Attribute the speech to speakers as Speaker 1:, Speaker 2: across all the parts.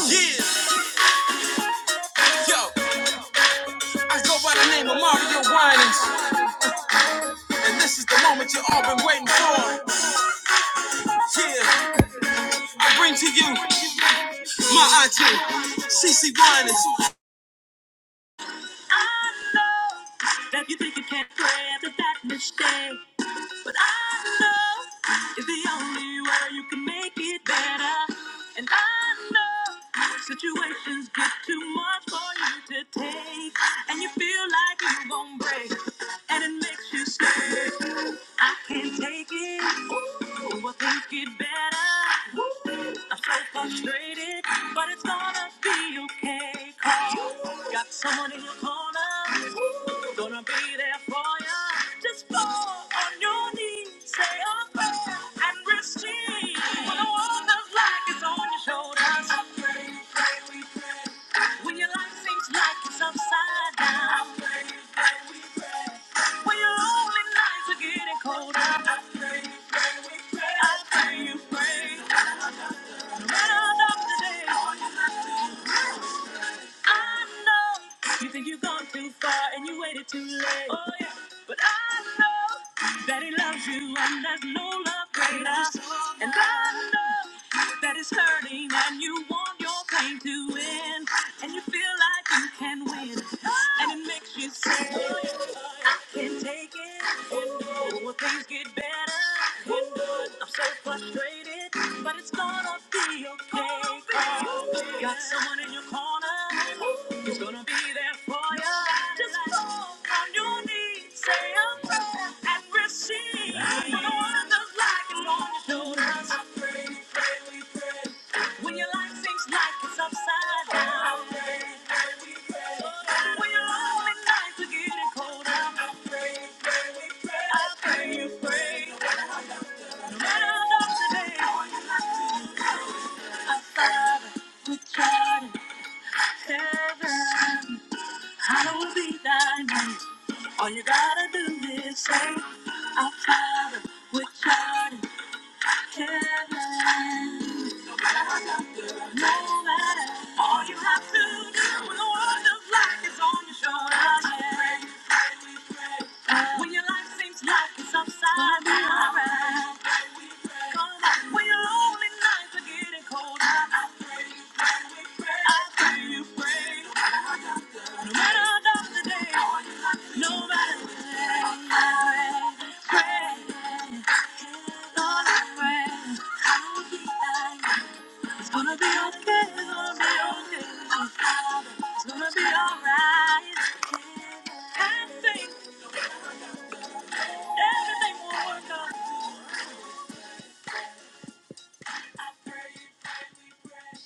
Speaker 1: Yeah, yo, I go by the name of Mario Winans, and this is the moment you all been waiting for. Yeah, I bring to you my auntie, CC Winans. That you think you can't pray after that mistake, but I know is the only way you can make it better. And I know situations get too much for you to take, and you feel like you won't break, and it makes you stay. I can't take it. Ooh, I think it better. Ooh, I'm so frustrated, but it's gonna be okay. 'Cause you got someone in your corner. Ooh, gonna be there for you. Just fall on your knees, say a prayer, and receive. When the world feels like it's on your shoulders, when your life seems like it's upside down, when your lonely nights are getting colder, I pray, pray, we pray. I pray you pray. No matter how dark the day, I know you think you've gone too far and you waited too late. Oh yeah, but I know that he loves you and there's no love greater. And I know that it's hurting and you want your pain to win and you feel like you can win and it makes you say I can take it Will things get better? Get good. I'm so frustrated, but it's gonna be okay. Oh, got someone in your corner who's gonna be there for you. Just fall on your knees, say a prayer, and receive. No one does like it on your shoulders. I pray, pray, we pray. When your life seems like it's upside down. When your lonely nights are getting colder. I pray you pray. No matter how dark the day, I father with God in heaven. Hallowed be thy name. All you gotta do is say, Our Father, with art in heaven. No matter all you have to do when the world of life is on your shoulders, yeah. When your life seems like it's upside down, yeah. come on. When your lonely nights are getting colder, I pray, I pray you pray. No matter how dark the day, no matter the day, I pray, pray, Lord, I pray. I will be thine. It's gonna be okay, it's gonna be okay. It's gonna be alright. I think everything will work out. I pray, pray, pray.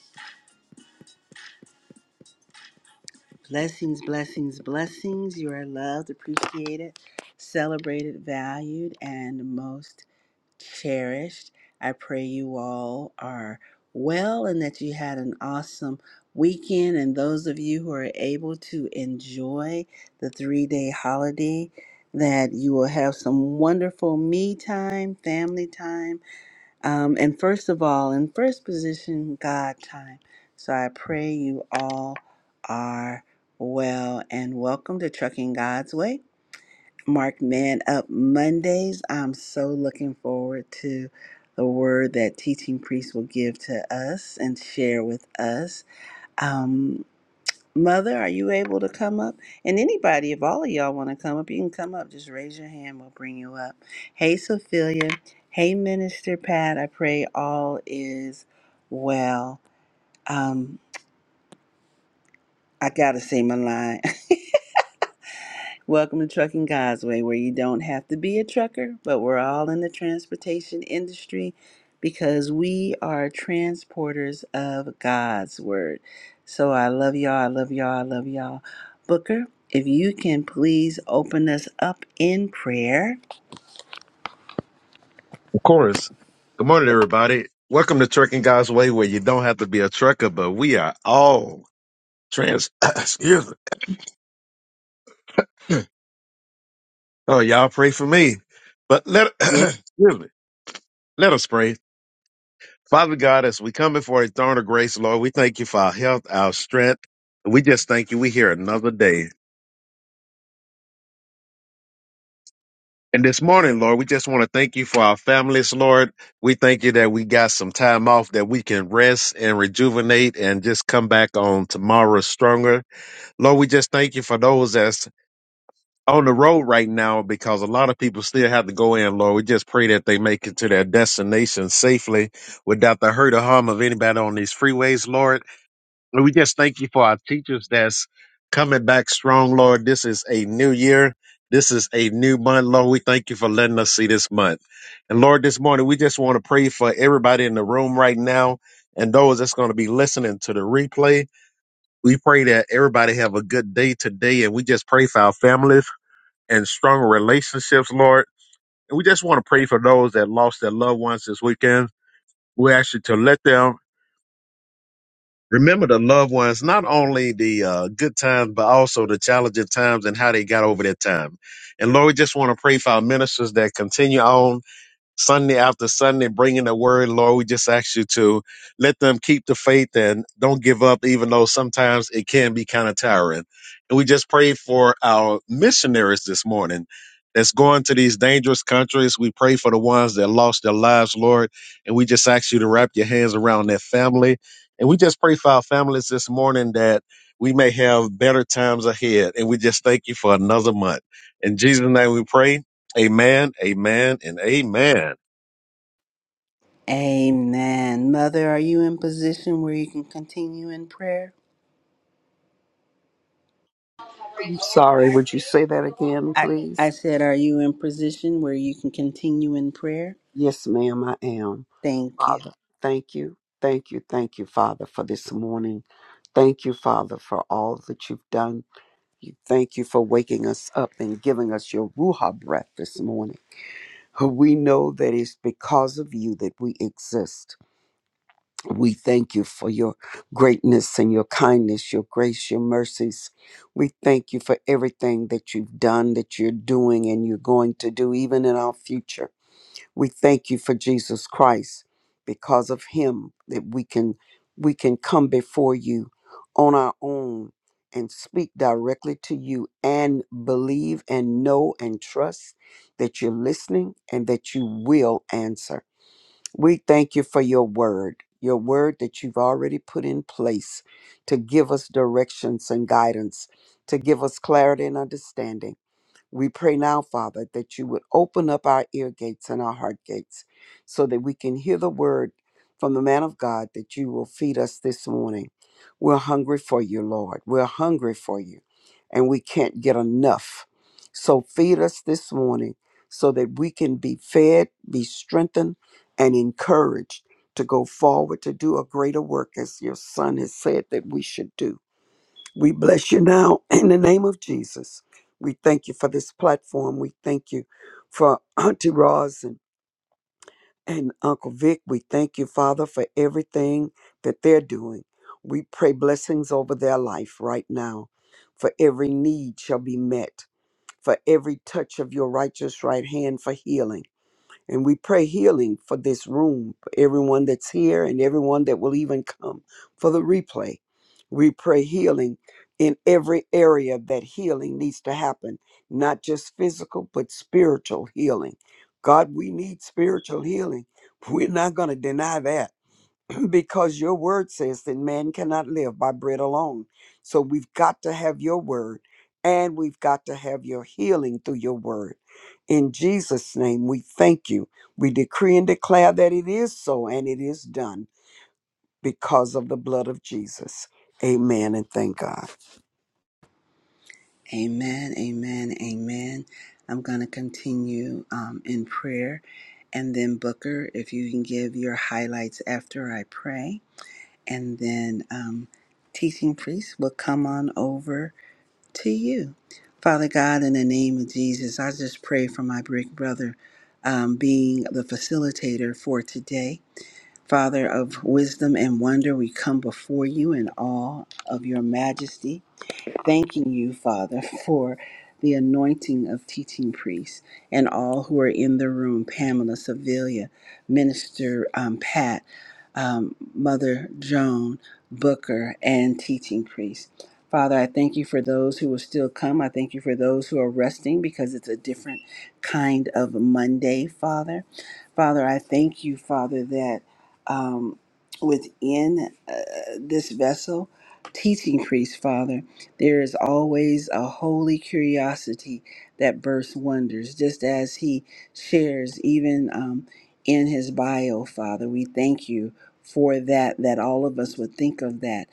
Speaker 1: Blessings, blessings, blessings. You are loved, appreciated, celebrated, valued, and most. cherished. I pray you all are well and that you had an awesome weekend. And those of you who are able to enjoy the three day holiday, that you will have some wonderful me time, family time, um, and first of all, in first position, God time. So I pray you all are well and welcome to Trucking God's Way Mark Man Up Mondays. I'm so looking forward to the word that teaching priest will give to us and share with us. Um, Mother, are you able to come up? And anybody, if all of y'all want to come up, you can come up. Just raise your hand, we'll bring you up. Hey, Sophia. Hey, Minister Pat. I pray all is well. Um, I got to say my line. Welcome to Trucking God's Way, where you don't have to be a trucker, but we're all in the transportation industry because we are transporters of God's Word. So I love y'all. I love y'all. I love y'all. Booker, if you can please open us up in prayer.
Speaker 2: Of course. Good morning, everybody. Welcome to Trucking God's Way, where you don't have to be a trucker, but we are all trans. excuse me. Oh, y'all pray for me. But let
Speaker 1: Yep.
Speaker 2: excuse me. Let us pray. Father God, as we come before a throne of grace, Lord, we thank you for our health, our strength. We just thank you. We here another day. And this morning, Lord, we just want to thank you for our families, Lord. We thank you that we got some time off that we can rest and rejuvenate and just come back on tomorrow stronger. Lord, we just thank you for those that's on the road right now because a lot of people still have to go in, Lord. We just pray that they make it to their destination safely without the hurt or harm of anybody on these freeways, Lord. And we just thank you for our teachers that's coming back strong, Lord. This is a new year. This is a new month, Lord. We thank you for letting us see this month. And Lord, this morning, we just want to pray for everybody in the room right now and those that's going to be listening to the replay. We pray that everybody have a good day today, and we just pray for our families and strong relationships, Lord. And we just want to pray for those that lost their loved ones this weekend. We ask you to let them remember the loved ones, not only the uh, good times, but also the challenging times and how they got over their time. And Lord, we just want to pray for our ministers that continue on Sunday after Sunday, bringing the word, Lord, we just ask you to let them keep the faith and don't give up, even though sometimes it can be kind of tiring. And we just pray for our missionaries this morning that's going to these dangerous countries. We pray for the ones that lost their lives, Lord. And we just ask you to wrap your hands around their family. And we just pray for our families this morning that we may have better times ahead. And we just thank you for another month. In Jesus' name we pray. Amen, amen, and amen.
Speaker 1: Amen. Mother, are you in position where you can continue in prayer?
Speaker 3: I'm sorry, would you say that again,
Speaker 1: I,
Speaker 3: please?
Speaker 1: I said, are you in position where you can continue in prayer?
Speaker 3: Yes, ma'am, I am.
Speaker 1: Thank you.
Speaker 3: Father, thank you, thank you, thank you, Father, for this morning. Thank you, Father, for all that you've done. You Thank you for waking us up and giving us your Ruha breath this morning. We know that it's because of you that we exist. We thank you for your greatness and your kindness, your grace, your mercies. We thank you for everything that you've done, that you're doing, and you're going to do, even in our future. We thank you for Jesus Christ because of him that we can we can come before you on our own and speak directly to you and believe and know and trust that you're listening and that you will answer. We thank you for your word, your word that you've already put in place to give us directions and guidance, to give us clarity and understanding we pray now, Father, that you would open up our ear gates and our heart gates so that we can hear the word from the man of God that you will feed us this morning. We're hungry for you, Lord. We're hungry for you, and we can't get enough. So feed us this morning so that we can be fed, be strengthened, and encouraged to go forward to do a greater work as your son has said that we should do. We bless you now in the name of Jesus. We thank you for this platform. We thank you for Auntie Roz and, and Uncle Vic. We thank you, Father, for everything that they're doing. We pray blessings over their life right now, for every need shall be met, for every touch of your righteous right hand for healing. And we pray healing for this room, for everyone that's here and everyone that will even come for the replay. We pray healing in every area that healing needs to happen, not just physical, but spiritual healing. God, we need spiritual healing. We're not going to deny that because your word says that man cannot live by bread alone. So we've got to have your word and we've got to have your healing through your word. In Jesus' name, we thank you. We decree and declare that it is so and it is done because of the blood of Jesus. Amen and thank God.
Speaker 1: Amen, amen, amen. I'm going to continue um, in prayer. And then, Booker, if you can give your highlights after I pray. And then, um, teaching priest will come on over to you. Father God, in the name of Jesus, I just pray for my big brother um, being the facilitator for today. Father of wisdom and wonder, we come before you in awe of your majesty thanking you, Father, for the anointing of teaching priests and all who are in the room Pamela, Sevilla, Minister um, Pat, um, Mother Joan, Booker, and teaching priests. Father, I thank you for those who will still come. I thank you for those who are resting because it's a different kind of Monday, Father. Father, I thank you, Father, that um, within uh, this vessel teaching priest, Father, there is always a holy curiosity that bursts wonders, just as he shares even um, in his bio, Father. We thank you for that, that all of us would think of that.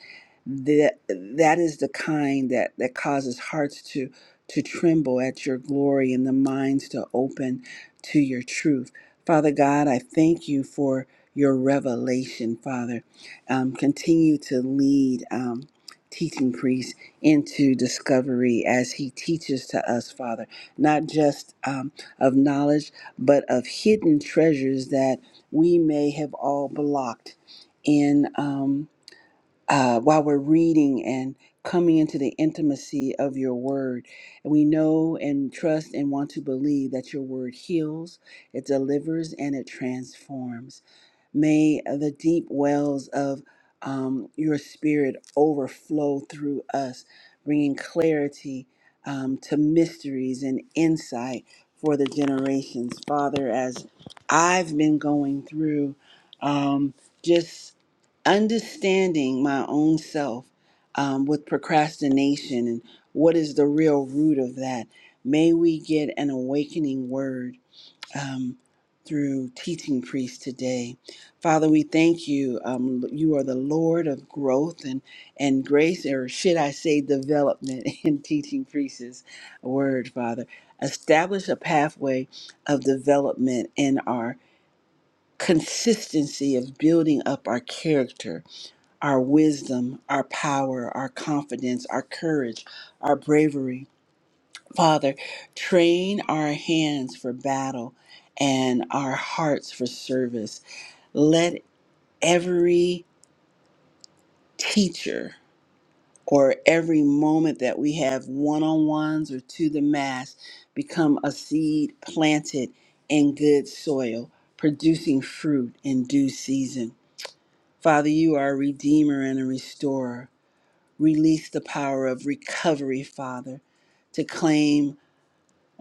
Speaker 1: That, that is the kind that, that causes hearts to, to tremble at your glory and the minds to open to your truth. Father God, I thank you for your revelation, Father. Um, continue to lead. Um, teaching priest into discovery as he teaches to us, Father, not just um, of knowledge, but of hidden treasures that we may have all blocked in. Um, uh, while we're reading and coming into the intimacy of your word. And we know and trust and want to believe that your word heals, it delivers, and it transforms. May the deep wells of um, your spirit overflow through us, bringing clarity um, to mysteries and insight for the generations. Father, as I've been going through, um, just understanding my own self um, with procrastination and what is the real root of that. May we get an awakening word um, through teaching priest today. Father, we thank you. Um, you are the Lord of growth and, and grace, or should I say development in teaching priest's word, Father. Establish a pathway of development in our consistency of building up our character, our wisdom, our power, our confidence, our courage, our bravery. Father, train our hands for battle and our hearts for service. Let every teacher or every moment that we have one on ones or to the mass become a seed planted in good soil, producing fruit in due season. Father, you are a redeemer and a restorer. Release the power of recovery, Father, to claim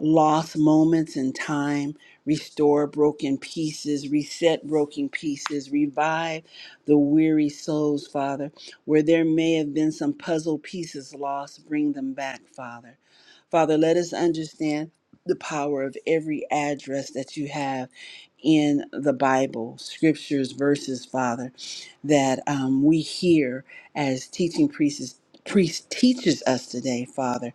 Speaker 1: lost moments in time, restore broken pieces, reset broken pieces, revive the weary souls, Father. Where there may have been some puzzle pieces lost, bring them back, Father. Father, let us understand the power of every address that you have in the Bible, scriptures, verses, Father, that um, we hear as teaching priests, priest teaches us today, Father.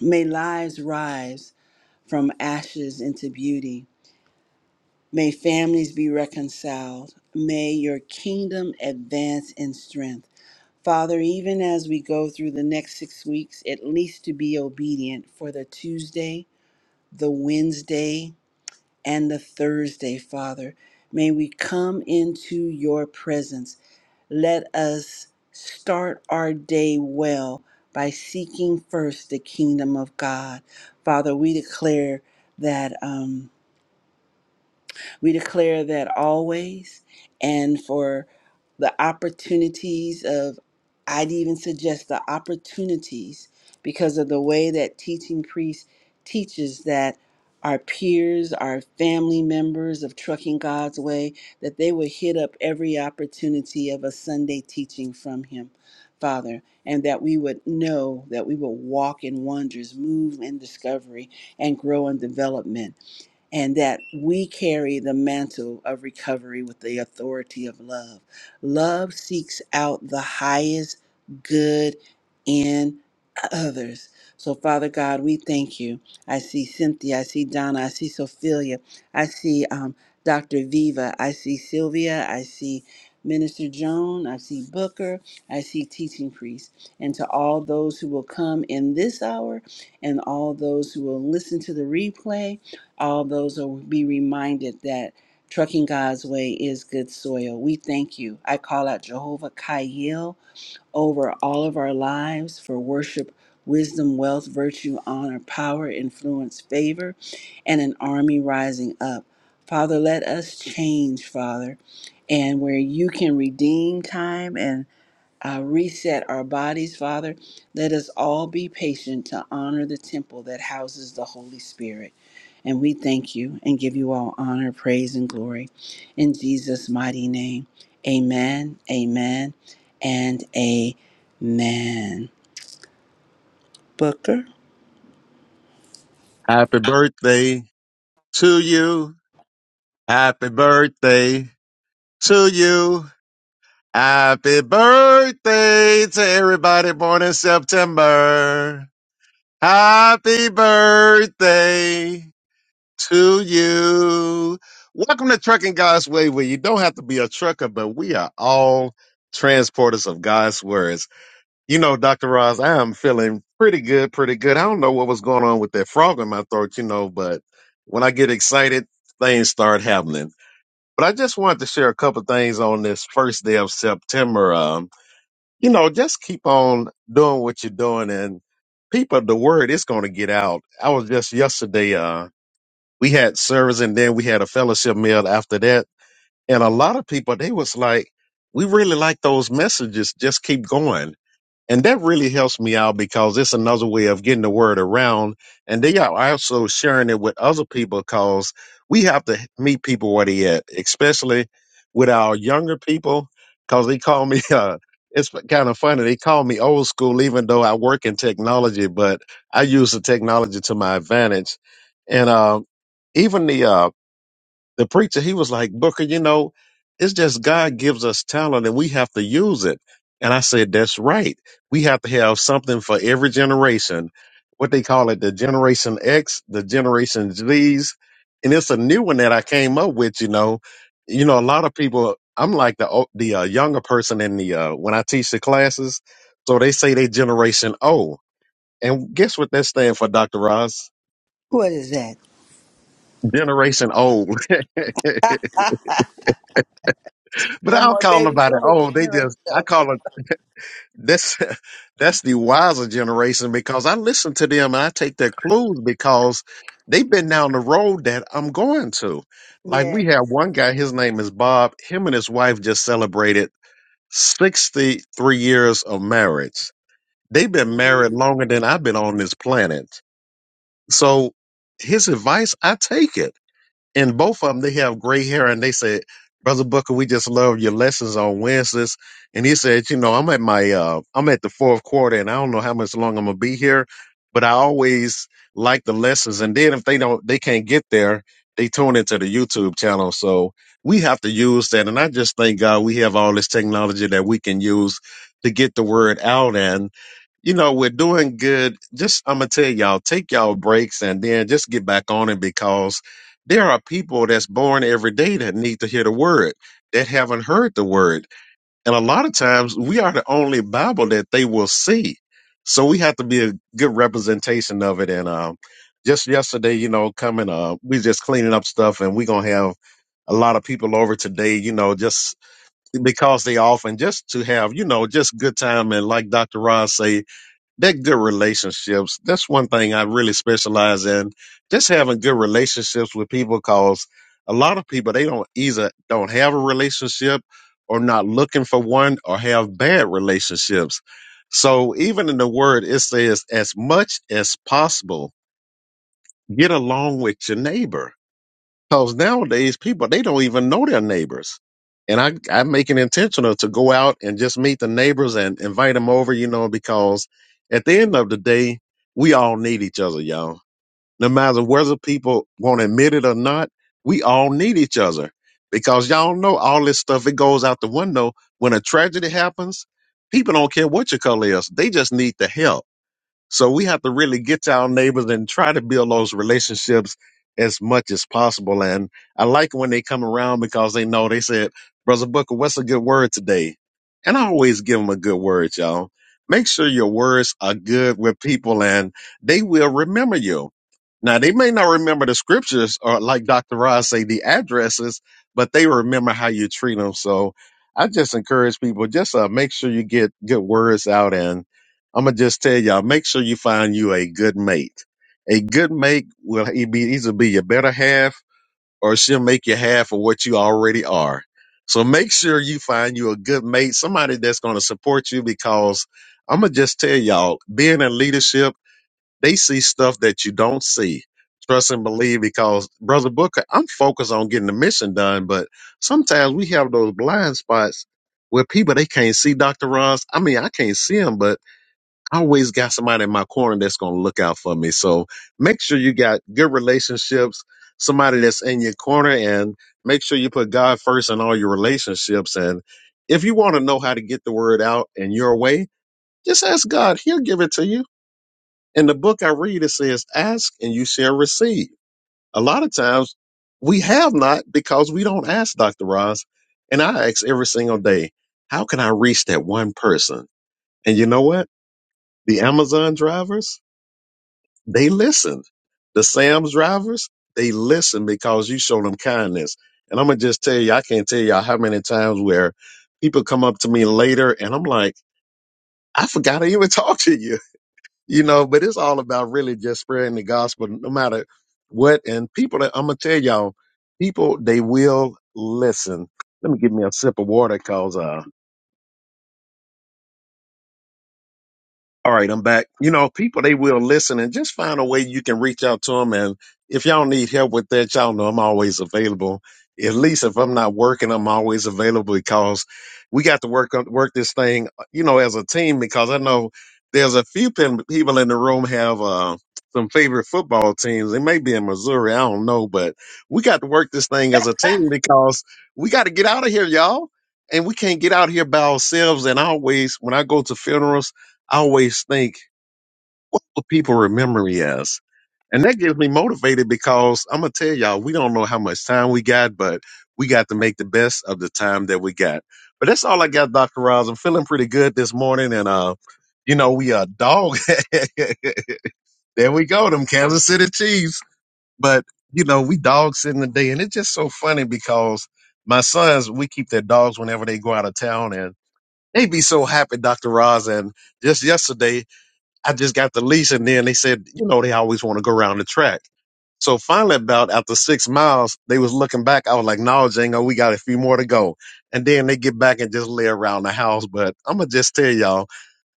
Speaker 1: May lives rise from ashes into beauty. May families be reconciled. May your kingdom advance in strength. Father, even as we go through the next six weeks, at least to be obedient for the Tuesday, the Wednesday, and the Thursday, Father, may we come into your presence. Let us start our day well by seeking first the kingdom of God. Father, we declare that. Um, We declare that always and for the opportunities of, I'd even suggest the opportunities because of the way that teaching priest teaches that our peers, our family members of Trucking God's Way, that they would hit up every opportunity of a Sunday teaching from him, Father, and that we would know that we will walk in wonders, move in discovery, and grow in development and that we carry the mantle of recovery with the authority of love. Love seeks out the highest good in others. So, Father God, we thank you. I see Cynthia, I see Donna, I see Sophia, I see um, Dr. Viva, I see Sylvia, I see Minister Joan, I see Booker, I see teaching priest, and to all those who will come in this hour, and all those who will listen to the replay, all those who will be reminded that trucking God's way is good soil. We thank you. I call out Jehovah Kayil over all of our lives for worship, wisdom, wealth, virtue, honor, power, influence, favor, and an army rising up. Father, let us change, Father, and where you can redeem time and uh, reset our bodies, Father. Let us all be patient to honor the temple that houses the Holy Spirit. And we thank you and give you all honor, praise, and glory in Jesus' mighty name. Amen, amen, and amen. Booker?
Speaker 2: Happy birthday to you. Happy birthday to you. Happy birthday to everybody born in September. Happy birthday to you. Welcome to Trucking God's Way, where you don't have to be a trucker, but we are all transporters of God's Word. You know, Dr. Roz, I am feeling pretty good, pretty good. I don't know what was going on with that frog in my throat, you know, but when I get excited, things start happening. But I just wanted to share a couple things on this first day of September. Um, you know, just keep on doing what you're doing and people, the word is going to get out. I was just yesterday, uh, we had service and then we had a fellowship meal after that. And a lot of people, they was like, we really like those messages. Just keep going and that really helps me out because it's another way of getting the word around. And they are also sharing it with other people because we have to meet people where they at, especially with our younger people, because they call me, uh, it's kind of funny. They call me old school, even though I work in technology, but I use the technology to my advantage. And, uh, even the, uh, the preacher, he was like, Booker, you know, it's just God gives us talent and we have to use it. And I said, that's right. We have to have something for every generation. What they call it, the Generation X, the Generation Z's. And it's a new one that I came up with, you know. You know, a lot of people, I'm like the o- the uh, younger person in the, uh, when I teach the classes. So they say they Generation O. And guess what that stands for, Dr. Ross?
Speaker 1: What is that?
Speaker 2: Generation old. But
Speaker 1: No
Speaker 2: I don't
Speaker 1: more
Speaker 2: call
Speaker 1: baby
Speaker 2: nobody
Speaker 1: boomer
Speaker 2: old. They
Speaker 1: generation.
Speaker 2: just I call it. That's that's the wiser generation because I listen to them and I take their clues because they've been down the road that I'm going to. Like
Speaker 1: Yeah.
Speaker 2: we have one guy, his name is Bob. Him and his wife just celebrated 63 years of marriage. They've been married longer than I've been on this planet. So his advice, I take it and both of them they have gray hair and they said brother booker we just love your lessons on wednesdays and he said you know i'm at my uh i'm at the fourth quarter and i don't know how much long i'm gonna be here but i always like the lessons and then if they don't they can't get there they tune into the youtube channel so we have to use that and i just thank god we have all this technology that we can use to get the word out and." you know, we're doing good. Just I'm gonna tell y'all, take y'all breaks and then just get back on it because there are people that's born every day that need to hear the word that haven't heard the word, and a lot of times we are the only Bible that they will see. So we have to be a good representation of it. And um, just yesterday, you know, coming up, we just cleaning up stuff, and we gonna have a lot of people over today, you know, just because they often just to have, you know, just good time and like Dr. Ross say, they're good relationships. That's one thing I really specialize in. Just having good relationships with people cause a lot of people they don't either don't have a relationship or not looking for one or have bad relationships. So even in the word it says as much as possible, get along with your neighbor because nowadays people they don't even know their neighbors. And I, I make it intentional to go out and just meet the neighbors and invite them over, you know, because at the end of the day, we all need each other, y'all. No matter whether people want to admit it or not, we all need each other. Because y'all know all this stuff, it goes out the window. When a tragedy happens, people don't care what your color is. They just need the help so we have to really get to our neighbors and try to build those relationships as much as possible. And I like when they come around because they know they said, Brother Booker, what's a good word today? And I always give them a good word, y'all. Make sure your words are good with people and they will remember you. Now they may not remember the scriptures or like Dr. Ross say, the addresses, but they remember how you treat them. So I just encourage people, just uh, make sure you get good words out and I'm gonna just tell y'all: make sure you find you a good mate. A good mate will e- be either be your better half, or she'll make you half of what you already are. So make sure you find you a good mate, somebody that's gonna support you. Because I'm gonna just tell y'all: being in leadership, they see stuff that you don't see. Trust and believe. Because brother Booker, I'm focused on getting the mission done, but sometimes we have those blind spots where people they can't see Dr. Ross. I mean, I can't see him, but I always got somebody in my corner that's going to look out for me. So make sure you got good relationships, somebody that's in your corner, and make sure you put God first in all your relationships. And if you want to know how to get the word out in your way, just ask God. He'll give it to you. In the book I read, it says, Ask and you shall receive. A lot of times we have not because we don't ask, Dr. Ross. And I ask every single day, How can I reach that one person? And you know what? The Amazon drivers, They listened. The Sam's drivers, they listened because you showed them kindness. And I'm gonna just tell you, I can't tell y'all how many times where people come up to me later and I'm like, I forgot I even talked to you. You know, but it's all about really just spreading the gospel no matter what. And people that I'm gonna tell y'all, people they will listen. Let me give me a sip of water cause uh All right, I'm back. You know, people, they will listen and just find a way you can reach out to them. And if y'all need help with that, y'all know I'm always available. At least if I'm not working, I'm always available because we got to work on, work this thing, uh, you know, as a team, because I know there's a few pin, people in the room have, uh, some favorite football teams. They may be in Missouri. I don't know, but we got to work this thing as a team because we got to get out of here, y'all. And we can't get out here by ourselves. And I always, when I go to funerals, I always think what people remember me as. And that gets me motivated because I'm going to tell y'all, we don't know how much time we got, but we got to make the best of the time that we got. But that's all I got, Dr. Roz. I'm feeling pretty good this morning. And, uh, you know, we are dog. there we go, them Kansas City Chiefs. But, you know, we dogs sitting the day. And it's just so funny because my sons, we keep their dogs whenever they go out of town and they be so happy, Dr. Roz. And just yesterday. I just got the lease. And then they said, you know, they always want to go around the track. So finally, about after six miles, they was looking back. I was like, no, Django, we got a few more to go. And then they get back and just lay around the house. But I'm going to just tell y'all,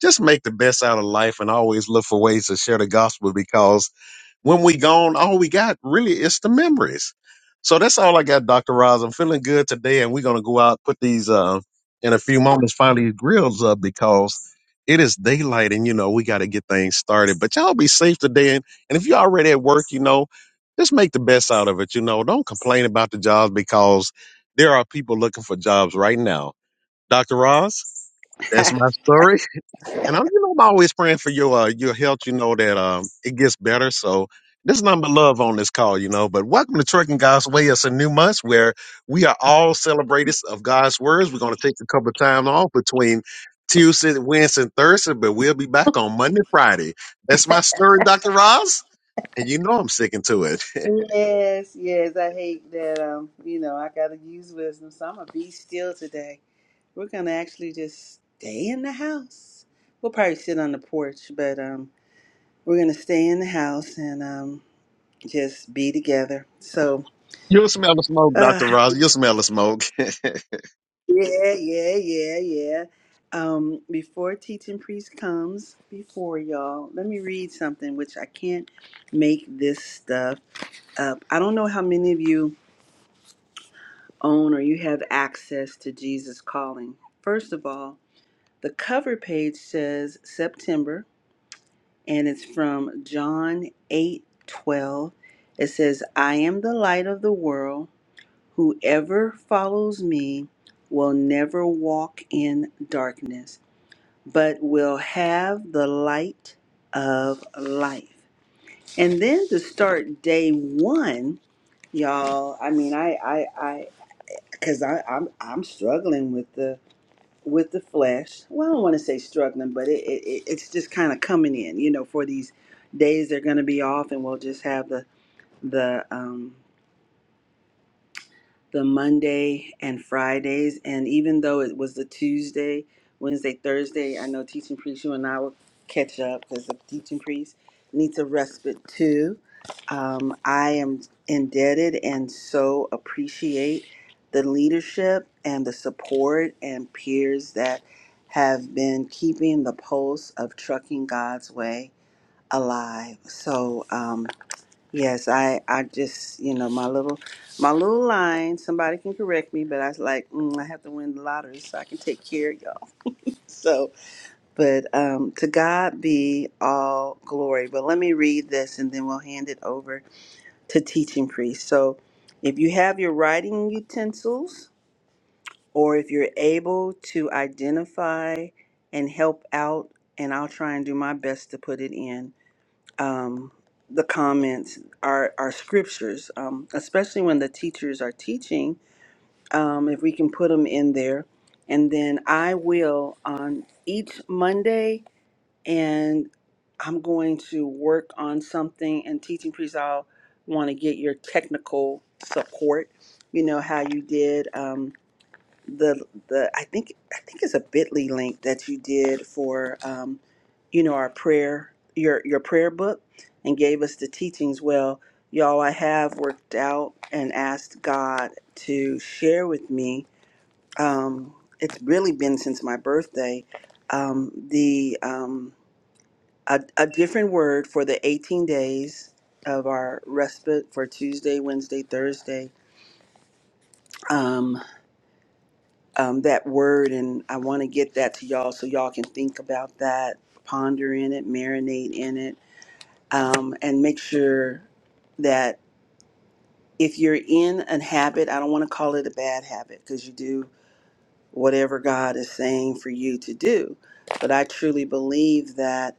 Speaker 2: just make the best out of life and always look for ways to share the gospel because when we gone, all we got really is the memories. So that's all I got, Dr. Roz. I'm feeling good today, and we're gonna go out, put these uh in a few moments, find these grills up because it is daylight and you know we gotta get things started. But y'all be safe today and, and if you're already at work, you know, just make the best out of it, you know. Don't complain about the jobs because there are people looking for jobs right now. Dr. Roz, that's my story. And I'm, you know, I'm always praying for your uh, your health. You know that um, it gets better. So there's nothing but love on this call, you know. But welcome to Trucking God's Way. It's a new month where we are all celebrators of God's words. We're going to take a couple of time off between Tuesday, Wednesday, and Thursday, but we'll be back on Monday, Friday. That's my story, Dr. Roz. And you know I'm sticking to it.
Speaker 1: Yes, yes. I hate that um, you know, I gotta use wisdom. So I'm gonna be still today. We're gonna actually just stay in the house. We'll probably sit on the porch, but um, we're gonna stay in the house and um, just be together. So,
Speaker 2: You'll smell the smoke,
Speaker 1: uh,
Speaker 2: Dr. Roz. You'll smell the smoke. Where's it
Speaker 1: yeah, yeah, yeah, yeah. Um, before teaching priest comes, before y'all, let me read something which I can't make this stuff up. I don't know how many of you own or you have access to Jesus Calling. First of all, the cover page says September and it's from John 8 12. It says, I am the light of the world. Whoever follows me will never walk in darkness, but will have the light of life. And then to start day one, y'all, I mean, I, I, I, because I, I'm, I'm struggling with the with the flesh. Well, I don't want to say struggling, but it, it, it it's just kind of coming in. You know, for these days they're going to be off, and we'll just have the the um the Monday and Fridays. And even though it was the Tuesday, Wednesday, Thursday, I know teaching priest, you and I will catch up because the teaching priest needs a respite too. Um, I am indebted and so appreciate the leadership and the support and peers that have been keeping the pulse of trucking God's way alive. So, um, Yes, I, I just, you know, my little, my little line. Somebody can correct me, but I was like, mm, I have to win the lottery so I can take care of y'all. So, but um, to God be all glory. But let me read this, and then we'll hand it over to teaching priest. So, if you have your writing utensils, or if you're able to identify and help out, and I'll try and do my best to put it in um, the comments, our, our scriptures, um, especially when the teachers are teaching, um, if we can put them in there. And then I will on each Monday, and I'm going to work on something. And teaching priest, I'll want to get your technical support. You know how you did. Um, the the I think I think it's a Bitly link that you did for um, you know our prayer your your prayer book and gave us the teachings. Well, y'all, I have worked out and asked God to share with me. Um, it's really been since my birthday. Um, the um, a, a different word for the 18 days of our respite for Tuesday, Wednesday, Thursday. um, um, that word, and I want to get that to y'all so y'all can think about that, ponder in it, marinate in it, um, and make sure that if you're in a habit, I don't want to call it a bad habit because you do whatever God is saying for you to do. But I truly believe that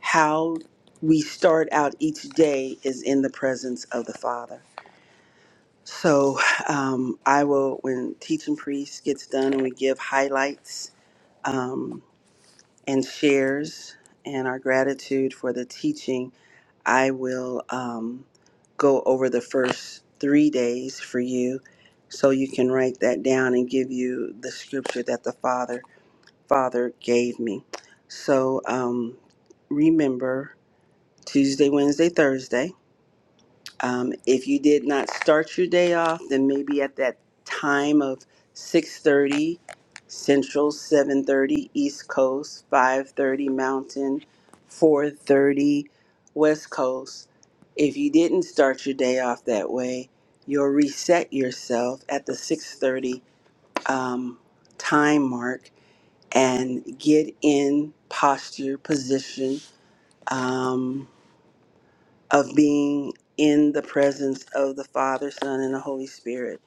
Speaker 1: how we start out each day is in the presence of the Father. So um, I will, when teaching priest gets done and we give highlights. Um, and shares and our gratitude for the teaching. I will um, go over the first three days for you so you can write that down and give you the scripture that the Father Father gave me. So um, remember Tuesday, Wednesday, Thursday. Um, if you did not start your day off, then maybe at that time of 6:30 Central, 7:30 East Coast, 5:30 Mountain, 4:30 West Coast. If you didn't start your day off that way, you'll reset yourself at the 6:30 um, time mark and get in posture position. Um, of being in the presence of the Father, Son, and the Holy Spirit.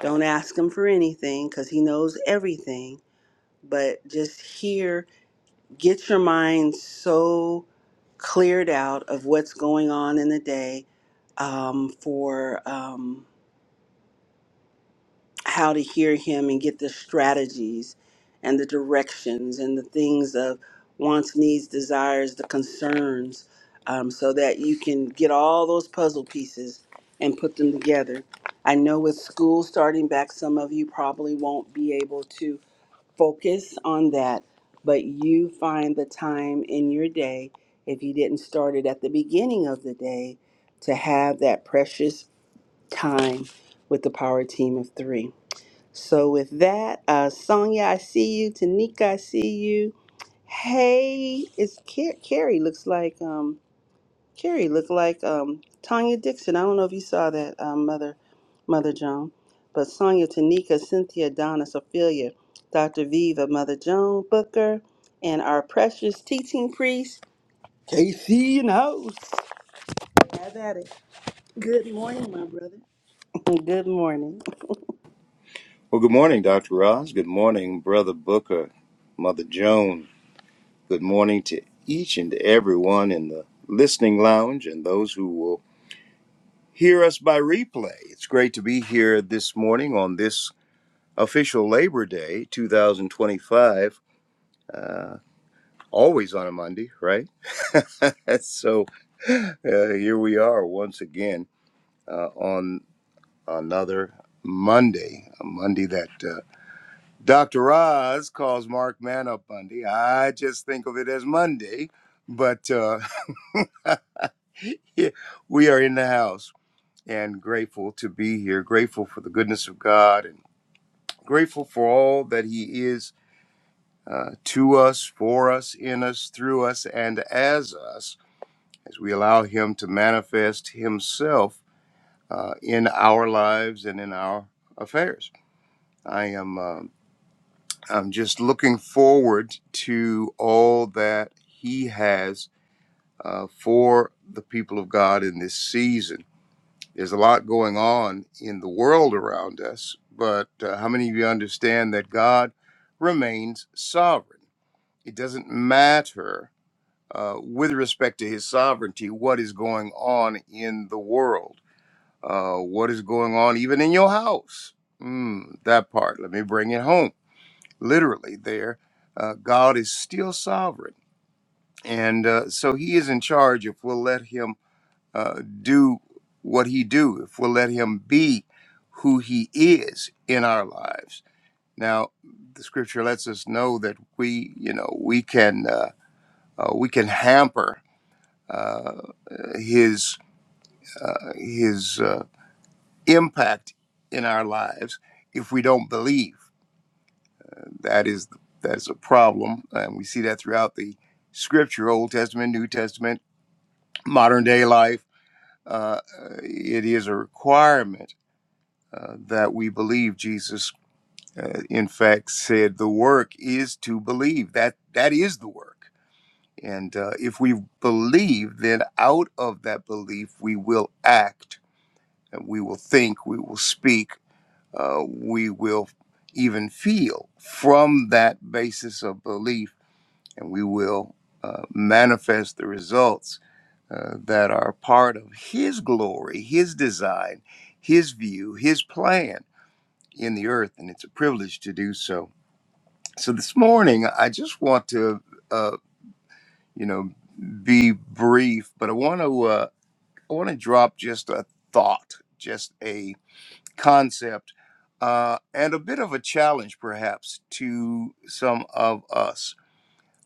Speaker 1: Don't ask Him for anything because He knows everything, but just hear, get your mind so cleared out of what's going on in the day um, for. Um, how to hear him and get the strategies and the directions and the things of wants, needs, desires, the concerns, um, so that you can get all those puzzle pieces and put them together. I know with school starting back, some of you probably won't be able to focus on that, but you find the time in your day, if you didn't start it at the beginning of the day, to have that precious time with the power team of three. So with that, uh, Sonia, I see you. Tanika, I see you. Hey, it's Car- Carrie. Looks like um, Carrie looked like um, Tanya Dixon. I don't know if you saw that, um, Mother, Mother Joan, but Sonia, Tanika, Cynthia, Donna, Sophia, Dr. Viva, Mother Joan Booker, and our precious teaching priest, KC and host. Good morning.
Speaker 4: Well, good morning, Dr. Ross. Good morning, Brother Booker, Mother Joan. Good morning to each and everyone in the listening lounge and those who will hear us by replay. It's great to be here this morning on this official Labor Day 2025. Uh, always on a Monday, right? so uh, here we are once again uh, on another Monday, a Monday that. uh, Dr. Oz calls Mark Man up Monday. I just think of it as Monday, but uh, yeah, we are in the house and grateful to be here, grateful for the goodness of God, and grateful for all that He is uh, to us, for us, in us, through us, and as us, as we allow Him to manifest Himself uh, in our lives and in our affairs. I am. uh, I'm just looking forward to all that he has uh, for the people of God in this season. There's a lot going on in the world around us, but uh, how many of you understand that God remains sovereign? It doesn't matter uh, with respect to his sovereignty what is going on in the world, uh, what is going on even in your house. Mm, that part, let me bring it home literally there, uh, God is still sovereign. And uh, so he is in charge if we'll let him uh, do what he do, if we'll let him be who he is in our lives. Now, the scripture lets us know that we, you know, we can uh, uh, we can hamper uh, his uh, his uh, impact in our lives if we don't believe That is that is a problem, and we see that throughout the Scripture, Old Testament, New Testament, modern day life. Uh, it is a requirement uh, that we believe Jesus. Uh, in fact, said the work is to believe. That that is the work, and uh, if we believe, then out of that belief we will act, and we will think, we will speak, uh, we will even feel from that basis of belief and we will uh, manifest the results uh, that are part of His glory, His design, His view, His plan in the earth, and it's a privilege to do so. So this morning, I just want to, uh, you know, be brief, but I want to, uh, I want to drop just a thought, just a concept. Uh, and a bit of a challenge, perhaps, to some of us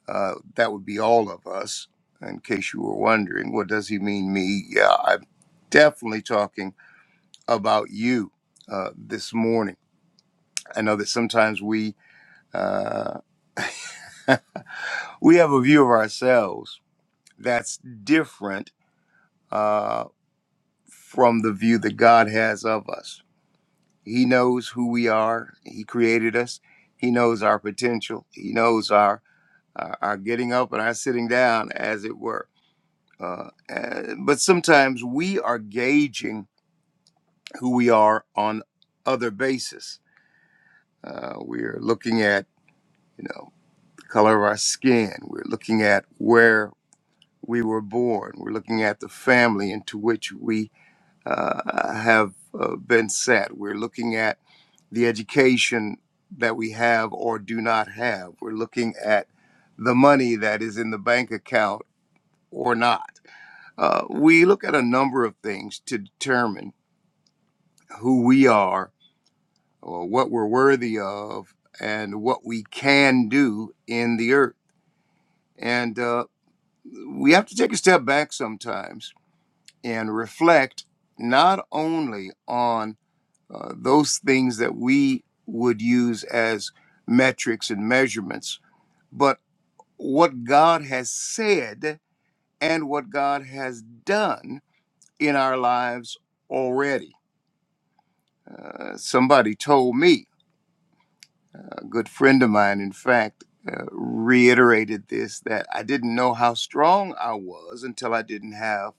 Speaker 4: Uh, that would be all of us, in case you were wondering. What does he mean, me? Yeah, I'm definitely talking about you uh, this morning. I know that sometimes we uh, we have a view of ourselves that's different uh, from the view that God has of us. He knows who we are. He created us. He knows our potential. He knows our our, our getting up and our sitting down, as it were Uh, and- but sometimes we are gauging who we are on other basis. Uh, we're looking at, you know, the color of our skin. We're looking at where we were born. We're looking at the family into which we uh, have uh, been set. We're looking at the education that we have or do not have. We're looking at the money that is in the bank account or not. Uh, we look at a number of things to determine who we are, or what we're worthy of, and what we can do in the earth. And uh, we have to take a step back sometimes and reflect not only on uh, those things that we would use as metrics and measurements, but what God has said and what God has done in our lives already. Uh, somebody told me A good friend of mine, in fact, uh, reiterated this that I didn't know how strong I was until I didn't have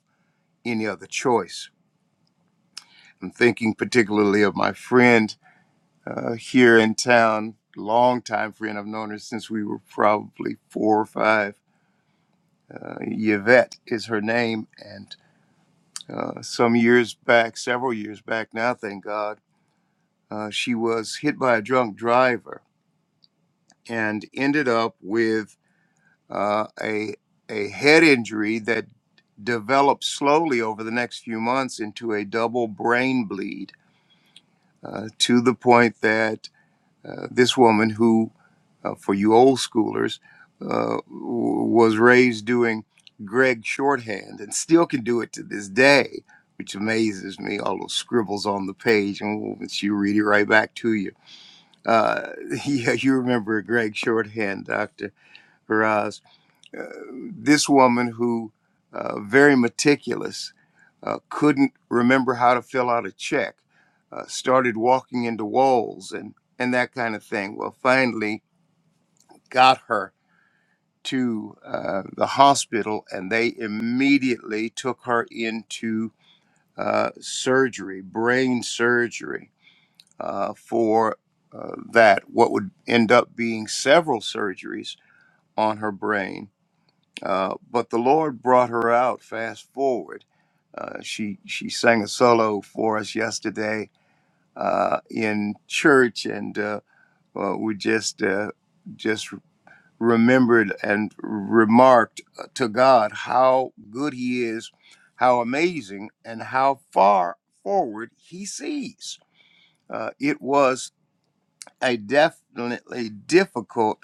Speaker 4: any other choice. I'm thinking particularly of my friend uh, here in town, longtime friend. I've known her since we were probably four or five. Uh, Yvette is her name. And uh, some years back, several years back now, thank God, uh, she was hit by a drunk driver and ended up with uh, a a head injury that developed slowly over the next few months into a double brain bleed uh, to the point that uh, this woman, who uh, for you old schoolers, uh, w- was raised doing Greg shorthand and still can do it to this day, which amazes me. All those scribbles on the page, and ooh, she read it right back to you. Uh, yeah, you remember Greg shorthand, Doctor Faraz uh, this woman who uh, very meticulous uh, couldn't remember how to fill out a check uh, started walking into walls and and that kind of thing well finally got her to uh, the hospital and they immediately took her into uh, surgery brain surgery uh, for uh, that what would end up being several surgeries on her brain Uh, but the Lord brought her out. Fast forward, uh, she she sang a solo for us yesterday uh, in church, and uh, uh, we just uh, just remembered and remarked uh, to God how good He is, how amazing, and how far forward He sees. Uh, it was a definitely difficult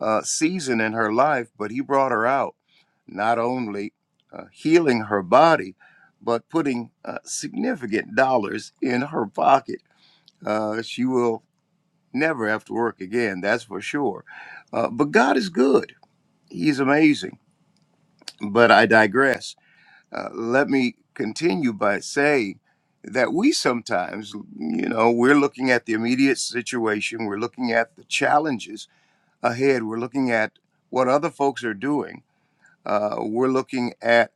Speaker 4: uh, season in her life, but he brought her out, not only uh, healing her body, but putting uh, significant dollars in her pocket. Uh, she will never have to work again, that's for sure. Uh, but God is good, He's amazing. But I digress. Uh, let me continue by saying, that we sometimes, you know, we're looking at the immediate situation, we're looking at the challenges ahead. We're looking at what other folks are doing. Uh, we're looking at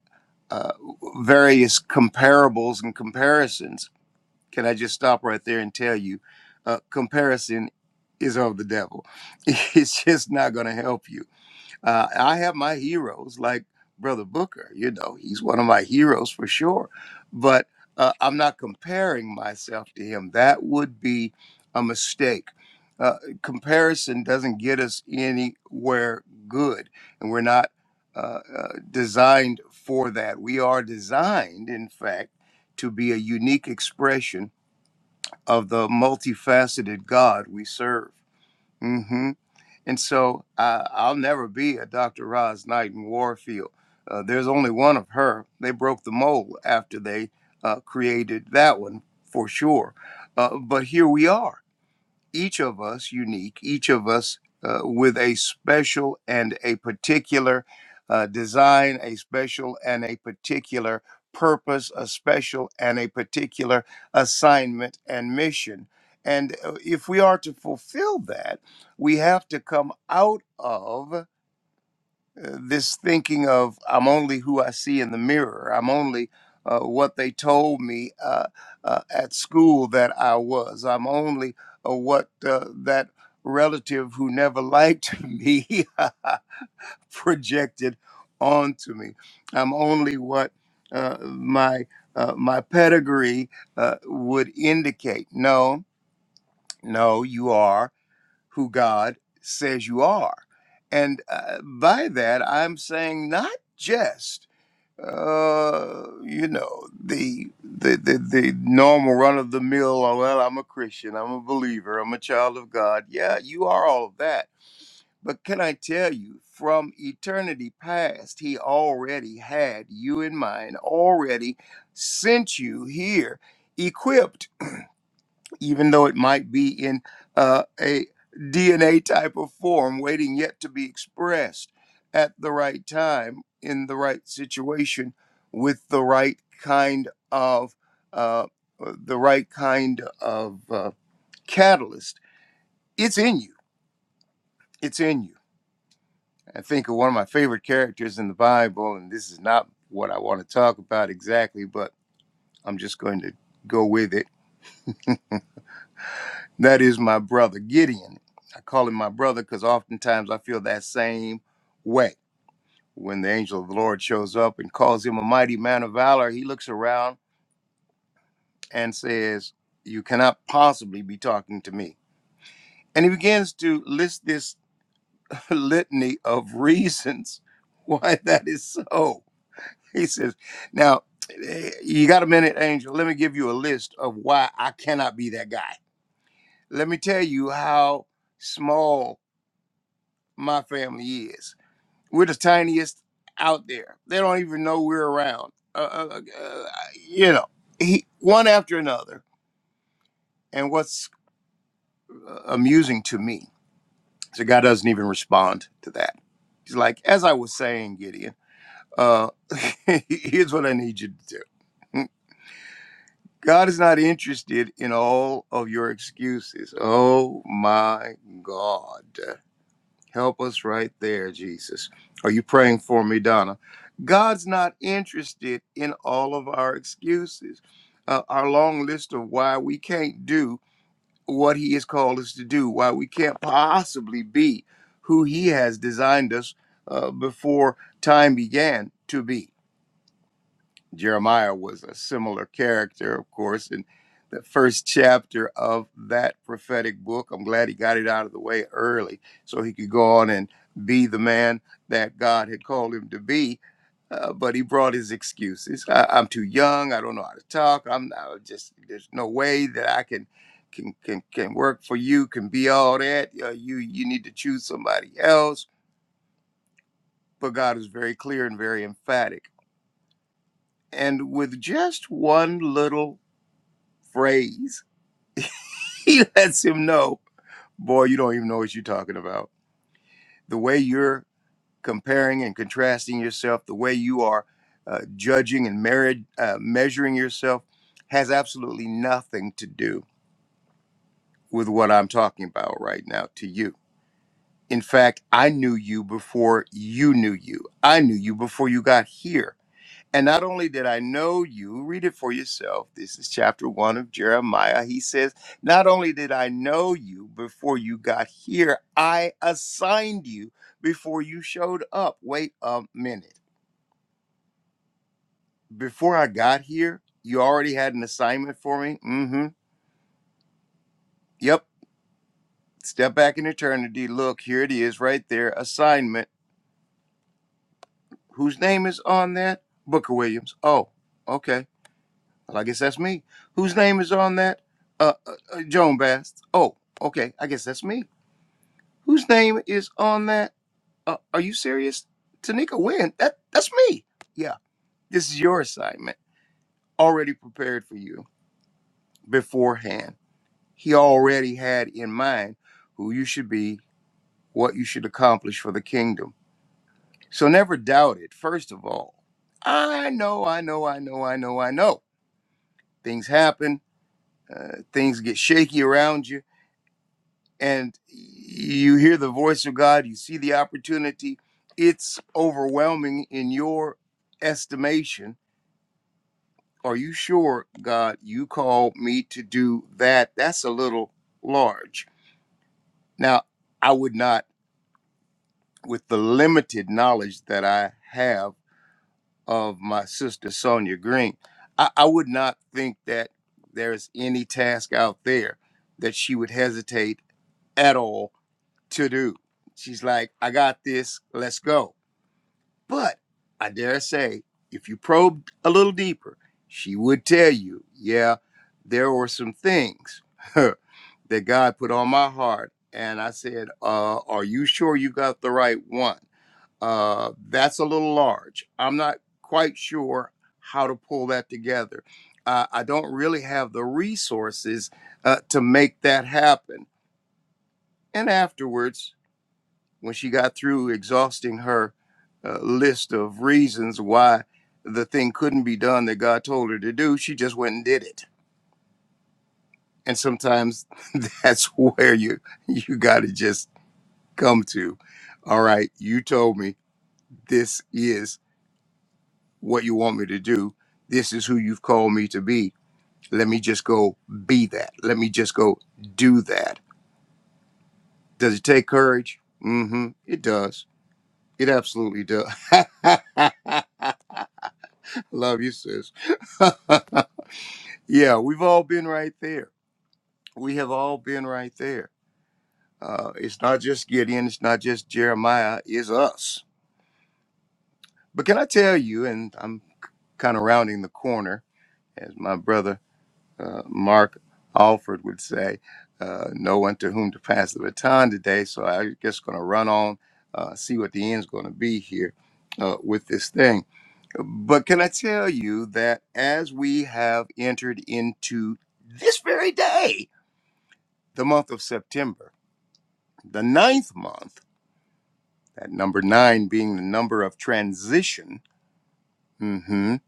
Speaker 4: uh, various comparables and comparisons. Can I just stop right there and tell you, uh, comparison is of the devil. It's just not going to help you. Uh, I have my heroes like Brother Booker. You know, he's one of my heroes for sure. But uh, I'm not comparing myself to him. That would be a mistake. Uh, comparison doesn't get us anywhere good, and we're not uh, uh, designed for that. We are designed, in fact, to be a unique expression of the multifaceted God we serve. Mm-hmm. And so uh, I'll never be a Dr. Roz Knight in Warfield. Uh, there's only one of her. They broke the mold after they uh, created that one for sure. Uh, but here we are each of us unique, each of us uh, with a special and a particular uh, design, a special and a particular purpose, a special and a particular assignment and mission. And uh, if we are to fulfill that, we have to come out of uh, this thinking of I'm only who I see in the mirror. I'm only uh, what they told me uh, uh, at school that I was. I'm only uh, what uh, that relative who never liked me projected onto me. I'm only what uh, my uh, my pedigree uh, would indicate. No, no, you are who God says you are. And uh, by that, I'm saying not just, uh, you know, the, the, the, the normal run of the mill, oh, well, I'm a Christian, I'm a believer, I'm a child of God. Yeah, you are all of that. But can I tell you, from eternity past, He already had you in mind, already sent you here equipped even though it might be in uh, a DNA type of form, waiting yet to be expressed at the right time, in the right situation, with the right kind of uh, uh, the right kind of uh, catalyst. It's in you. It's in you. I think of one of my favorite characters in the Bible, and this is not what I want to talk about exactly, but I'm just going to go with it That is my brother Gideon. I call him my brother because oftentimes I feel that same way. When the angel of the Lord shows up and calls him a mighty man of valor, he looks around and says, You cannot possibly be talking to me. And he begins to list this litany of reasons why that is so. He says, Now, eh, you got a minute, angel. Let me give you a list of why I cannot be that guy. Let me tell you how small my family is We're the tiniest out there. They don't even know we're around. Uh, uh, uh, you know, he, one after another. And what's uh, amusing to me is the guy doesn't even respond to that. He's like, as I was saying, Gideon, uh, here's what I need you to do. Hmm. God is not interested in all of your excuses. Oh my God. Help us right there, Jesus. Are you praying for me, Donna? God's not interested in all of our excuses, uh, our long list of why we can't do what He has called us to do, why we can't possibly be who He has designed us uh, before time began to be. Jeremiah was a similar character, of course, in the first chapter of that prophetic book. I'm glad he got it out of the way early so he could go on and be the man that God had called him to be. Uh, but he brought his excuses. I, I'm too young. I don't know how to talk. I'm not, just there's no way that I can can can can work for you. Can be all that. Uh, you you need to choose somebody else. But God is very clear and very emphatic. And with just one little phrase. He lets him know, boy, you don't even know what you're talking about. The way you're comparing and contrasting yourself, the way you are uh, judging and merit, uh, measuring yourself has absolutely nothing to do with what I'm talking about right now to you. In fact, I knew you before you knew you. I knew you before you got here. And not only did I know you, read it for yourself. This is chapter one of Jeremiah. He says, Not only did I know you before you got here, I assigned you before you showed up. Wait a minute. Before I got here, you already had an assignment for me? Mm hmm. Yep. Step back in eternity. Look, here it is right there. Assignment. Whose name is on that? Booker Williams. Oh, okay Well, I guess that's me. Whose name is on that? Uh, uh, uh Joan Bast. Oh, okay. I guess that's me. Whose name is on that? Uh, are you serious? Tanika Wynn. That that's me. Yeah. This is your assignment. Already prepared for you beforehand. He already had in mind who you should be, what you should accomplish for the kingdom. So never doubt it. First of all, I know, I know, I know, I know, I know. Things happen. Uh, things get shaky around you and you hear the voice of God, you see the opportunity, it's overwhelming in your estimation. Are you sure, God, you called me to do that? That's a little large. Now, I would not, with the limited knowledge that I have of my sister Sonia Green, I, I would not think that there's any task out there that she would hesitate at all to do. She's like, I got this, let's go. But I dare say, if you probed a little deeper, she would tell you, yeah, there were some things that God put on my heart. And I said, uh, Are you sure you got the right one? Uh, that's a little large. I'm not quite sure how to pull that together. Uh, I don't really have the resources uh, to make that happen. And afterwards, when she got through exhausting her uh, list of reasons why the thing couldn't be done that God told her to do, she just went and did it. And sometimes that's where you you got to just come to. All right, you told me this is what you want me to do. This is who you've called me to be. Let me just go be that. Let me just go do that. Does it take courage? Mm-hmm. It does. It absolutely does. Love you, sis. yeah, we've all been right there. We have all been right there. Uh, it's not just Gideon, it's not just Jeremiah, it's us. But can I tell you, and I'm kind of rounding the corner as my brother uh, Mark Alford would say, uh, no one to whom to pass the baton today. So I'm just going to run on, uh, see what the end's going to be here uh, with this thing. But can I tell you that as we have entered into this very day, the month of September, the ninth month, that number nine being the number of transition, mhm,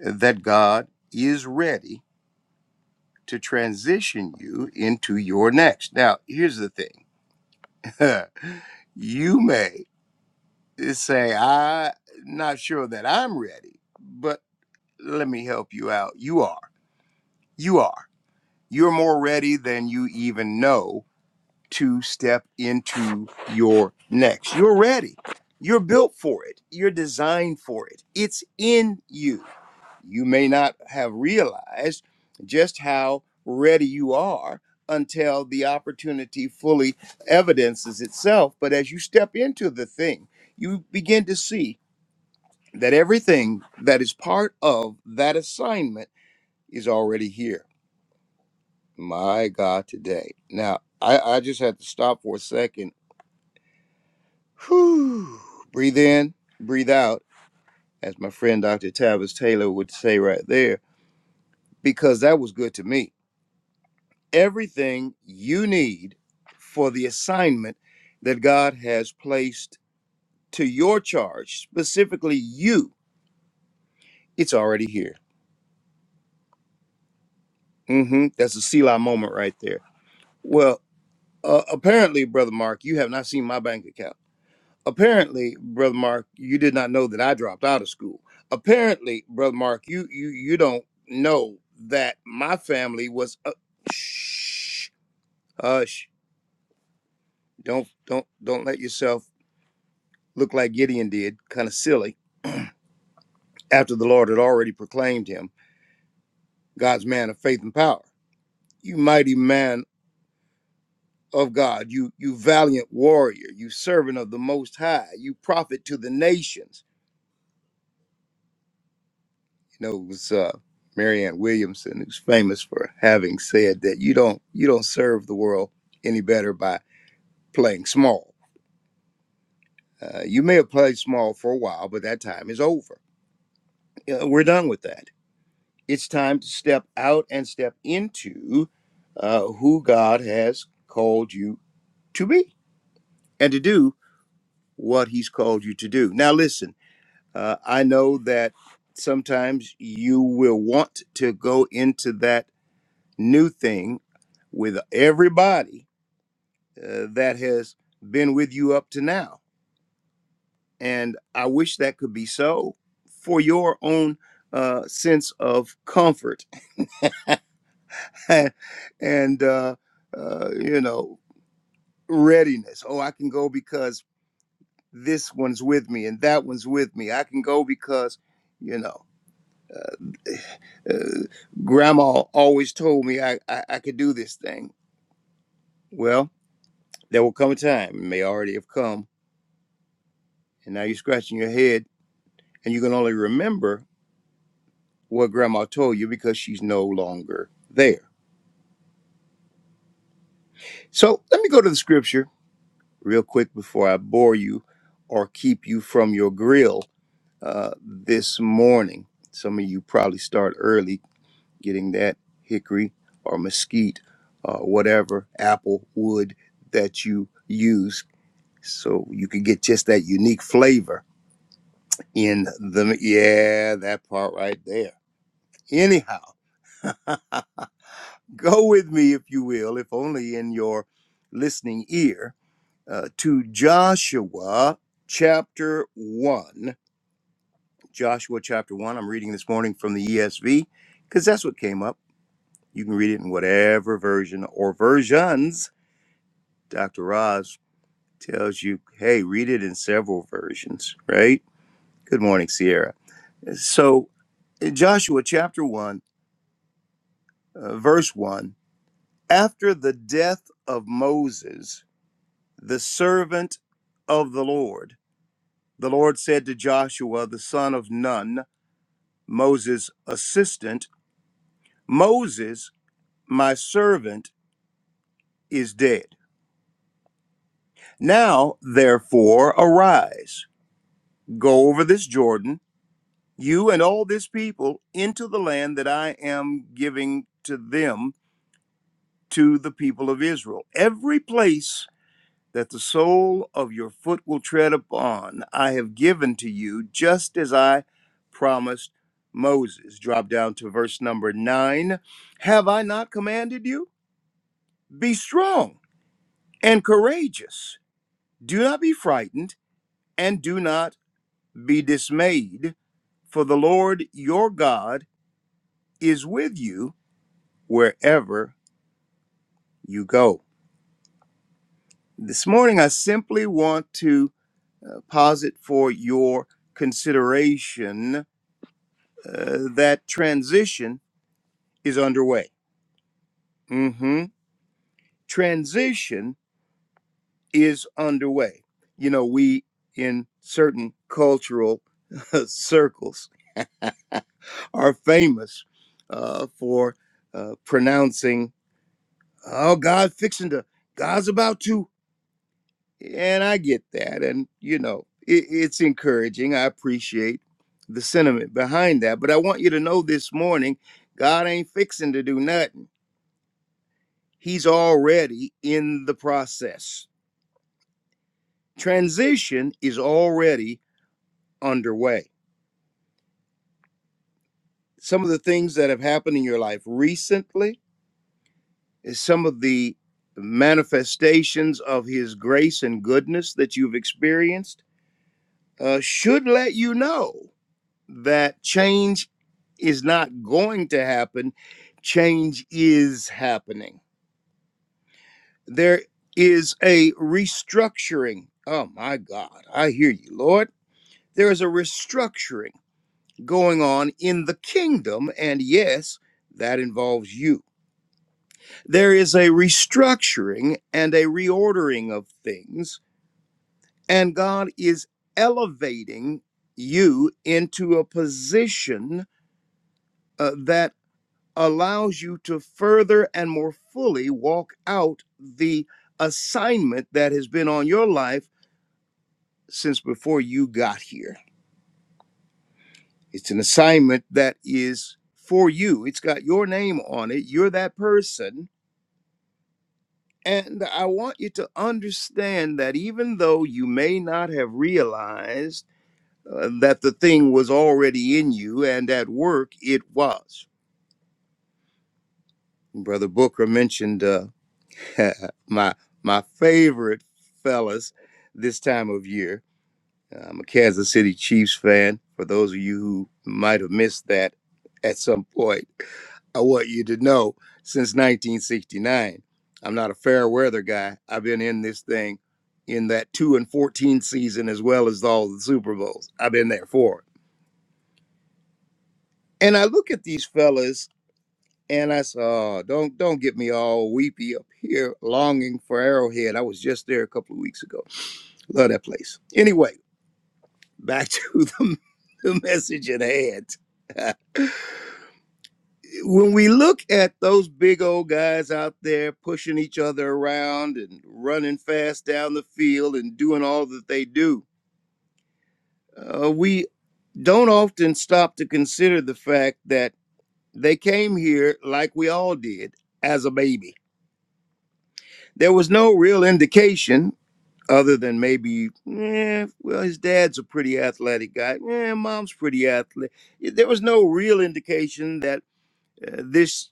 Speaker 4: that God is ready to transition you into your next. Now, here's the thing you may say, I'm not sure that I'm ready, but let me help you out. You are. You are. You're more ready than you even know to step into your next. You're ready. You're built for it. You're designed for it. It's in you you may not have realized just how ready you are until the opportunity fully evidences itself. But as you step into the thing, you begin to see that everything that is part of that assignment is already here. My God, today. Now, I, I just had to stop for a second. Whew. Breathe in, breathe out, as my friend Dr. Tavis Taylor would say right there, because that was good to me everything you need for the assignment that God has placed to your charge, specifically you. It's already here. hmm That's a Selah moment right there. Well, uh, apparently, Brother Mark, you have not seen my bank account. Apparently, Brother Mark, you did not know that I dropped out of school. Apparently, Brother Mark, you you you don't know that my family was. A- shh, hush! Don't don't don't let yourself looked like Gideon did, kind of silly, after the Lord had already proclaimed him God's man of faith and power. You mighty man of God, you you valiant warrior, you servant of the Most High, you prophet to the nations. You know, it was uh, Marianne Williamson who's famous for having said that you don't you don't serve the world any better by playing small. Uh, you may have played small for a while, but that time is over. You know, we're done with that It's time to step out and step into uh, who God has called you to be and to do what He's called you to do. Now, listen, uh, I know that sometimes you will want to go into that new thing with everybody uh, that has been with you up to now. And I wish that could be so for your own uh, sense of comfort and, uh, uh, you know, readiness. Oh, I can go because this one's with me and that one's with me. I can go because, you know, uh, grandma always told me I, I, I could do this thing. Well, there will come a time, it may already have come, and now you're scratching your head and you can only remember what grandma told you because she's no longer there. So let me go to the scripture real quick before I bore you or keep you from your grill uh, this morning. Some of you probably start early getting that hickory or mesquite, uh, whatever apple wood that you use, so you can get just that unique flavor in the yeah that part right there. Anyhow, go with me if you will, if only in your listening ear, uh, to Joshua chapter one. Joshua chapter one. I'm reading this morning from the ESV because that's what came up. You can read it in whatever version or versions Dr. Roz tells you, hey, read it in several versions, right? Good morning, Sierra. So, in Joshua chapter 1, uh, verse 1, after the death of Moses, the servant of the Lord, the Lord said to Joshua, the son of Nun, Moses' assistant, Moses, my servant, is dead. Now, therefore, arise, go over this Jordan you and all this people into the land that I am giving to them, to the people of Israel. Every place that the sole of your foot will tread upon, I have given to you, just as I promised Moses. Drop down to verse number nine. Have I not commanded you? Be strong and courageous. Do not be frightened and do not be dismayed, for the Lord your God is with you wherever you go. This morning, I simply want to uh, posit for your consideration uh, that transition is underway. hmm Transition is underway. You know, we in certain cultural circles are famous uh, for uh, pronouncing, "Oh, God, fixing to, God's about to." And I get that. And, you know, it, it's encouraging. I appreciate the sentiment behind that. But I want you to know this morning God ain't fixing to do nothing, He's already in the process. Transition is already underway. Some of the things that have happened in your life recently is some of the manifestations of His grace and goodness that you've experienced uh, should let you know. that change is not going to happen, change is happening. There is a restructuring. Oh my God, I hear you, Lord. There is a restructuring going on in the kingdom, and yes, that involves you. There is a restructuring and a reordering of things, and God is elevating you into a position uh, that allows you to further and more fully walk out the assignment that has been on your life since before you got here. It's an assignment that is for you, it's got your name on it. You're that person. And I want you to understand that even though you may not have realized uh, that the thing was already in you and at work, it was. Brother Booker mentioned uh, my my favorite fellas this time of year. Uh, I'm a Kansas City Chiefs fan. For those of you who might have missed that at some point, I want you to know since 1969, I'm not a fair weather guy. I've been in this thing in that 2 and 14 season as well as all the Super Bowls. I've been there for it. And I look at these fellas and I saw, oh, don't don't get me all weepy up here longing for Arrowhead. I was just there a couple of weeks ago. Love that place. Anyway, back to the, the message at hand. when we look at those big old guys out there pushing each other around and running fast down the field and doing all that they do, uh, we don't often stop to consider the fact that they came here like we all did as a baby. There was no real indication other than maybe, eh, well, his dad's a pretty athletic guy. Eh, mom's pretty athletic. There was no real indication that uh, this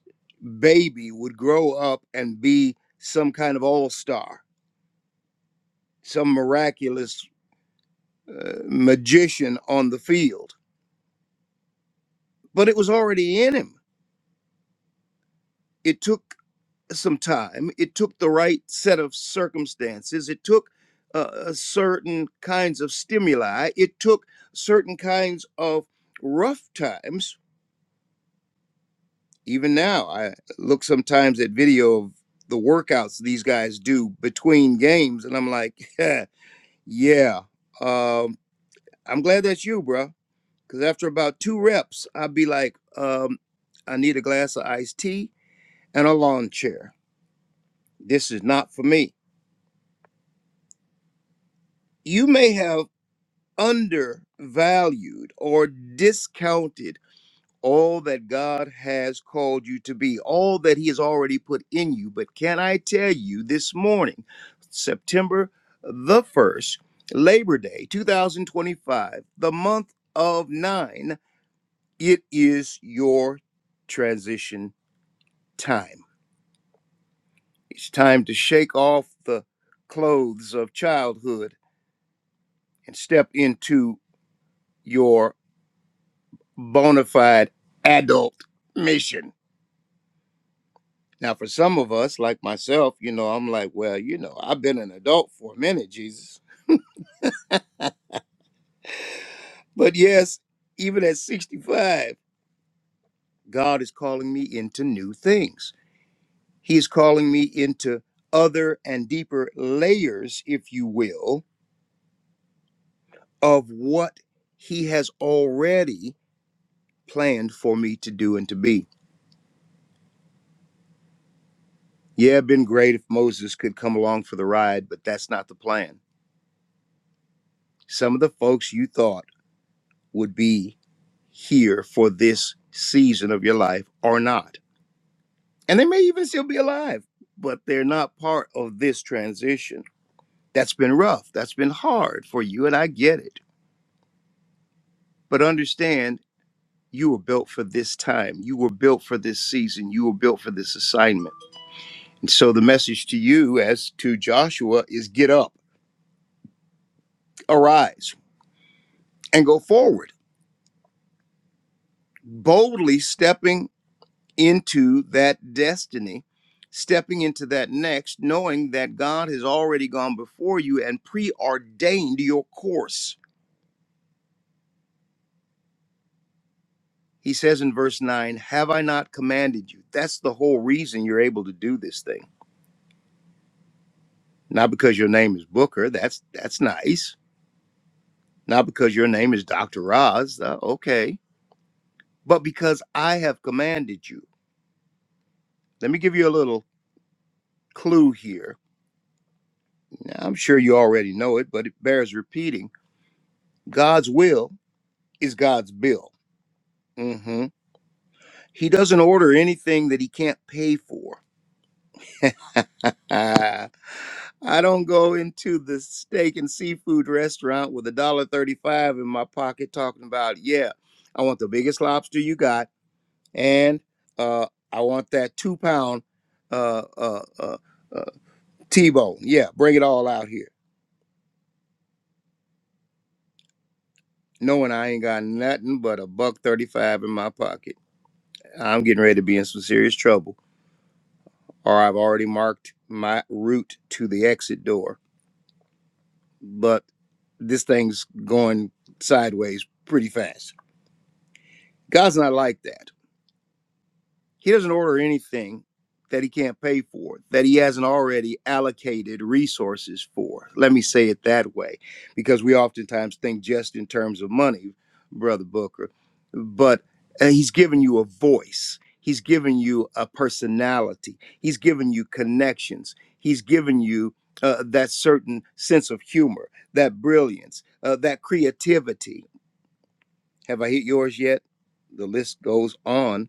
Speaker 4: baby would grow up and be some kind of all star, some miraculous uh, magician on the field. But it was already in him. It took some time. It took the right set of circumstances. It took uh, uh, certain kinds of stimuli. It took certain kinds of rough times. Even now, I look sometimes at video of the workouts these guys do between games, and I'm like, yeah, yeah. Um, I'm glad that's you, bro. Because after about two reps, I'd be like, um, I need a glass of iced tea and a lawn chair. This is not for me you may have undervalued or discounted all that God has called you to be, all that He has already put in you. But can I tell you this morning, September the 1st, Labor Day 2025, the month of nine, it is your transition time. It's time to shake off the clothes of childhood and step into your bona fide adult mission. Now, for some of us, like myself, you know, I'm like, well, you know, I've been an adult for a minute, Jesus. But yes, even at 65, God is calling me into new things. He is calling me into other and deeper layers, if you will, of what He has already planned for me to do and to be. Yeah, it'd been great if Moses could come along for the ride, but that's not the plan. Some of the folks you thought would be here for this season of your life or not. And they may even still be alive, but they're not part of this transition. That's been rough. That's been hard for you, and I get it. But understand, you were built for this time. You were built for this season. You were built for this assignment. And so the message to you, as to Joshua, is get up, arise, and go forward, boldly stepping into that destiny, stepping into that next, knowing that God has already gone before you and preordained your course. He says in verse 9, Have I not commanded you? That's the whole reason you're able to do this thing. Not because your name is Booker, that's that's nice. Not because your name is Dr. Roz, uh, okay, but because I have commanded you. Let me give you a little clue here. Now, I'm sure you already know it, but it bears repeating. God's will is God's bill. hmm He doesn't order anything that he can't pay for. I don't go into the steak and seafood restaurant with a dollar thirty-five in my pocket, talking about, yeah, I want the biggest lobster you got, and uh, I want that two-pound uh, uh, uh, uh, T-bone. Yeah, bring it all out here, knowing I ain't got nothing but a buck thirty-five in my pocket. I'm getting ready to be in some serious trouble. or I've already marked my route to the exit door. But this thing's going sideways pretty fast. God's not like that. He doesn't order anything that he can't pay for, that he hasn't already allocated resources for. Let me say it that way, because we oftentimes think just in terms of money, Brother Booker, but uh, he's given you a voice, he's given you a personality, he's given you connections, he's given you uh, that certain sense of humor, that brilliance, uh, that creativity. Have I hit yours yet? The list goes on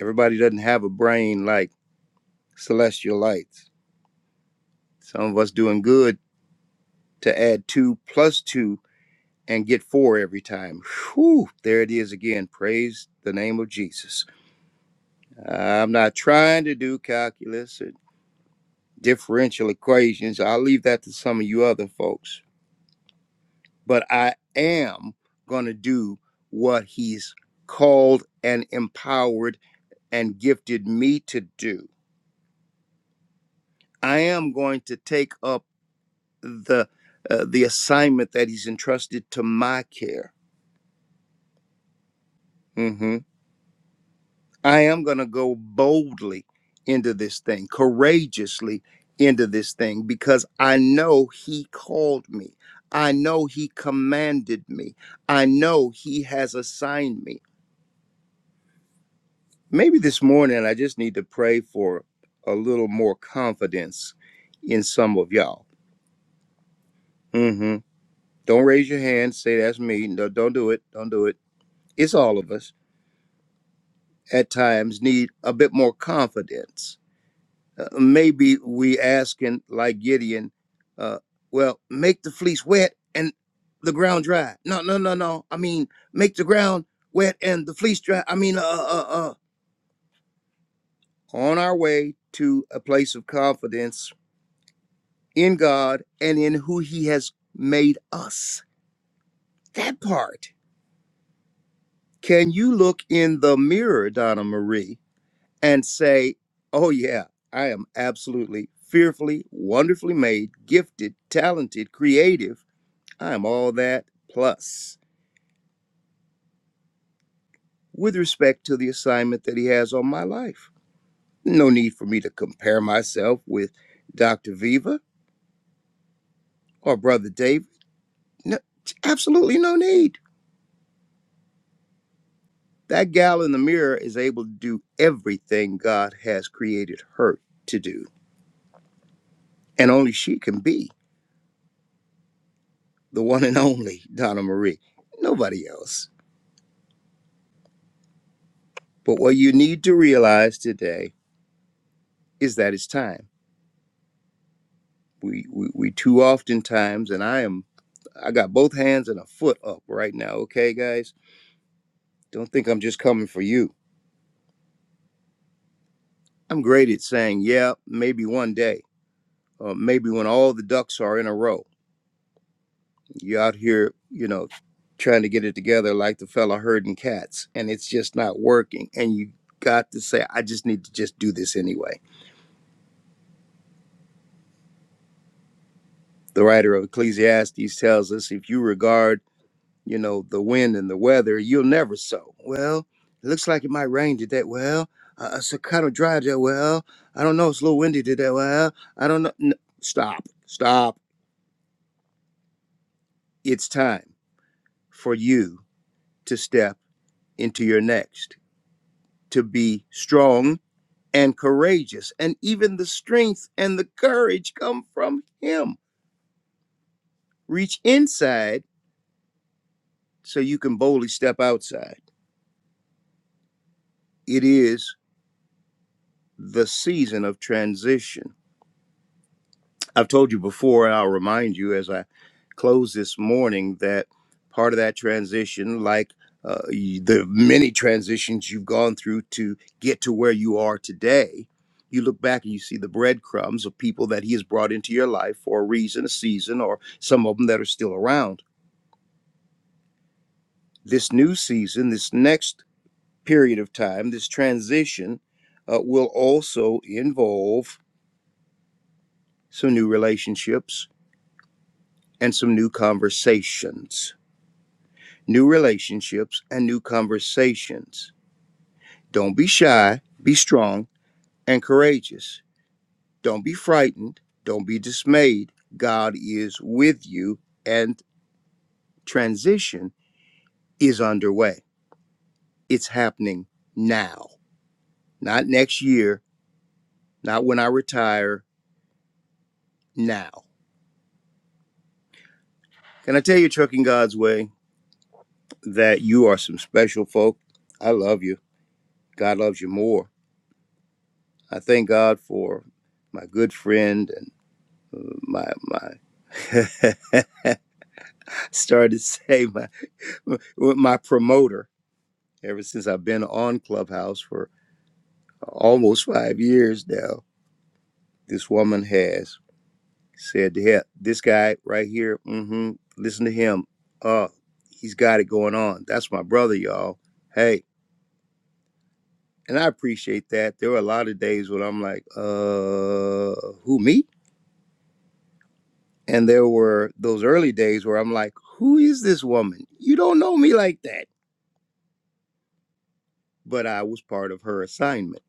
Speaker 4: Everybody doesn't have a brain like celestial lights. Some of us doing good to add two plus two and get four every time. Whew, there it is again. Praise the name of Jesus. I'm not trying to do calculus or differential equations. I'll leave that to some of you other folks. But I am going to do what he's called and empowered and gifted me to do. I am going to take up the uh, the assignment that he's entrusted to my care. hmm I am going to go boldly into this thing, courageously into this thing, because I know he called me. I know he commanded me. I know he has assigned me. Maybe this morning I just need to pray for a little more confidence in some of y'all. hmm Don't raise your hand. Say that's me. No, don't do it. Don't do it. It's all of us at times need a bit more confidence. Uh, maybe we asking like Gideon, uh, well, make the fleece wet and the ground dry. No, no, no, no. I mean, make the ground wet and the fleece dry. I mean, uh, uh, uh. On our way to a place of confidence in God and in who He has made us. That part. Can you look in the mirror, Donna Marie? and say, Oh, yeah, I am absolutely fearfully, wonderfully made, gifted, talented, creative. I am all that plus with respect to the assignment that he has on my life. No need for me to compare myself with Dr. Viva or Brother David. No, absolutely no need. That gal in the mirror is able to do everything God has created her to do. And only she can be the one and only Donna Marie. Nobody else. But what you need to realize today is that it's time. We, we, we too oftentimes, and I am, I got both hands and a foot up right now. Okay, guys, don't think I'm just coming for you. I'm great at saying, yeah, maybe one day, or maybe when all the ducks are in a row. You're out here, you know, trying to get it together like the fella herding cats, and it's just not working. And you got to say, I just need to just do this anyway. The writer of Ecclesiastes tells us if you regard you know, the wind and the weather, you'll never sow. Well, it looks like it might rain today. Well, uh, it's kind of dry today. Well, I don't know. It's a little windy today. Well, I don't know. N- stop, stop. It's time for you to step into your next, to be strong and courageous. And even the strength and the courage come from Him. Reach inside so you can boldly step outside. It is the season of transition I've told you before, and I'll remind you as I close this morning that part of that transition, like uh, y- the many transitions you've gone through to get to where you are today, you look back and you see the breadcrumbs of people that He has brought into your life for a reason, a season, or some of them that are still around. This new season, this next period of time, this transition uh, will also involve some new relationships and some new conversations new relationships, and new conversations. Don't be shy, be strong and courageous. Don't be frightened, don't be dismayed. God is with you, and transition is underway. It's happening now, not next year, not when I retire, now. Can I tell you, Trucking God's Way, that you are some special folk? I love you. God loves you more. I thank God for my good friend and my my started to say my my promoter ever since I've been on Clubhouse for almost five years now. This woman has said to him, this guy right here, mm-hmm, listen to him. Uh, he's got it going on. That's my brother, y'all. Hey, and I appreciate that. There were a lot of days when I'm like, uh, who me? And there were those early days where I'm like, who is this woman? You don't know me like that but I was part of her assignment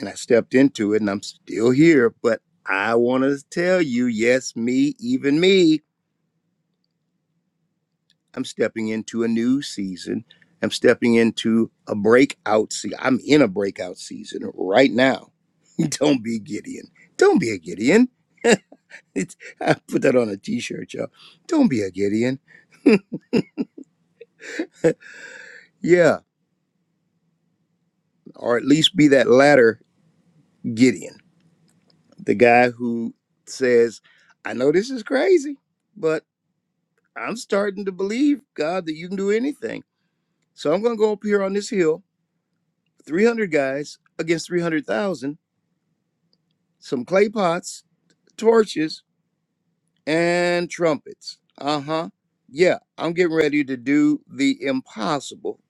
Speaker 4: and I stepped into it and I'm still here. But I want to tell you, yes, me, even me, I'm stepping into a new season. I'm stepping into a breakout season. I'm in a breakout season right now. Don't be Gideon. Don't be a Gideon. It's, I put that on a t shirt, y'all. Don't be a Gideon. Yeah. Or at least be that latter Gideon, the guy who says, I know this is crazy, but. I'm starting to believe, God, that you can do anything. So I'm going to go up here on this hill, 300 guys against 300,000, some clay pots, torches, and trumpets. Uh huh. Yeah, I'm getting ready to do the impossible,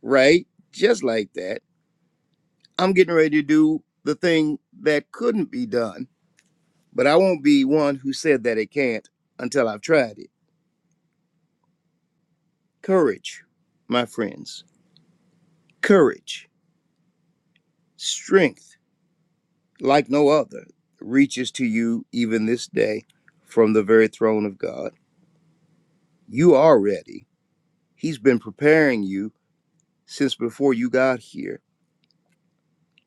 Speaker 4: right? Just like that. I'm getting ready to do the thing that couldn't be done, but I won't be one who said that it can't until I've tried it. Courage, my friends. Courage, strength like no other, reaches to you even this day from the very throne of God. You are ready. He's been preparing you since before you got here,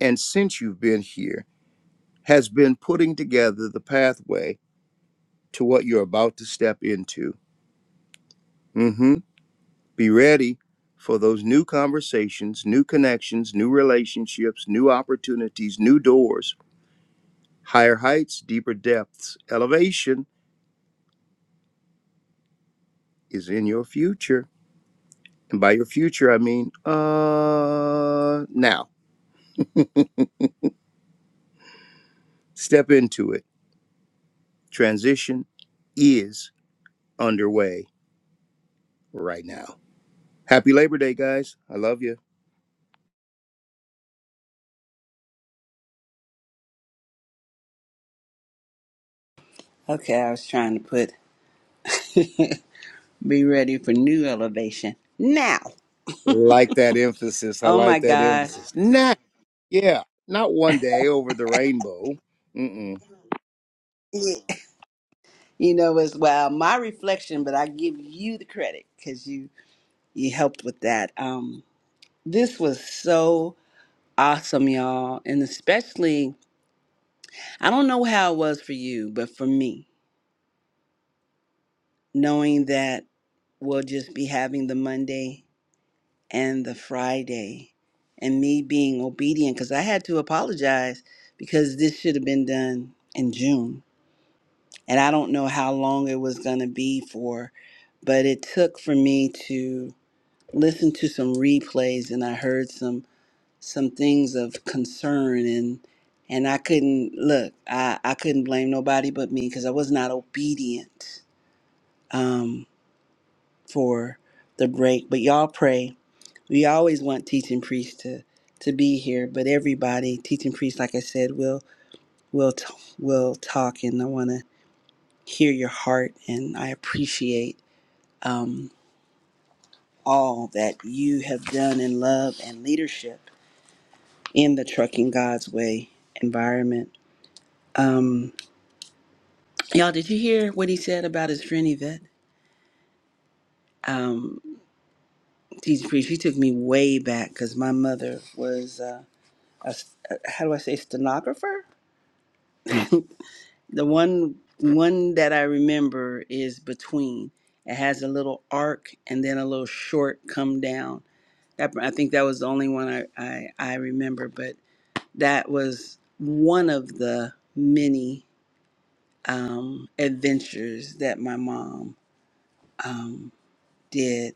Speaker 4: and since you've been here, has been putting together the pathway to what you're about to step into. hmm Be ready for those new conversations, new connections, new relationships, new opportunities, new doors, higher heights, deeper depths. Elevation is in your future And by your future, I mean uh now. Step into it. Transition is underway right now. Happy Labor Day, guys. I love you.
Speaker 1: Okay, I was trying to put be ready for new elevation now.
Speaker 4: Like that emphasis. I
Speaker 1: Oh my
Speaker 4: like that
Speaker 1: gosh.
Speaker 4: emphasis. Nah, yeah, not one day over the rainbow. Mm-mm.
Speaker 1: You know, as well, my reflection, but I give you the credit because you you helped with that. Um, this was so awesome, y'all, and especially I don't know how it was for you, but for me, knowing that we'll just be having the Monday and the Friday, and me being obedient because I had to apologize because this should have been done in June, and I don't know how long it was going to be for, but it took for me to. listened to some replays and I heard some some things of concern and and I couldn't look I, I couldn't blame nobody but me because I was not obedient um, for the break but y'all pray we always want teaching priests to to be here but everybody teaching priests like I said will will t- will talk and I want to hear your heart and I appreciate all that you have done in love and leadership in the Trucking God's Way environment. Y'all, did you hear what he said about his friend Yvette? Um, teacher priest, she took me way back because my mother was uh, a s- a- how do I say stenographer? The one one that I remember is between. It has a little arc and then a little short come down. That I think that was the only one I I, I remember, but that was one of the many um, adventures that my mom um, did.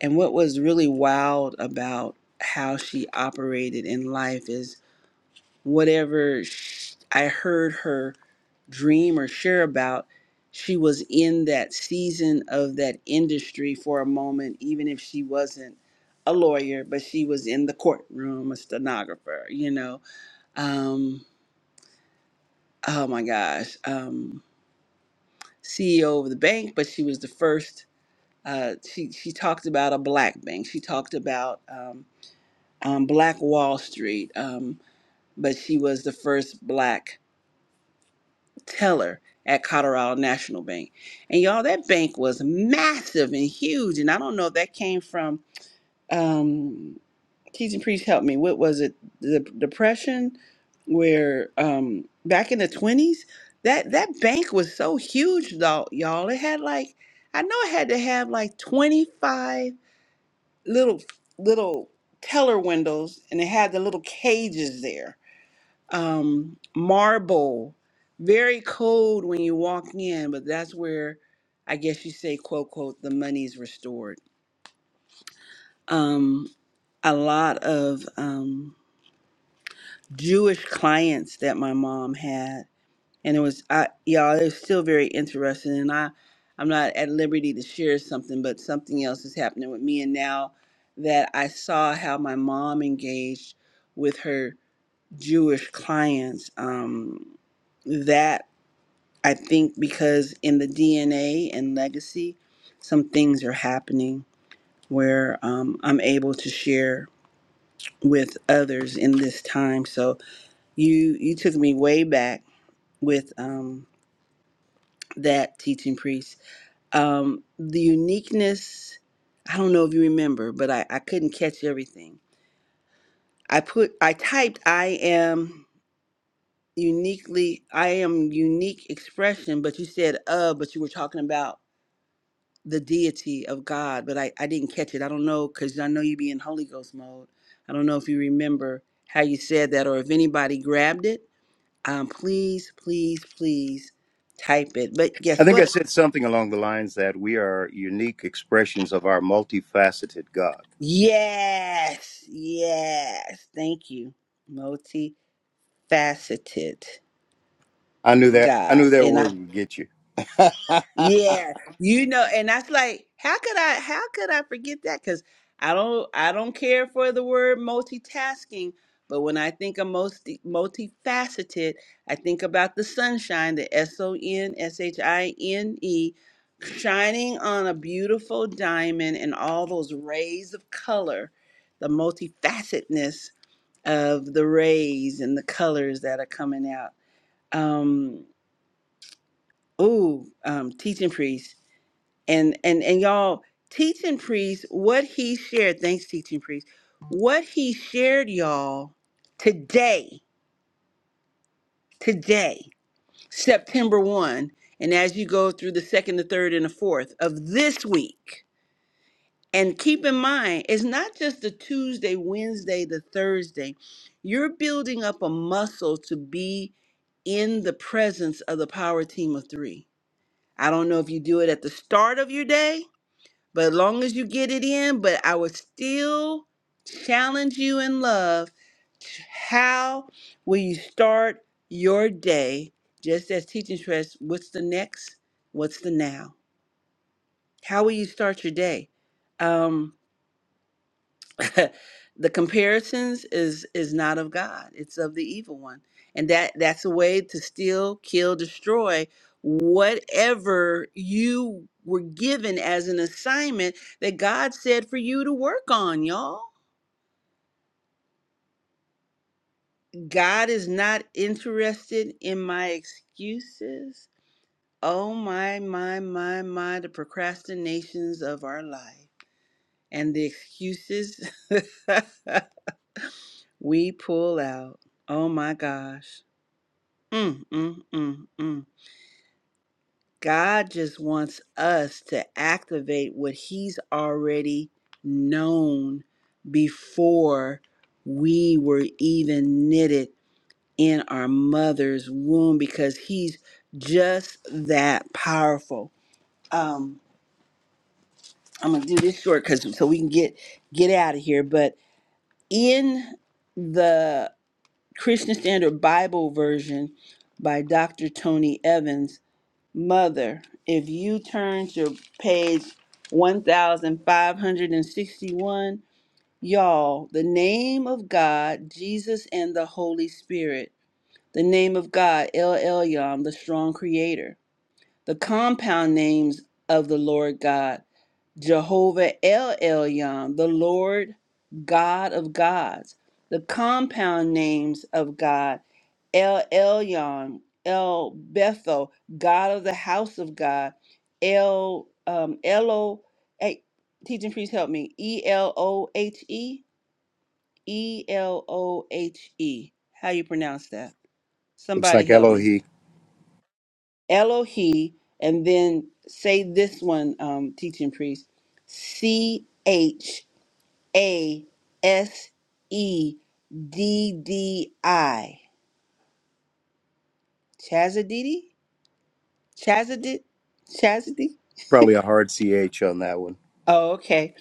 Speaker 1: And what was really wild about how she operated in life is whatever sh I heard her dream or share about, she was in that season of that industry for a moment, even if she wasn't a lawyer, but she was in the courtroom, a stenographer, you know. Um, oh my gosh, um, CEO of the bank, but she was the first. Uh, she she talked about a black bank. She talked about. um, um, Black Wall Street, um, but she was the first black teller at Colorado National Bank. And y'all, that bank was massive and huge. And I don't know if that came from um, teaching priest help me. What was it? The depression, where um, back in the twenties, that that bank was so huge, though, y'all. It had like I know it had to have like twenty five little little teller windows, and it had the little cages there um, marble, very cold when you walk in, but that's where I guess you say, quote, quote, the money's restored. Um, a lot of um, Jewish clients that my mom had, and it was, I, y'all, it was still very interesting. And I, I'm not at liberty to share something, but something else is happening with me. And now that I saw how my mom engaged with her Jewish clients, um, that I think because in the DNA and legacy, some things are happening where um, I'm able to share with others in this time. So you you took me way back with um, that teaching priest. Um, the uniqueness. I don't know if you remember, but I, I couldn't catch everything. I put I typed I am uniquely I am unique expression, but you said uh, but you were talking about the deity of God, but I, I didn't catch it. I don't know because I know you be in Holy Ghost mode. I don't know if you remember how you said that or if anybody grabbed it. Um, please, please, please type it. But
Speaker 4: I
Speaker 1: guess
Speaker 4: think I
Speaker 1: what?
Speaker 4: said something along the lines that we are unique expressions of our multifaceted God.
Speaker 1: Yes, yes. Thank you. Multifaceted
Speaker 4: I knew that. I
Speaker 1: God.
Speaker 4: knew that
Speaker 1: And I
Speaker 4: word would get you.
Speaker 1: Yeah, you know, and that's like, how could I, how could I forget that? Because I don't, I don't care for the word multitasking, but when I think of multi, multifaceted, I think about the sunshine, the S O N S H I N E, shining on a beautiful diamond and all those rays of color, the multifacetedness of the rays and the colors that are coming out. Um, ooh, um, teaching priest and and and y'all teaching priest what he shared thanks teaching priest what he shared y'all today today september 1 and as you go through the second the third and the fourth of this week and keep in mind it's not just the tuesday wednesday the thursday you're building up a muscle to be in the presence of the power team of three i don't know if you do it at the start of your day But as long as you get it in, but I would still challenge you in love. How will you start your day? Just as teaching stress, what's the next? What's the now? How will you start your day? Um, the comparisons is is not of God. It's of the evil one. And that that's a way to steal, kill, destroy whatever you were given as an assignment that God said for you to work on, y'all. God is not interested in my excuses. Oh my my my my the procrastinations of our life and the excuses we pull out. Oh my gosh. Mm, mm, mm, mm. God just wants us to activate what He's already known before we were even knitted in our mother's womb because He's just that powerful. Um, I'm gonna do this short because so we can get get out of here. But in the Christian Standard Bible version by Dr. Tony Evans Mother, if you turn to page 1561, y'all, the name of God, Jesus, and the Holy Spirit, the name of God, El Elyon, the strong creator, the compound names of the Lord God. Jehovah El Elyon, the Lord God of gods, the compound names of God, El Elyon, El Bethel, God of the house of God, El um, Elo, hey, teaching priest help me, E L O H E, E L O H E. How you pronounce that?
Speaker 4: Looks
Speaker 1: Somebody
Speaker 4: like
Speaker 1: help me.
Speaker 4: Elohi.
Speaker 1: Elohi, and then say this one, um, teaching priest, C H. A S E D D I. Chazadidi? Chazadid? Chazadid?
Speaker 4: Probably a hard ch on that one.
Speaker 1: Oh, okay.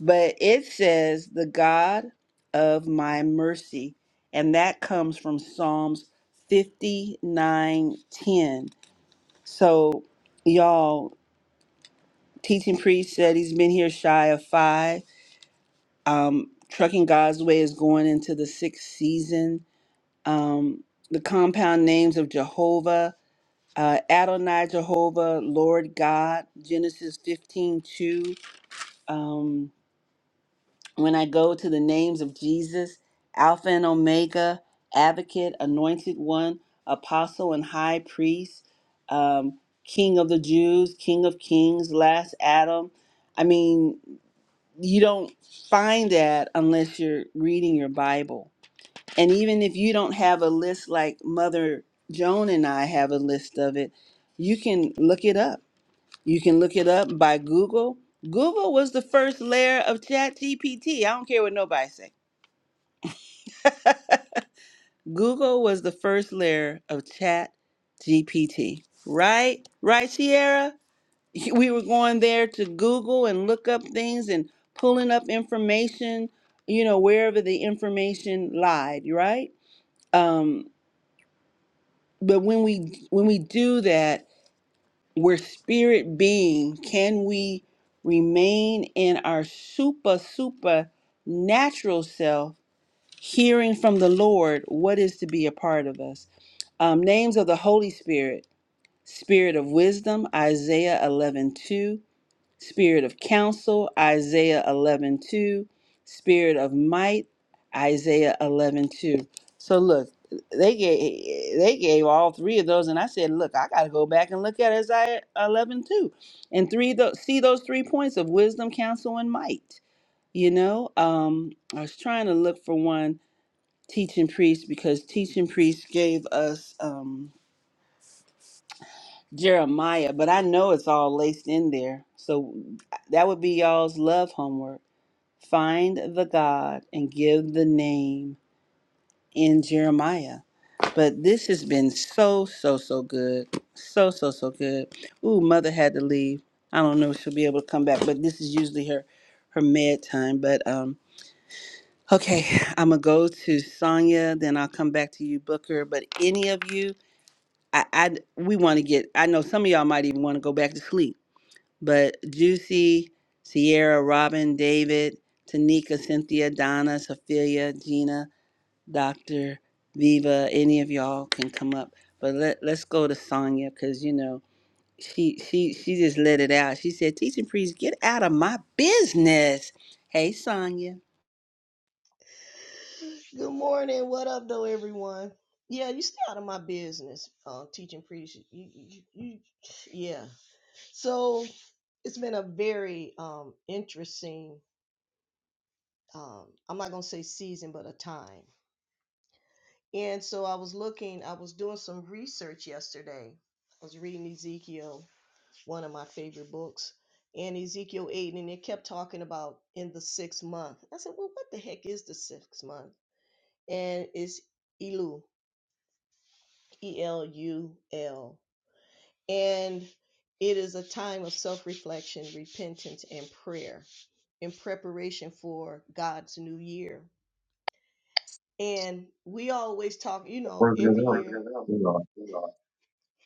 Speaker 1: But it says, the God of my mercy. And that comes from Psalms 59:10. So, y'all, teaching priest said he's been here shy of five. Um, Trucking God's Way is going into the sixth season. Um, the compound names of Jehovah uh, Adonai Jehovah, Lord God, Genesis 15 2 Um, when I go to the names of Jesus, Alpha and Omega, Advocate, Anointed One, Apostle and High Priest, um, King of the Jews, King of Kings, Last Adam. I mean, you don't find that unless you're reading your Bible. And even if you don't have a list like Mother Joan and I have a list of it, you can look it up you can look it up by Google. Google was the first layer of Chat GPT. I don't care what nobody say. Google was the first layer of Chat GPT. Right? Right, Sierra? We were going there to Google and look up things and pulling up information, you know, wherever the information lied, right? Um, but when we when we do that, we're spirit being, can we remain in our super, super natural self, hearing from the Lord what is to be a part of us? Um, names of the Holy Spirit, Spirit of Wisdom, Isaiah 11:2. Spirit of counsel, Isaiah 11 2. Spirit of might, Isaiah 11 2. So look, they gave, they gave all three of those, and I said, look, I got to go back and look at Isaiah 11 2, And three of those, see those three points of wisdom, counsel, and might. You know, um, I was trying to look for one teaching priest because teaching priest gave us um, Jeremiah, but I know it's all laced in there. So that would be y'all's love homework Find the God and give the name in Jeremiah. But this has been so, so, so good. So, so, so good. Ooh, mother had to leave. I don't know if she'll be able to come back, but this is usually her her med time. But um okay, I'm gonna go to Sonya, then I'll come back to you, Booker. But any of you, I, I we want to get I know some of y'all might even want to go back to sleep but Juicy, Sierra, Robin, David, Tanika, Cynthia, Donna, Sophia, Gina, Dr. Viva, any of y'all can come up. But let, let's go to Sonya because, you know, she, she, she just let it out. She said, Teaching priest, get out of my business. Hey, Sonya.
Speaker 5: Good morning. What up, though, everyone? Yeah, you stay out of my business, uh, teaching preach. You, you, you, yeah. So it's been a very um, interesting. Um, I'm not gonna say season, but a time. And so I was looking. I was doing some research yesterday. I was reading Ezekiel, one of my favorite books, and Ezekiel eight, and it kept talking about in the sixth month. I said, well, what the heck is the sixth month? And it's Elu. E L U L. And it is a time of self reflection, repentance, and prayer in preparation for God's new year. And we always talk, you know,
Speaker 2: gonna
Speaker 5: every
Speaker 2: go?
Speaker 5: year.
Speaker 2: You know,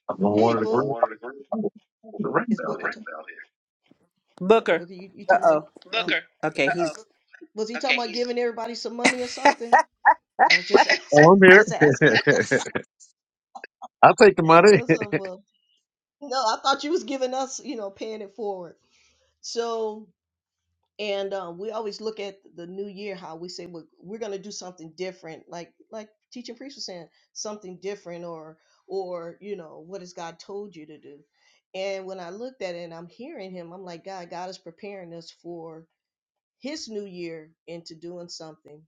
Speaker 2: I'm on
Speaker 5: Hey,
Speaker 2: water to green.
Speaker 5: Book.
Speaker 2: The rain
Speaker 5: Is
Speaker 2: down here.
Speaker 5: Booker,
Speaker 1: Booker.
Speaker 5: Booker you, you
Speaker 1: Uh
Speaker 5: talking about,
Speaker 1: oh.
Speaker 5: oh, Booker. Uh
Speaker 1: Okay,
Speaker 5: oh.
Speaker 1: he's
Speaker 5: was he okay, talking Okay, about he's. giving everybody some money or something? I was just asking.
Speaker 2: Oh, I'm here.
Speaker 5: just asking.
Speaker 2: I'll take the money.
Speaker 5: What's up, Book? No, I thought you was giving us, you know, paying it forward. So and um, we always look at the new year how we say well, we're going to do something different like like teaching priest was saying something different or or you know what has god told you to do and when i looked at it and i'm hearing him i'm like god god is preparing us for his new year into doing something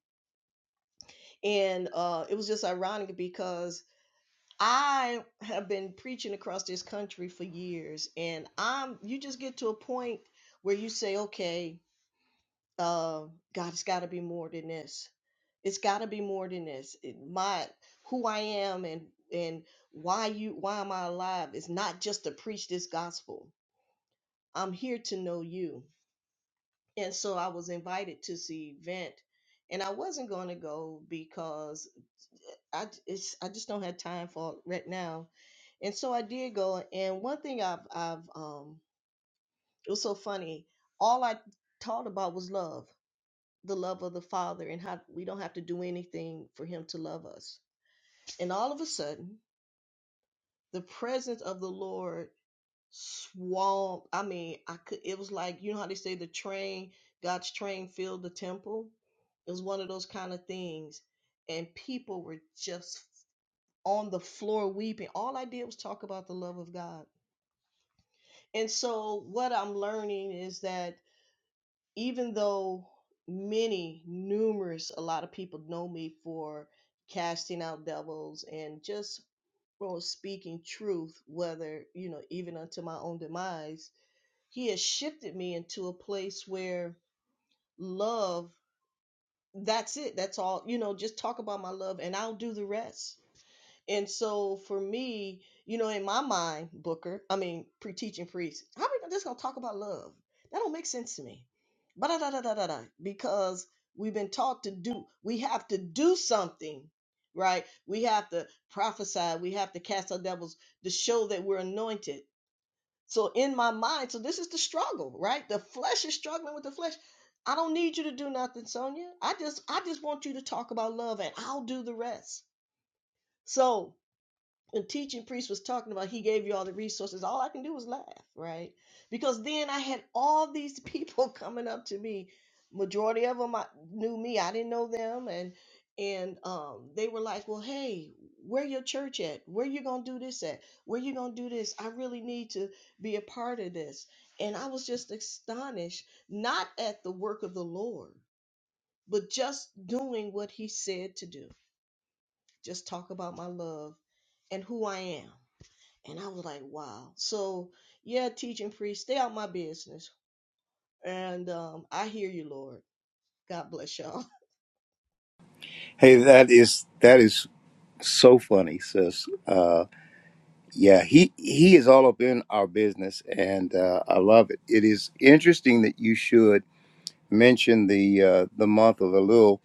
Speaker 5: and uh, it was just ironic because i have been preaching across this country for years and i'm you just get to a point where you say okay uh, God, it's got to be more than this. It's got to be more than this. It- my who I am and and why you why am I alive is not just to preach this gospel. I'm here to know you. And so I was invited to this event, and I wasn't going to go because I j- it's I just don't have time for it right now. And so I did go. And one thing I've I've um it was so funny. All I thought about was love the love of the Father and how we don't have to do anything for Him to love us. And all of a sudden, the presence of the Lord swamped. I mean, I could. It was like you know how they say the train, God's train filled the temple. It was one of those kind of things, and people were just on the floor weeping. All I did was talk about the love of God. And so what I'm learning is that even though many, numerous, a lot of people know me for casting out devils and just for speaking truth, whether, you know, even unto my own demise, he has shifted me into a place where love, that's it, that's all, you know, just talk about my love and I'll do the rest and so for me, you know, in my mind, Booker, I mean, pre-teaching priest, how are we just gonna talk about love? That don't make sense to me. But da da da da da da, because we've been taught to do. We have to do something, right? We have to prophesy. We have to cast out devils to show that we're anointed. So in my mind, so this is the struggle, right? The flesh is struggling with the flesh. I don't need you to do nothing, Sonia. I just I just want you to talk about love, and I'll do the rest. So and teaching priest was talking about he gave you all the resources all i can do was laugh right because then i had all these people coming up to me majority of them I, knew me i didn't know them and and um, they were like well hey where your church at where you gonna do this at where you gonna do this i really need to be a part of this and i was just astonished not at the work of the lord but just doing what he said to do just talk about my love and who i am and I was like, wow. So, yeah, teaching priest, stay out my business. And um, I hear you, Lord. God bless y'all.
Speaker 4: Hey, that is that is so funny, sis. Uh, yeah, he he is all up in our business, and uh, I love it. It is interesting that you should mention the uh, the month of Elul,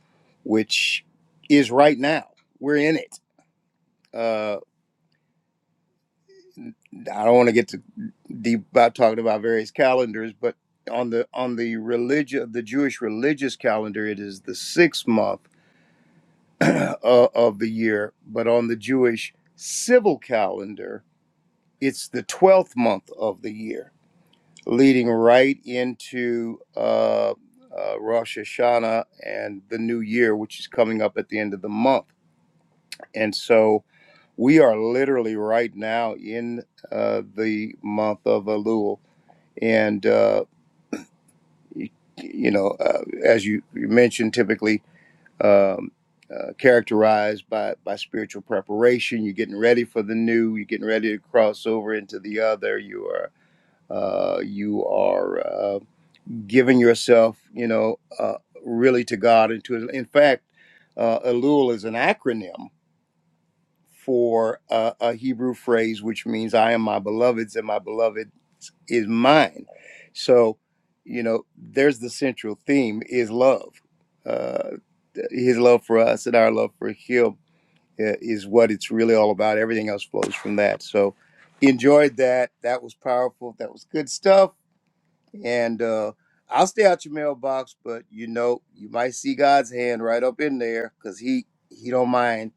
Speaker 4: which is right now. We're in it. Uh, I don't want to get too deep about talking about various calendars, but on the on the religion the Jewish religious calendar, it is the sixth month uh, of the year. But on the Jewish civil calendar, it's the 12th month of the year, leading right into uh, uh, Rosh Hashanah and the new year, which is coming up at the end of the month. And so we are literally right now in uh, the month of Elul. And, uh, y- you know, uh, as you, you mentioned, typically um, uh, characterized by, by spiritual preparation. You're getting ready for the new, you're getting ready to cross over into the other. You are. Uh, you are uh, giving yourself, you know, uh, really to God and to. His. In fact, uh, Elul is an acronym for uh, a Hebrew phrase which means "I am my beloved's and my beloved is mine." So, you know, there's the central theme is love. Uh, his love for us and our love for him uh, is what it's really all about. Everything else flows from that. So enjoyed that. That was powerful. That was good stuff. And uh, I'll stay out your mailbox, but you know, you might see God's hand right up in there because he he don't mind.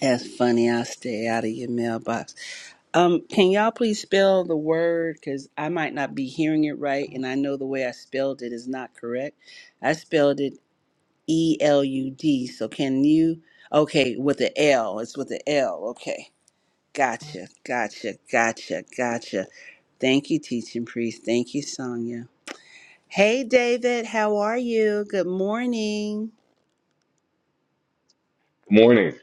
Speaker 1: That's funny. I'll stay out of your mailbox. Um, can y'all please spell the word? Because I might not be hearing it right, and I know the way I spelled it is not correct. I spelled it E L U D. So can you? Okay, with the L. It's with the L. Okay. Gotcha. Gotcha. Gotcha. Gotcha. Thank you, teaching priest. Thank you, Sonia. Hey, David. How are you? Good morning.
Speaker 6: Good morning,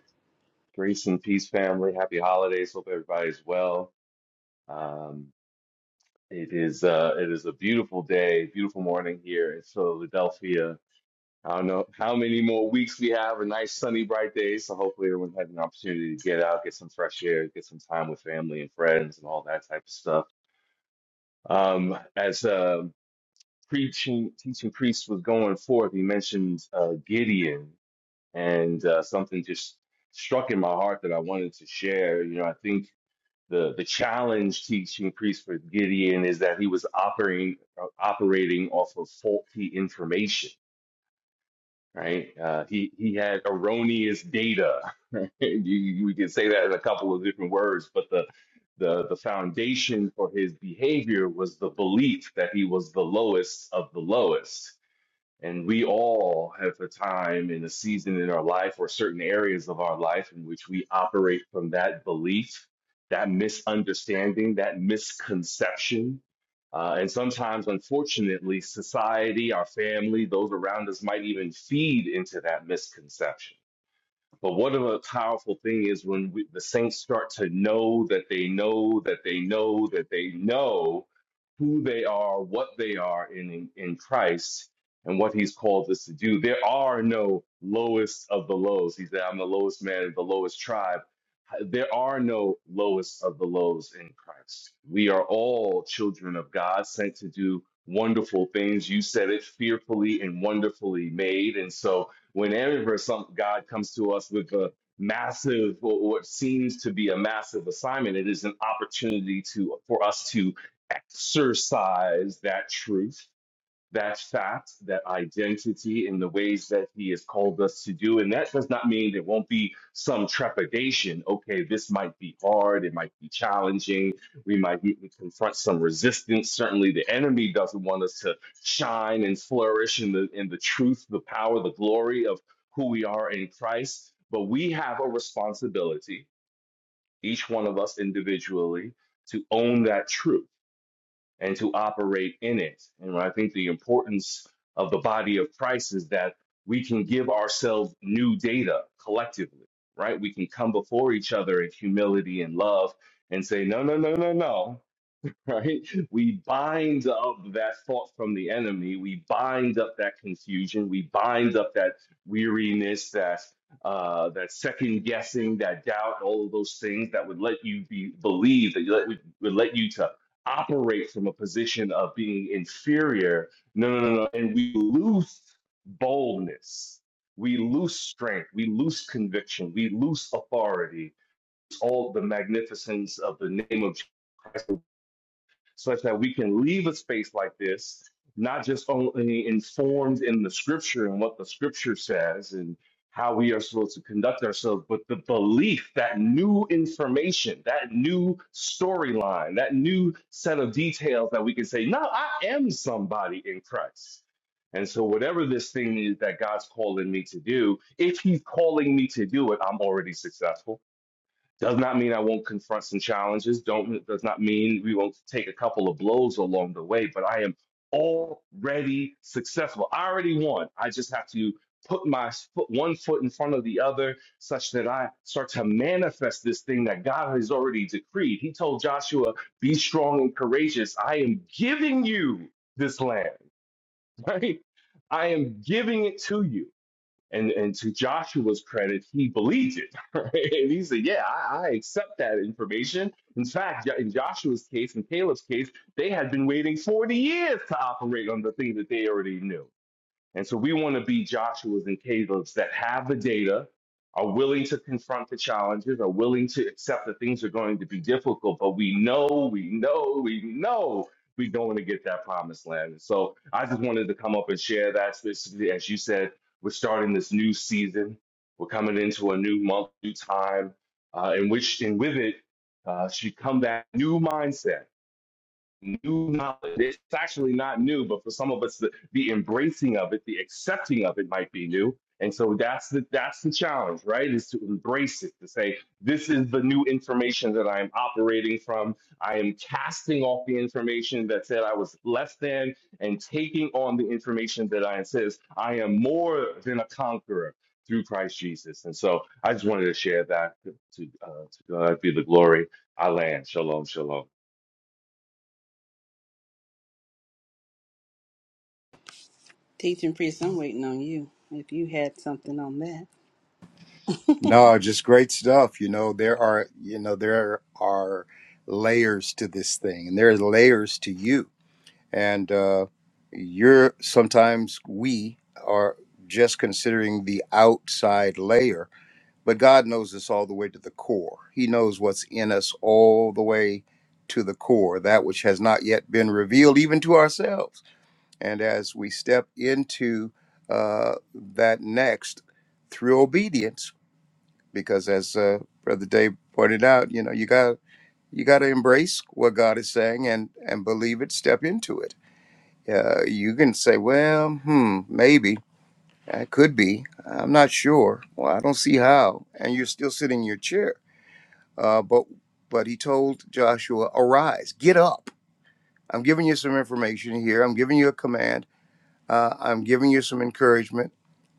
Speaker 6: grace and peace, family. Happy holidays. Hope everybody's well. Um, it is uh, it is a beautiful day, beautiful morning here in Philadelphia. I don't know how many more weeks we have. A nice sunny, bright day. So hopefully everyone has an opportunity to get out, get some fresh air, get some time with family and friends, and all that type of stuff. Um, as uh, preaching teaching priest was going forth, he mentioned uh, Gideon, and uh, something just struck in my heart that I wanted to share. You know, I think. the the challenge teaching priest for Gideon is that he was operating uh, operating off of faulty information, right? Uh, he he had erroneous data. Right? You, you- we can say that in a couple of different words, but the the the foundation for his behavior was the belief that he was the lowest of the lowest and we all have a time and a season in our life or certain areas of our life in which we operate from that belief, that misunderstanding, that misconception. Uh, and sometimes, unfortunately, society, our family, those around us might even feed into that misconception. But what a powerful thing is when we, the saints start to know that they know that they know that they know who they are, what they are in, in, in Christ, and what He's called us to do. There are no lowest of the lows. He said, I'm the lowest man of the lowest tribe. There are no lowest of the lows in Christ. We are all children of God, sent to do wonderful things. You said it fearfully and wonderfully made. And so, Whenever some God comes to us with a massive or what seems to be a massive assignment, it is an opportunity to for us to exercise that truth that fact, that identity in the ways that he has called us to do. And that does not mean there won't be some trepidation. Okay, this might be hard. It might be challenging. We might be, confront some resistance. Certainly the enemy doesn't want us to shine and flourish in the, in the truth, the power, the glory of who we are in Christ. But we have a responsibility, each one of us individually, to own that truth and to operate in it. And I think the importance of the body of Christ is that we can give ourselves new data collectively, right? We can come before each other in humility and love and say, no, no, no, no, no right? We bind up that thought from the enemy. We bind up that confusion. We bind up that weariness, that uh, that second guessing, that doubt, all of those things that would let you be believe that you let, would let you to operate from a position of being inferior. No, no, no, no. And we lose boldness. We lose strength. We lose conviction. We lose authority. All the magnificence of the name of Jesus Christ such that we can leave a space like this, not just only informed in the scripture and what the scripture says and how we are supposed to conduct ourselves, but the belief that new information, that new storyline, that new set of details that we can say, no, I am somebody in Christ. And so, whatever this thing is that God's calling me to do, if He's calling me to do it, I'm already successful does not mean I won't confront some challenges. Don't does not mean we won't take a couple of blows along the way, but I am already successful. I already won. I just have to put my foot one foot in front of the other such that I start to manifest this thing that God has already decreed. He told Joshua, be strong and courageous. I am giving you this land, right? I am giving it to you. And and to Joshua's credit, he believed it. Right? and he said, "Yeah, I, I accept that information." In fact, Jo- in Joshua's case and Caleb's case, they had been waiting forty years to operate on the thing that they already knew. And so we want to be Joshua's and Caleb's that have the data, are willing to confront the challenges, are willing to accept that things are going to be difficult, but we know, we know, we know we're going to get that promised land. And so I just wanted to come up and share that. This, as you said, we're starting this new season. We're coming into a new month, new time, uh, in which, and with it, uh, should come that new mindset new knowledge. It's actually not new, but for some of us, the, the embracing of it, the accepting of it might be new. And so that's the that's the challenge, right? Is to embrace it, to say, this is the new information that I am operating from. I am casting off the information that said I was less than and taking on the information that I insist I am more than a conqueror through Christ Jesus. And so I just wanted to share that to uh, to God be the glory. I Shalom, shalom.
Speaker 1: Teaching priest, I'm waiting on you. If you had something on that.
Speaker 4: No, just great stuff. You know, there are, you know, there are layers to this thing, and there are layers to you. And uh, you're sometimes we are just considering the outside layer But God knows us all the way to the core. He knows what's in us all the way to the core, that which has not yet been revealed even to ourselves. And as we step into uh, that next through obedience, because as uh, Brother Dave pointed out, you know, you got you got to embrace what God is saying and and believe it. Step into it. Uh, you can say, well, hmm, maybe that could be. I'm not sure. Well, I don't see how. And you're still sitting in your chair uh, but but he told Joshua, "Arise, get up. I'm giving you some information here. I'm giving you a command. Uh, I'm giving you some encouragement.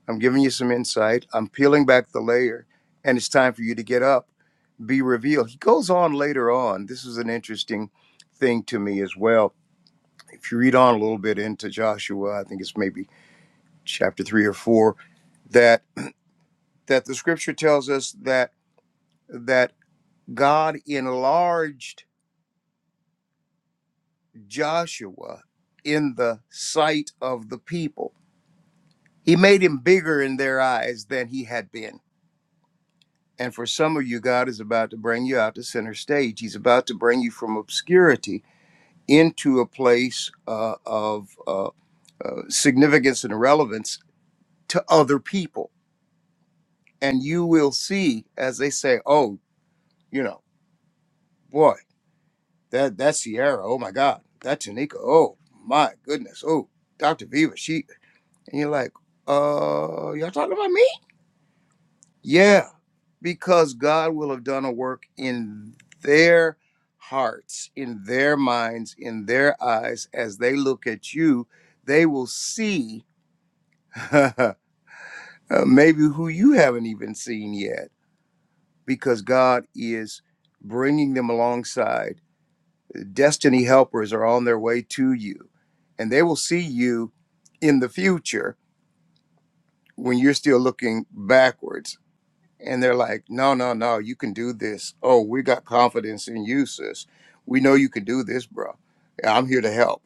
Speaker 4: I'm giving you some insight. I'm peeling back the layer, and it's time for you to get up, be revealed." He goes on later on. This is an interesting thing to me as well. If you read on a little bit into Joshua, I think it's maybe chapter three or four that that the scripture tells us that that God enlarged Joshua in the sight of the people. He made him bigger in their eyes than he had been. And for some of you, God is about to bring you out to center stage. He's about to bring you from obscurity into a place uh, of uh, uh, significance and relevance to other people. And you will see as they say, oh, you know, boy, that, that Sierra, oh my God, that Tanika, oh my goodness, oh, Dr. Viva, she, And you're like, uh, y'all talking about me? Yeah, because God will have done a work in their hearts, in their minds, in their eyes. As they look at you, they will see uh, maybe who you haven't even seen yet, because God is bringing them alongside. Destiny helpers are on their way to you, and they will see you in the future when you're still looking backwards and they're like, "No, no, no, you can do this. Oh, we got confidence in you, sis. We know you can do this, bro. I'm here to help."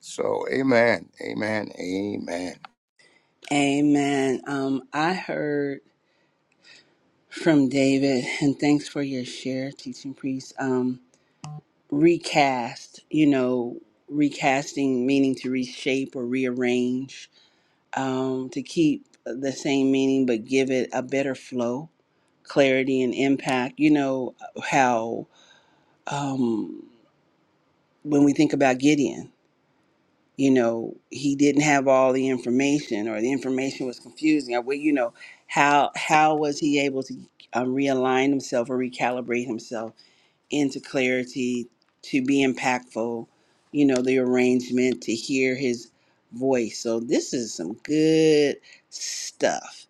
Speaker 4: So, amen, amen, amen.
Speaker 1: Amen. Um, I heard from David, and thanks for your share, teaching priest. Um, recast, you know, recasting meaning to reshape or rearrange, um, to keep the same meaning but give it a better flow, clarity, and impact. You know how um, when we think about Gideon. you know he didn't have all the information or the information was confusing or well, you know how how was he able to um, realign himself or recalibrate himself into clarity, to be impactful, you know, the arrangement, to hear his voice. So this is some good stuff.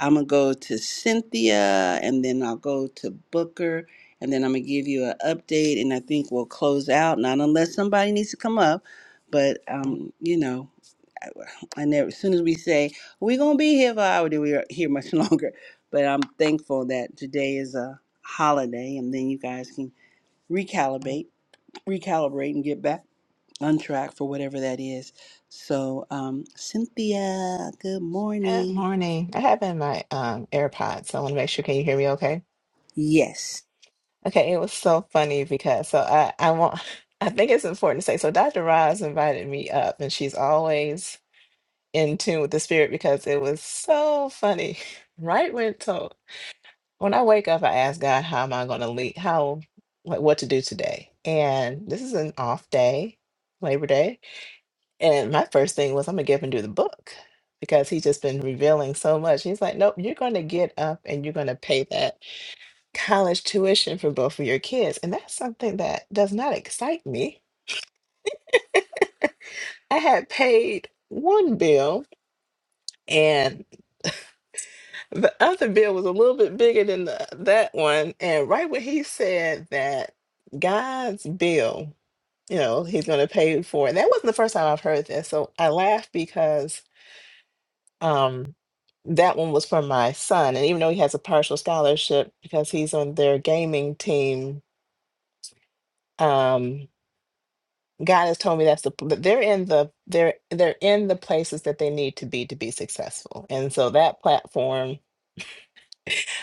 Speaker 1: I'm going to go to Cynthia and then I'll go to Booker and then I'm going to give you an update and I think we'll close out. Not unless somebody needs to come up, but, um, you know, I, I never, as soon as we say, we're going to be here for an hour, then we're here much longer. But I'm thankful that today is a holiday and then you guys can recalibrate, recalibrate, and get back on track for whatever that is. So, um, Cynthia, good
Speaker 7: Good
Speaker 1: morning.
Speaker 7: morning. I have in my um AirPods, so I want to make sure. Can you hear me okay?
Speaker 1: Yes,
Speaker 7: Okay, it was so funny because so I I want I think it's important to say so Dr. Roz invited me up and she's always in tune with the spirit because it was so funny. Right when so when I wake up I ask God how am I gonna lead how like what to do today? And this is an off day, Labor Day. And my first thing was, I'm gonna get up and do the book because he's just been revealing so much. He's like, nope, you're gonna get up and you're gonna pay that college tuition for both of your kids. And that's something that does not excite me. I had paid one bill and the other bill was a little bit bigger than the, that one. And right when he said that God's bill, you know, he's gonna pay for it. That wasn't the first time I've heard this. So I laughed because Um, that one was for my son, and even though he has a partial scholarship because he's on their gaming team, um, God has told me that's the that they're in the they're they're in the places that they need to be to be successful, and so that platform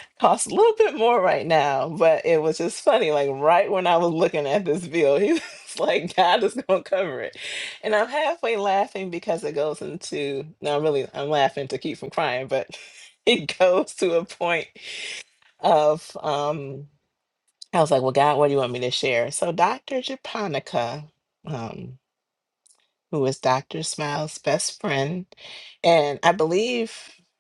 Speaker 7: costs a little bit more right now. But it was just funny, like right when I was looking at this bill, he was like, "God is going to cover it," and I'm halfway laughing because it goes into no, I'm really I'm laughing to keep from crying, but it goes to a point of um I was like, well, God, what do you want me to share? So Dr. Japonica, um, who is Dr. Smile's best friend. And I believe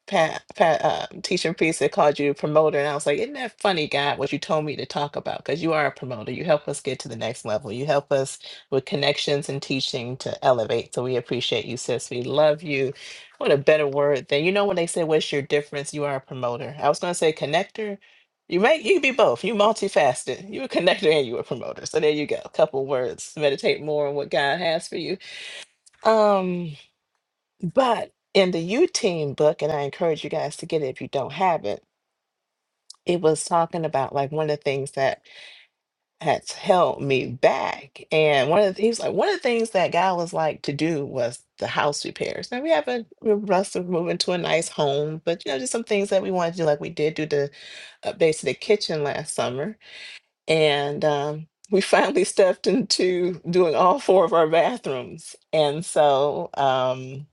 Speaker 7: Pat, Pat uh, Teacher Priest had called you a promoter. And I was like, isn't that funny, God, what you told me to talk about? Because you are a promoter. You help us get to the next level. You help us with connections and teaching to elevate. So we appreciate you, sis. We love you. What a better word than, you know, when they say, what's your difference? You are a promoter. I was going to say connector. You may you can be both. You multifaceted. You a connector and you a promoter. So there you go. A couple words. Meditate more on what God has for you um, but in the U Team book, and I encourage you guys to get it if you don't have it, it was talking about like one of the things that has held me back. And one of the, he was like, one of the things that guy was like to do was the house repairs. Now we haven't, we're blessed to move into a nice home, but you know, just some things that we wanted to do. Like we did do the updates to the kitchen last summer. And, um, we finally stepped into doing all four of our bathrooms. And so, um.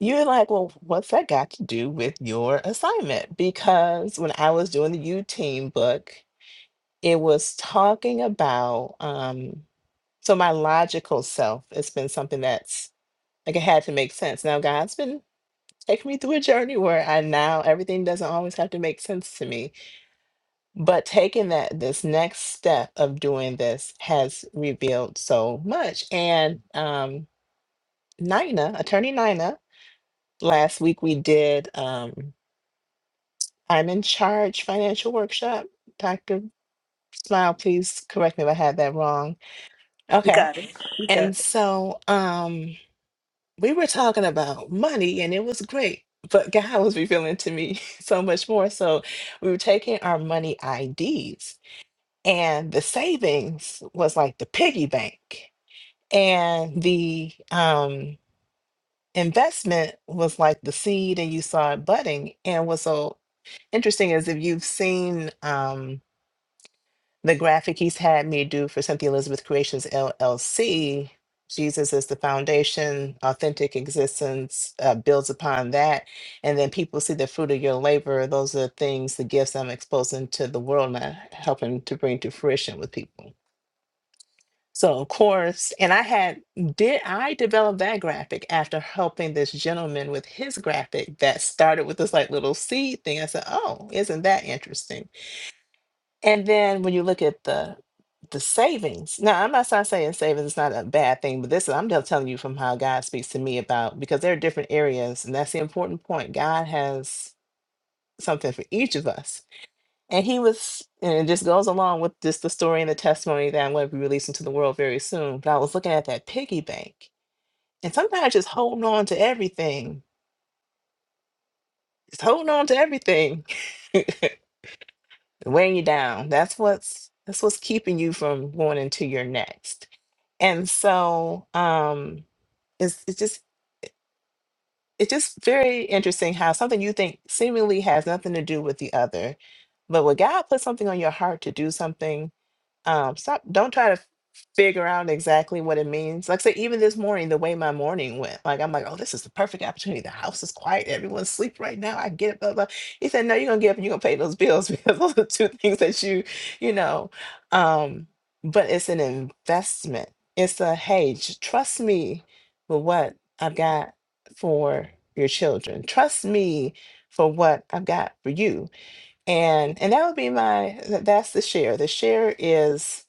Speaker 7: You're like, well, what's that got to do with your assignment? Because when I was doing the U Team book, it was talking about um, so my logical self. It's been something that's like it had to make sense. Now God's been taking me through a journey where I now everything doesn't always have to make sense to me. But taking that this next step of doing this has revealed so much. And um, Nina, attorney Nina, last week we did. Um, I'm in charge financial workshop. Dr. Smile, please correct me if I had that wrong. Okay. And so um we were talking about money and it was great, but God was revealing to me so much more. So we were taking our money IDs and the savings was like the piggy bank and the um investment was like the seed and you saw it budding and what's so interesting is if you've seen um the graphic he's had me do for Cynthia Elizabeth Creations LLC. Jesus is the foundation, authentic existence uh, builds upon that. And then people see the fruit of your labor. Those are the things, the gifts I'm exposing to the world and I'm helping to bring to fruition with people. So, of course, and I had, did I develop that graphic after helping this gentleman with his graphic that started with this like little seed thing? I said, oh, isn't that interesting? And then when you look at the the savings, now I'm not, not saying savings is not a bad thing, but this is I'm just telling you from how God speaks to me about because there are different areas, and that's the important point. God has something for each of us, and He was, and it just goes along with this the story and the testimony that I'm going to be releasing to the world very soon. But I was looking at that piggy bank, and sometimes just holding on to everything, just holding on to everything, weighing you down. That's what's that's what's keeping you from going into your next. And so um it's it's just it's just very interesting how something you think seemingly has nothing to do with the other. But when God puts something on your heart to do something, um, stop. Don't try to f- figure out exactly what it means. Like, say, even this morning, the way my morning went, like, I'm like, oh, this is the perfect opportunity. The house is quiet. Everyone's asleep right now. I get it, blah, blah. He said, no, you're going to get up and you're going to pay those bills because those are two things that you, you know. Um, but it's an investment. It's a, hey, j- trust me with what I've got for your children. Trust me for what I've got for you and and that would be my th- that's the share the share is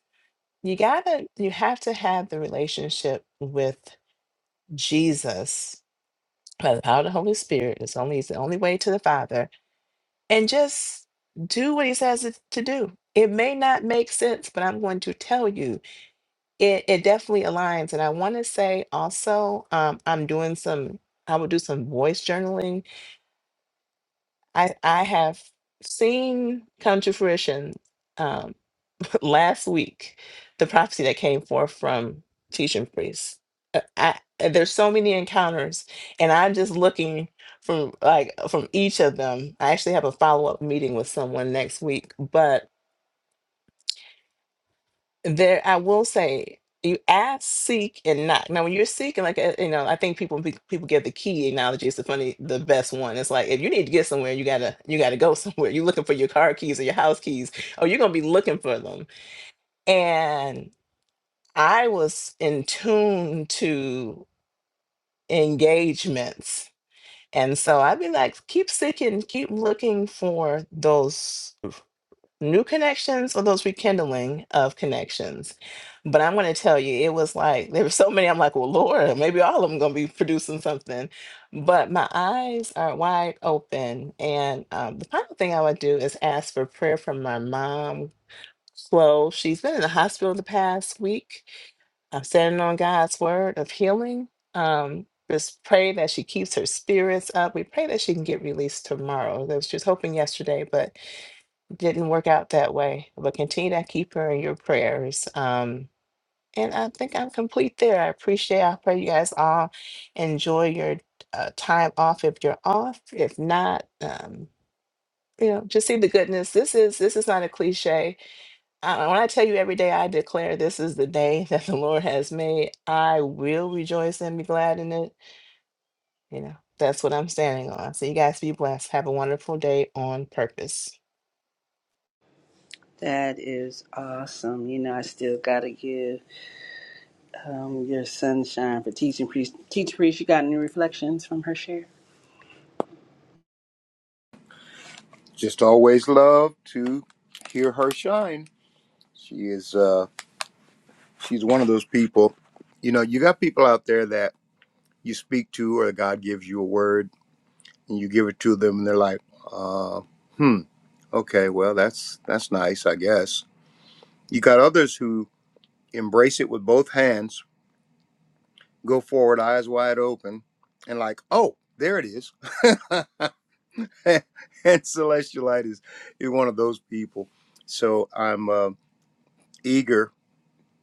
Speaker 7: you gotta you have to have the relationship with jesus by the power of the holy spirit it's only it's the only way to the father and just do what he says it- to do it may not make sense but i'm going to tell you it, it definitely aligns and i want to say also um, i'm doing some i will do some voice journaling I I have seen come to fruition um, last week the prophecy that came forth from teaching priests. Uh, I, uh, there's so many encounters, and I'm just looking from like from each of them. I actually have a follow up meeting with someone next week, but there i will say you ask seek and knock now when you're seeking like uh, you know i think people pe- people give the key analogy it's the funny the best one it's like if you need to get somewhere you gotta you gotta go somewhere you're looking for your car keys or your house keys or you're gonna be looking for them and i was in tune to engagements and so i'd be like keep seeking keep looking for those new connections or those rekindling of connections. But I'm going to tell you, it was like there were so many. I'm like, well, Lord, maybe all of them going to be producing something. But my eyes are wide open. And um, the final thing I would do is ask for prayer from my mom, Chloe. She's been in the hospital the past week. I'm standing on God's word of healing. Um, just pray that she keeps her spirits up. We pray that she can get released tomorrow. That was- She was hoping yesterday, but didn't work out that way, but continue to keep her in your prayers. Um, and I think I'm complete there. I appreciate. I pray you guys all enjoy your uh, time off if you're off. If not, um, you know, just see the goodness. This is this is not a cliche. I, when I tell you every day, I declare this is the day that the Lord has made. I will rejoice and be glad in it. You know, that's what I'm standing on. So you guys be blessed. Have a wonderful day on purpose.
Speaker 1: that is awesome. You know, I still gotta give um, your sunshine for teaching priest. Teacher priest, you got any reflections from her share?
Speaker 4: Just always love to hear her shine. She is, uh, she's one of those people. You know, you got people out there that you speak to, or God gives you a word, and you give it to them, and they're like, uh, "Hmm, okay, well, that's that's nice, I guess." You got others who embrace it with both hands go forward, eyes wide open, and like, oh, there it is. and Celestial Light is, is one of those people. So I'm uh, eager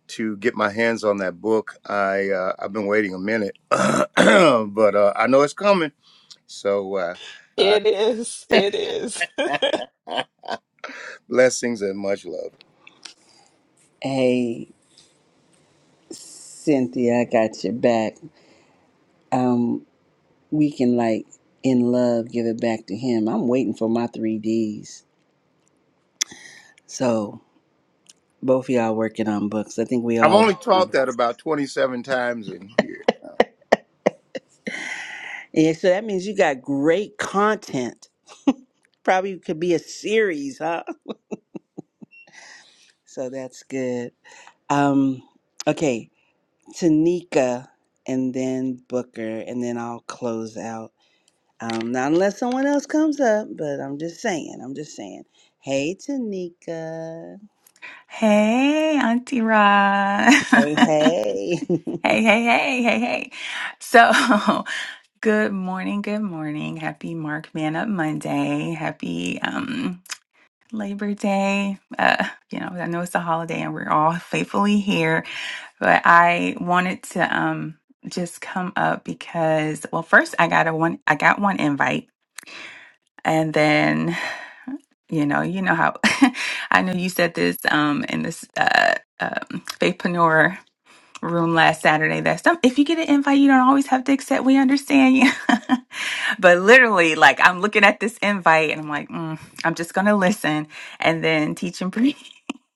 Speaker 4: to get my hands on that book. I uh, I've been waiting a minute, but uh, I know it's coming. So uh,
Speaker 7: It is. It is.
Speaker 4: uh, blessings and much love.
Speaker 1: Hey, Cynthia, I got your back. Um, we can like in love give it back to him. I'm waiting for my three Ds. So both of y'all working on books. I think we
Speaker 4: I've
Speaker 1: all.
Speaker 4: only taught that about 27 times in here.
Speaker 1: Yeah, so that means you got great content. Probably could be a series, huh? So that's good. Um, okay, Tanika and then Booker, and then I'll close out. Um, not unless someone else comes up, but I'm just saying, I'm just saying. Hey, Tanika.
Speaker 8: Hey, Auntie Rod.
Speaker 1: Hey,
Speaker 8: hey,
Speaker 1: hey.
Speaker 8: hey, hey, hey, hey. So, good morning, good morning. Happy Mark Man Up Monday. Happy um Labor Day. Uh, you know, I know it's a holiday and we're all faithfully here, but I wanted to um just come up because well, first I got a one I got one invite and then, you know, you know how I know you said this um in this uh um, faithpreneur. room last Saturday that some if you get an invite, you don't always have to accept. We understand you. but literally, like I'm looking at this invite and I'm like, mm, I'm just gonna listen and then teach and preach.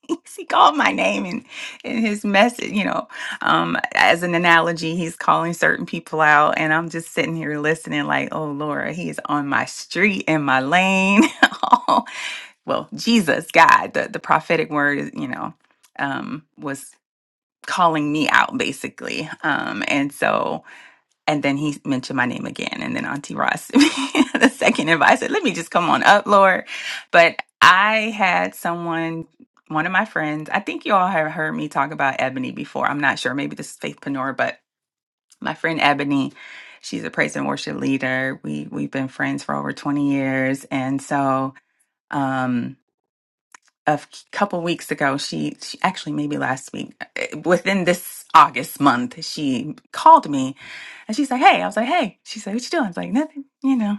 Speaker 8: He called my name in, in his message, you know, um, as an analogy, he's calling certain people out, and I'm just sitting here listening, like, oh Lord, he is on my street, in my lane. well, Jesus, God, the, the prophetic word, is, you know, um, was calling me out basically. Um, and so, and then he mentioned my name again. And then Auntie Ross, the second invite, I said, let me just come on up, Lord. But I had someone, one of my friends, I think you all have heard me talk about Ebony before. I'm not sure. Maybe this is Faith Panor, but my friend Ebony, she's a praise and worship leader. We, we've been friends for over 20 years. And so, um, a f- couple weeks ago she, she actually maybe last week uh, within this august month she called me and she's like, hey. I was like, hey. She's like, what you doing? I was like, nothing, you know.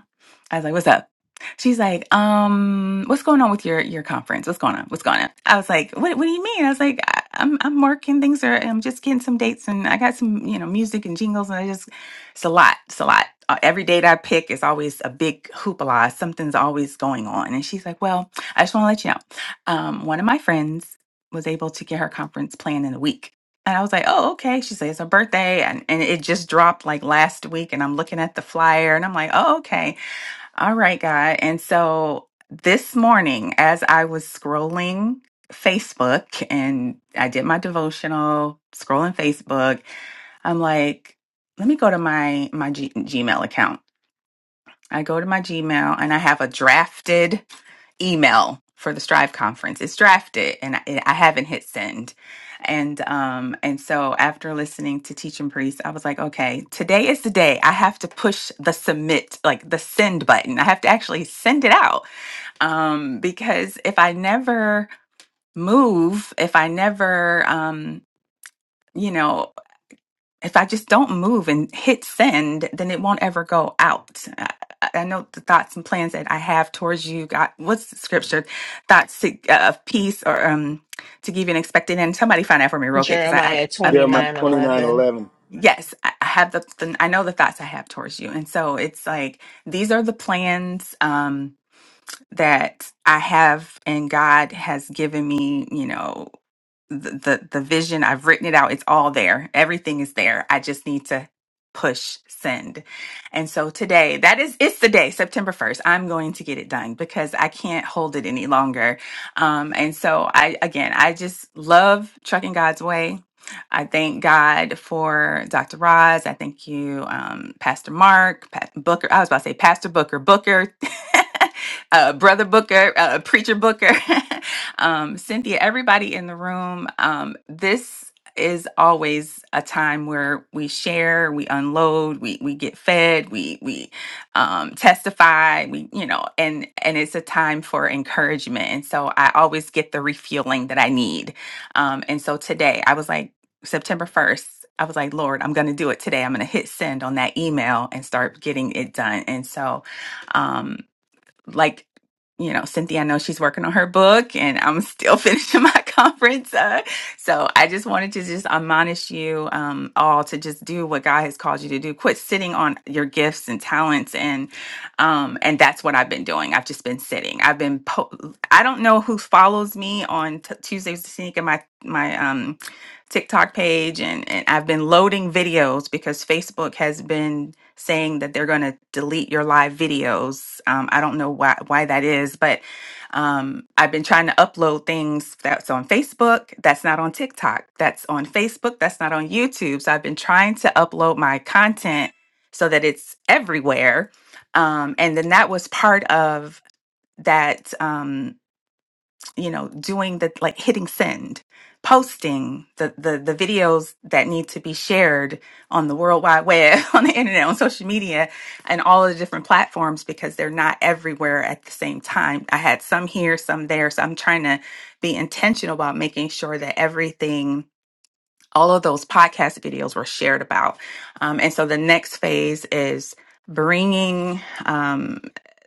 Speaker 8: I was like, what's up? She's like, um, what's going on with your your conference? What's going on? What's going on? I was like, what What do you mean? I was like, I, I'm I'm working. Things are. I'm just getting some dates, and I got some you know music and jingles, and I just it's a lot. It's a lot. Uh, every date I pick is always a big hoopla. Something's always going on. And she's like, well, I just want to let you know, um, one of my friends was able to get her conference planned in a week and I was like, oh, okay. She said, it's her birthday. And, and it just dropped like last week. And I'm looking at the flyer and I'm like, oh, okay. All right, God. And so this morning, as I was scrolling Facebook and I did my devotional, scrolling Facebook, I'm like, let me go to my, my G- Gmail account. I go to my Gmail and I have a drafted email for the Strive conference. It's drafted, and I, I haven't hit send. And um and so after listening to Teach and Priest, I was like, okay, today is the day. I have to push the submit, like the send button. I have to actually send it out. Um because if I never move, if I never um you know if I just don't move and hit send, then it won't ever go out. I, I know the thoughts and plans that I have towards you. God, what's the scripture? Thoughts to, uh, of peace or um to give you an expected end. Somebody find that for me real quick because I, I,
Speaker 7: Jeremiah
Speaker 8: I
Speaker 7: twenty
Speaker 4: Jeremiah
Speaker 8: I'm,
Speaker 7: nine eleven.
Speaker 4: 29:11.
Speaker 8: yes, I I have the, the I know the thoughts I have towards you, and so it's like these are the plans um that I have, and God has given me. You know, the the the vision i've written it out it's all there everything is there i just need to push send and so today that is it's the day september 1st i'm going to get it done because i can't hold it any longer um and so i again i just love trucking god's way I thank God for Dr. Roz. I thank you, um, Pastor Mark, Pat Booker. I was about to say Pastor Booker, Booker, uh, Brother Booker, uh, Preacher Booker. Um, Cynthia, everybody in the room, um, this is always a time where we share, we unload, we we get fed, we we um, testify, we you know, and and it's a time for encouragement. And so I always get the refueling that I need. Um, and so today I was like September first. I was like, Lord, I'm going to do it today. I'm going to hit send on that email and start getting it done. And so, um, like you know cynthia i know she's working on her book and i'm still finishing my conference uh, so i just wanted to just admonish you um, all to just do what god has called you to do quit sitting on your gifts and talents and um, and that's what i've been doing i've just been sitting i've been po- i don't know who follows me on t- tuesdays to sneak in my my um tiktok page and, and i've been loading videos because facebook has been saying that they're going to delete your live videos. Um, I don't know why why that is, but um, I've been trying to upload things that's on Facebook, that's not on TikTok, that's on Facebook, that's not on YouTube. So I've been trying to upload my content so that it's everywhere. Um, and then that was part of that. Um, you know doing the like hitting send posting the, the the videos that need to be shared on the world wide web on the internet on social media and all of the different platforms because they're not everywhere at the same time i had some here some there so i'm trying to be intentional about making sure that everything all of those podcast videos were shared about. Um, and so the next phase is bringing um,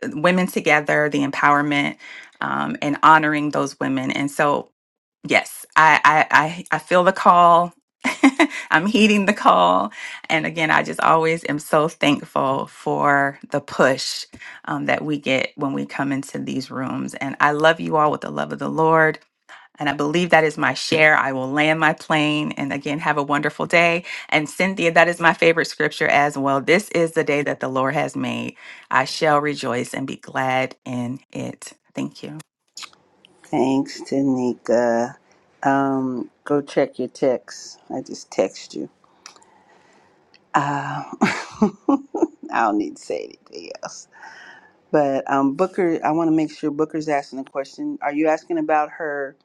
Speaker 8: women together, the empowerment, um, and honoring those women. And so, yes, I, I, I, I feel the call. I'm heeding the call. And again, I just always am so thankful for the push um, that we get when we come into these rooms. And I love you all with the love of the Lord. And I believe that is my share. I will land my plane and again have a wonderful day. And Cynthia, that is my favorite scripture as well. This is the day that the Lord has made. I shall rejoice and be glad in it. Thank you.
Speaker 1: Thanks, Tanika. Um, go check your text. I just text you. Uh, I don't need to say anything else. But um, Booker, I want to make sure Booker's asking a question. Are you asking about her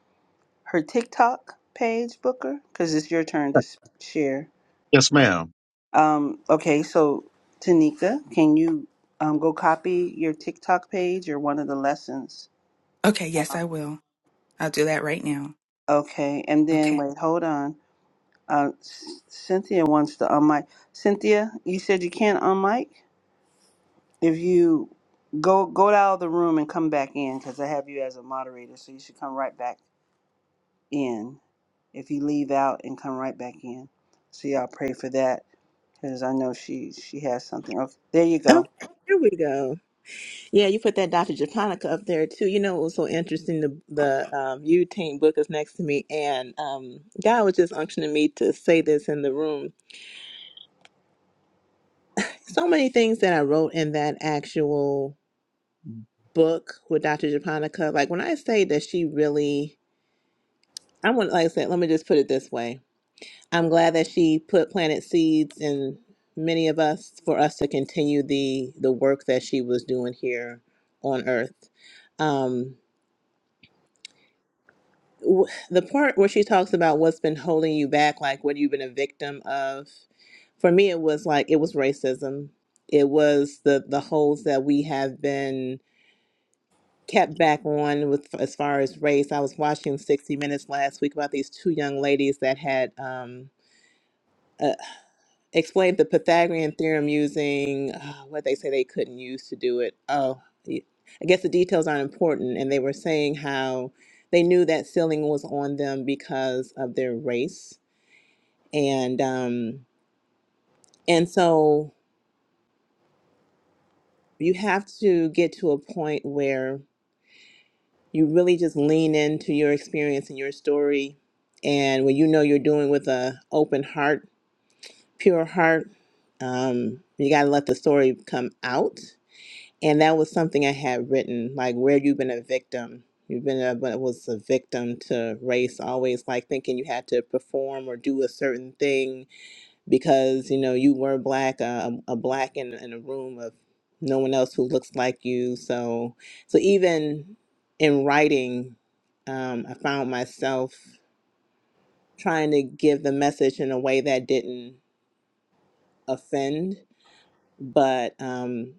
Speaker 1: her TikTok page, Booker? Because it's your turn to s- share.
Speaker 2: yes, ma'am.
Speaker 1: Um, okay, so Tanika, can you um, go copy your TikTok page or one of the lessons?
Speaker 8: Okay, yes, I will. I'll do that right now.
Speaker 1: Okay, and then
Speaker 8: Okay.
Speaker 1: wait, hold on. Uh, C- Cynthia wants to unmic. Cynthia, you said you can't unmic. If you go go out of the room and come back in, because I have you as a moderator, so you should come right back in. if you leave out and come right back in. So y'all pray for that because I know she she has something. Okay, there you go.
Speaker 7: Okay, here we go. Yeah, you put that Dr. Japonica up there too. You know, it was so interesting. The the um, U book is next to me, and um, God was just unctioning me to say this in the room. So many things that I wrote in that actual book with Dr. Japonica. Like when I say that she really, I want, like I said, let me just put it this way. I'm glad that she put planted seeds in many of us for us to continue the the work that she was doing here on earth. Um, w- the part where she talks about what's been holding you back, like what you've been a victim of, for me it was like it was racism. It was the the holes that we have been kept back on with as far as race. I was watching 60 Minutes last week about these two young ladies that had um, explained the Pythagorean theorem using uh, what they say they couldn't use to do it. Oh, y- I guess the details aren't important. And they were saying how they knew that ceiling was on them because of their race, and um, and so you have to get to a point where you really just lean into your experience and your story, and when you know you're doing with a open heart, pure heart, um, you got to let the story come out and that was something I had written, like where you've been a victim. You've been a but was a victim to race, always like thinking you had to perform or do a certain thing because you know you were black, uh, a a black in in a room of no one else who looks like you. So so even in writing, um, I found myself trying to give the message in a way that didn't offend, but um,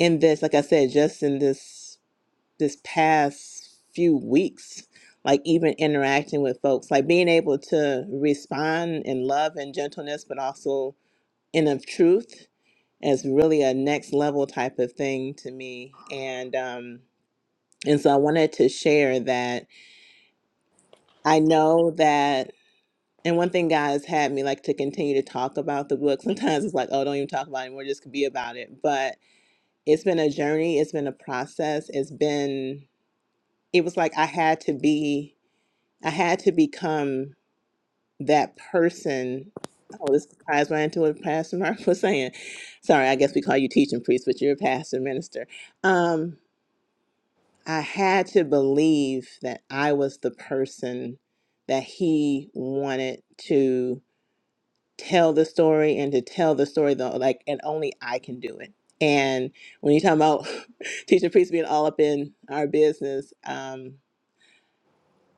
Speaker 7: in this, like I said, just in this. this past few weeks like even interacting with folks like being able to respond in love and gentleness but also in of truth is really a next level type of thing to me and um and so i wanted to share that i know that and one thing god has had me like to continue to talk about the book sometimes it's like oh don't even talk about it anymore just be about it but it's been a journey it's been a process it's been it was like i had to be I had to become that person. Oh, this ties right into what Pastor Mark was saying. Sorry, I guess we call you teaching priest, but you're a pastor minister. Um, I had to believe that I was the person that he wanted to tell the story and to tell the story though, like and only I can do it. And when you talk about teaching priest being all up in our business, um,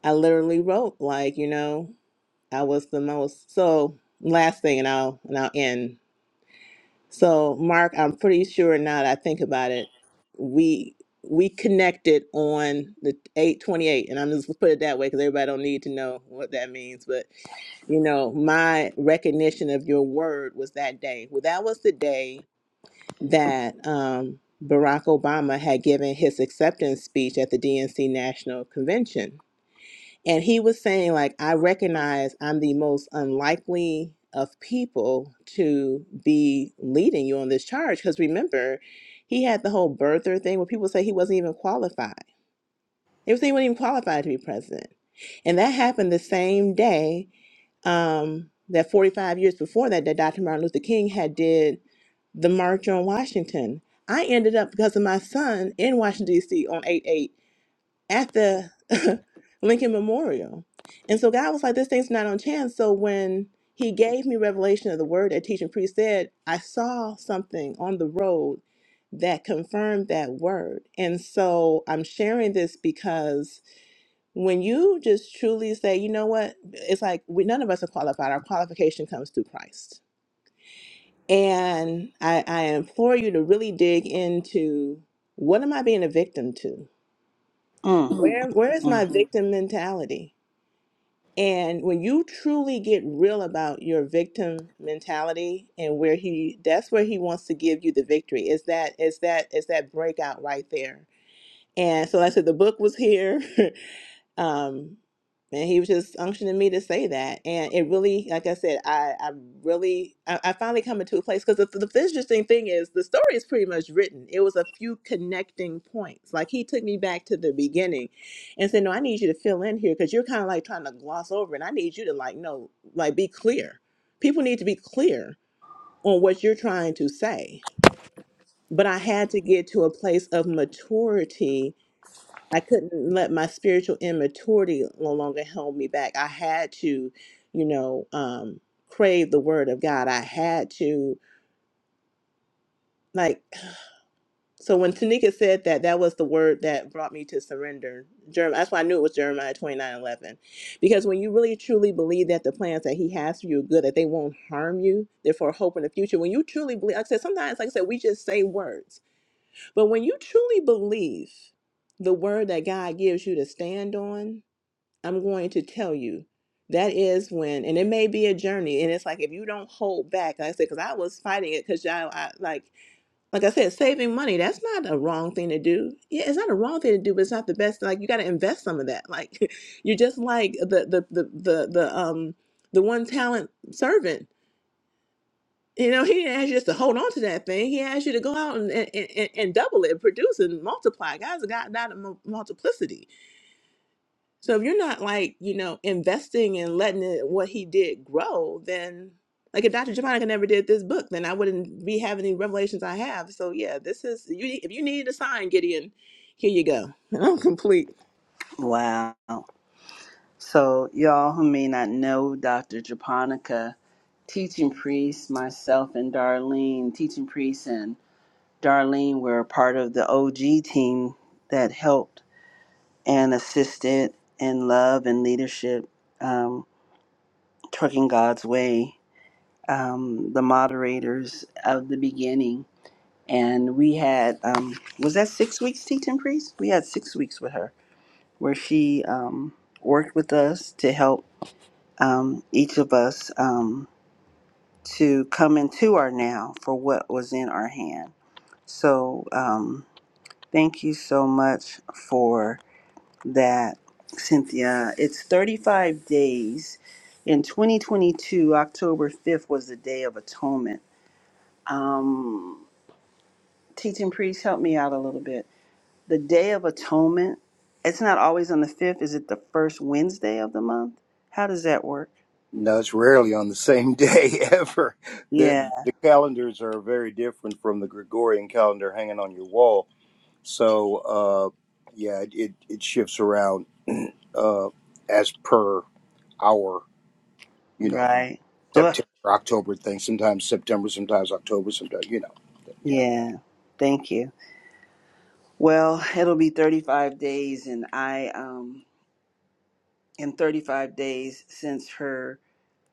Speaker 7: I literally wrote like, you know. I was the most. So last thing, and I'll and I'll end. So Mark, I'm pretty sure now that I think about it, we we connected on the 828 and i'm just gonna put it that way because everybody don't need to know what that means but you know my recognition of your word was that day well that was the day that um, barack obama had given his acceptance speech at the dnc national convention and he was saying, like, I recognize I'm the most unlikely of people to be leading you on this charge. Because remember, he had the whole birther thing where people say he wasn't even qualified. They were saying he wasn't even qualified to be president. And that happened the same day um, that 45 years before that, that Dr. Martin Luther King had did the March on Washington. I ended up, because of my son, in Washington, D.C. on 8-8 at the Lincoln Memorial. And so God was like, this thing's not on chance. So when he gave me revelation of the word that teaching priest said, I saw something on the road that confirmed that word. And so I'm sharing this because when you just truly say, you know what, it's like we, none of us are qualified. Our qualification comes through Christ. And I, I implore you to really dig into what am I being a victim to?
Speaker 1: Mm,
Speaker 7: Mm, Where where is my
Speaker 1: mm.
Speaker 7: victim mentality? And when you truly get real about your victim mentality and where he that's where he wants to give you the victory. Is that is that is that breakout right there. And so like I said the book was here. Um, and he was just unctioning me to say that. And it really, like I said, I, I really, I, I finally come into a place because the, the interesting thing is the story is pretty much written. It was a few connecting points. Like he took me back to the beginning and said, no, I need you to fill in here because you're kind of like trying to gloss over it. I need you to like, no, like be clear. People need to be clear on what you're trying to say. But I had to get to a place of maturity I couldn't let my spiritual immaturity no longer hold me back. I had to, you know, um, crave the word of God. I had to, like, so when Tanika said that, that was the word that brought me to surrender. Jeremiah, that's why I knew it was Jeremiah twenty nine eleven, Because when you really truly believe that the plans that He has for you are good, that they won't harm you, therefore hope in the future, when you truly believe, like I said, sometimes, like I said, we just say words. But when you truly believe the word that God gives you to stand on, I'm going to tell you that is when, and it may be a journey. And it's like if you don't hold back, like I said, because I was fighting it because y'all, I, like, like I said, saving money, that's not a wrong thing to do. Yeah, it's not a wrong thing to do, but it's not the best. Like, you got to invest some of that. Like, you're just like the, the, the, the, the, um, the one talent servant. You know, he didn't ask you just to hold on to that thing. He asked you to go out and, and, and, and double it, produce and multiply. God's a God, not a mul- multiplicity so if you're not like, you know, investing and letting it, what he did grow, then like if Dr. Japonica never did this book, then I wouldn't be having the revelations I have. So yeah, this is you. If you need a sign, Gideon, here you go. And I'm complete.
Speaker 1: Wow. So y'all who may not know Dr. Japonica, teaching priest, myself and Darlene, teaching priest and Darlene were a part of the OG team that helped and assisted in love and leadership, um, trucking God's way. Um, the moderators of the beginning and we had um, was that six weeks teaching priest we had six weeks with her where she um, worked with us to help um, each of us um, to come into our now for what was in our hand so um, thank you so much for that cynthia it's 35 days in 2022 october 5th was the day of atonement um, teaching priest help me out a little bit the Day of Atonement, it's not always on the 5th. Is it the first Wednesday of the month? How does that work?
Speaker 4: No, it's rarely on the same day ever. The,
Speaker 1: Yeah,
Speaker 4: the calendars are very different from the Gregorian calendar hanging on your wall. So, uh, yeah, it, it, it shifts around uh, as per our, you know,
Speaker 1: right. Ugh.
Speaker 4: September, October thing. Sometimes September, sometimes October, sometimes, you know. Yeah.
Speaker 1: Yeah, thank you. Well, it'll be 35 days, and I um, in 35 days since her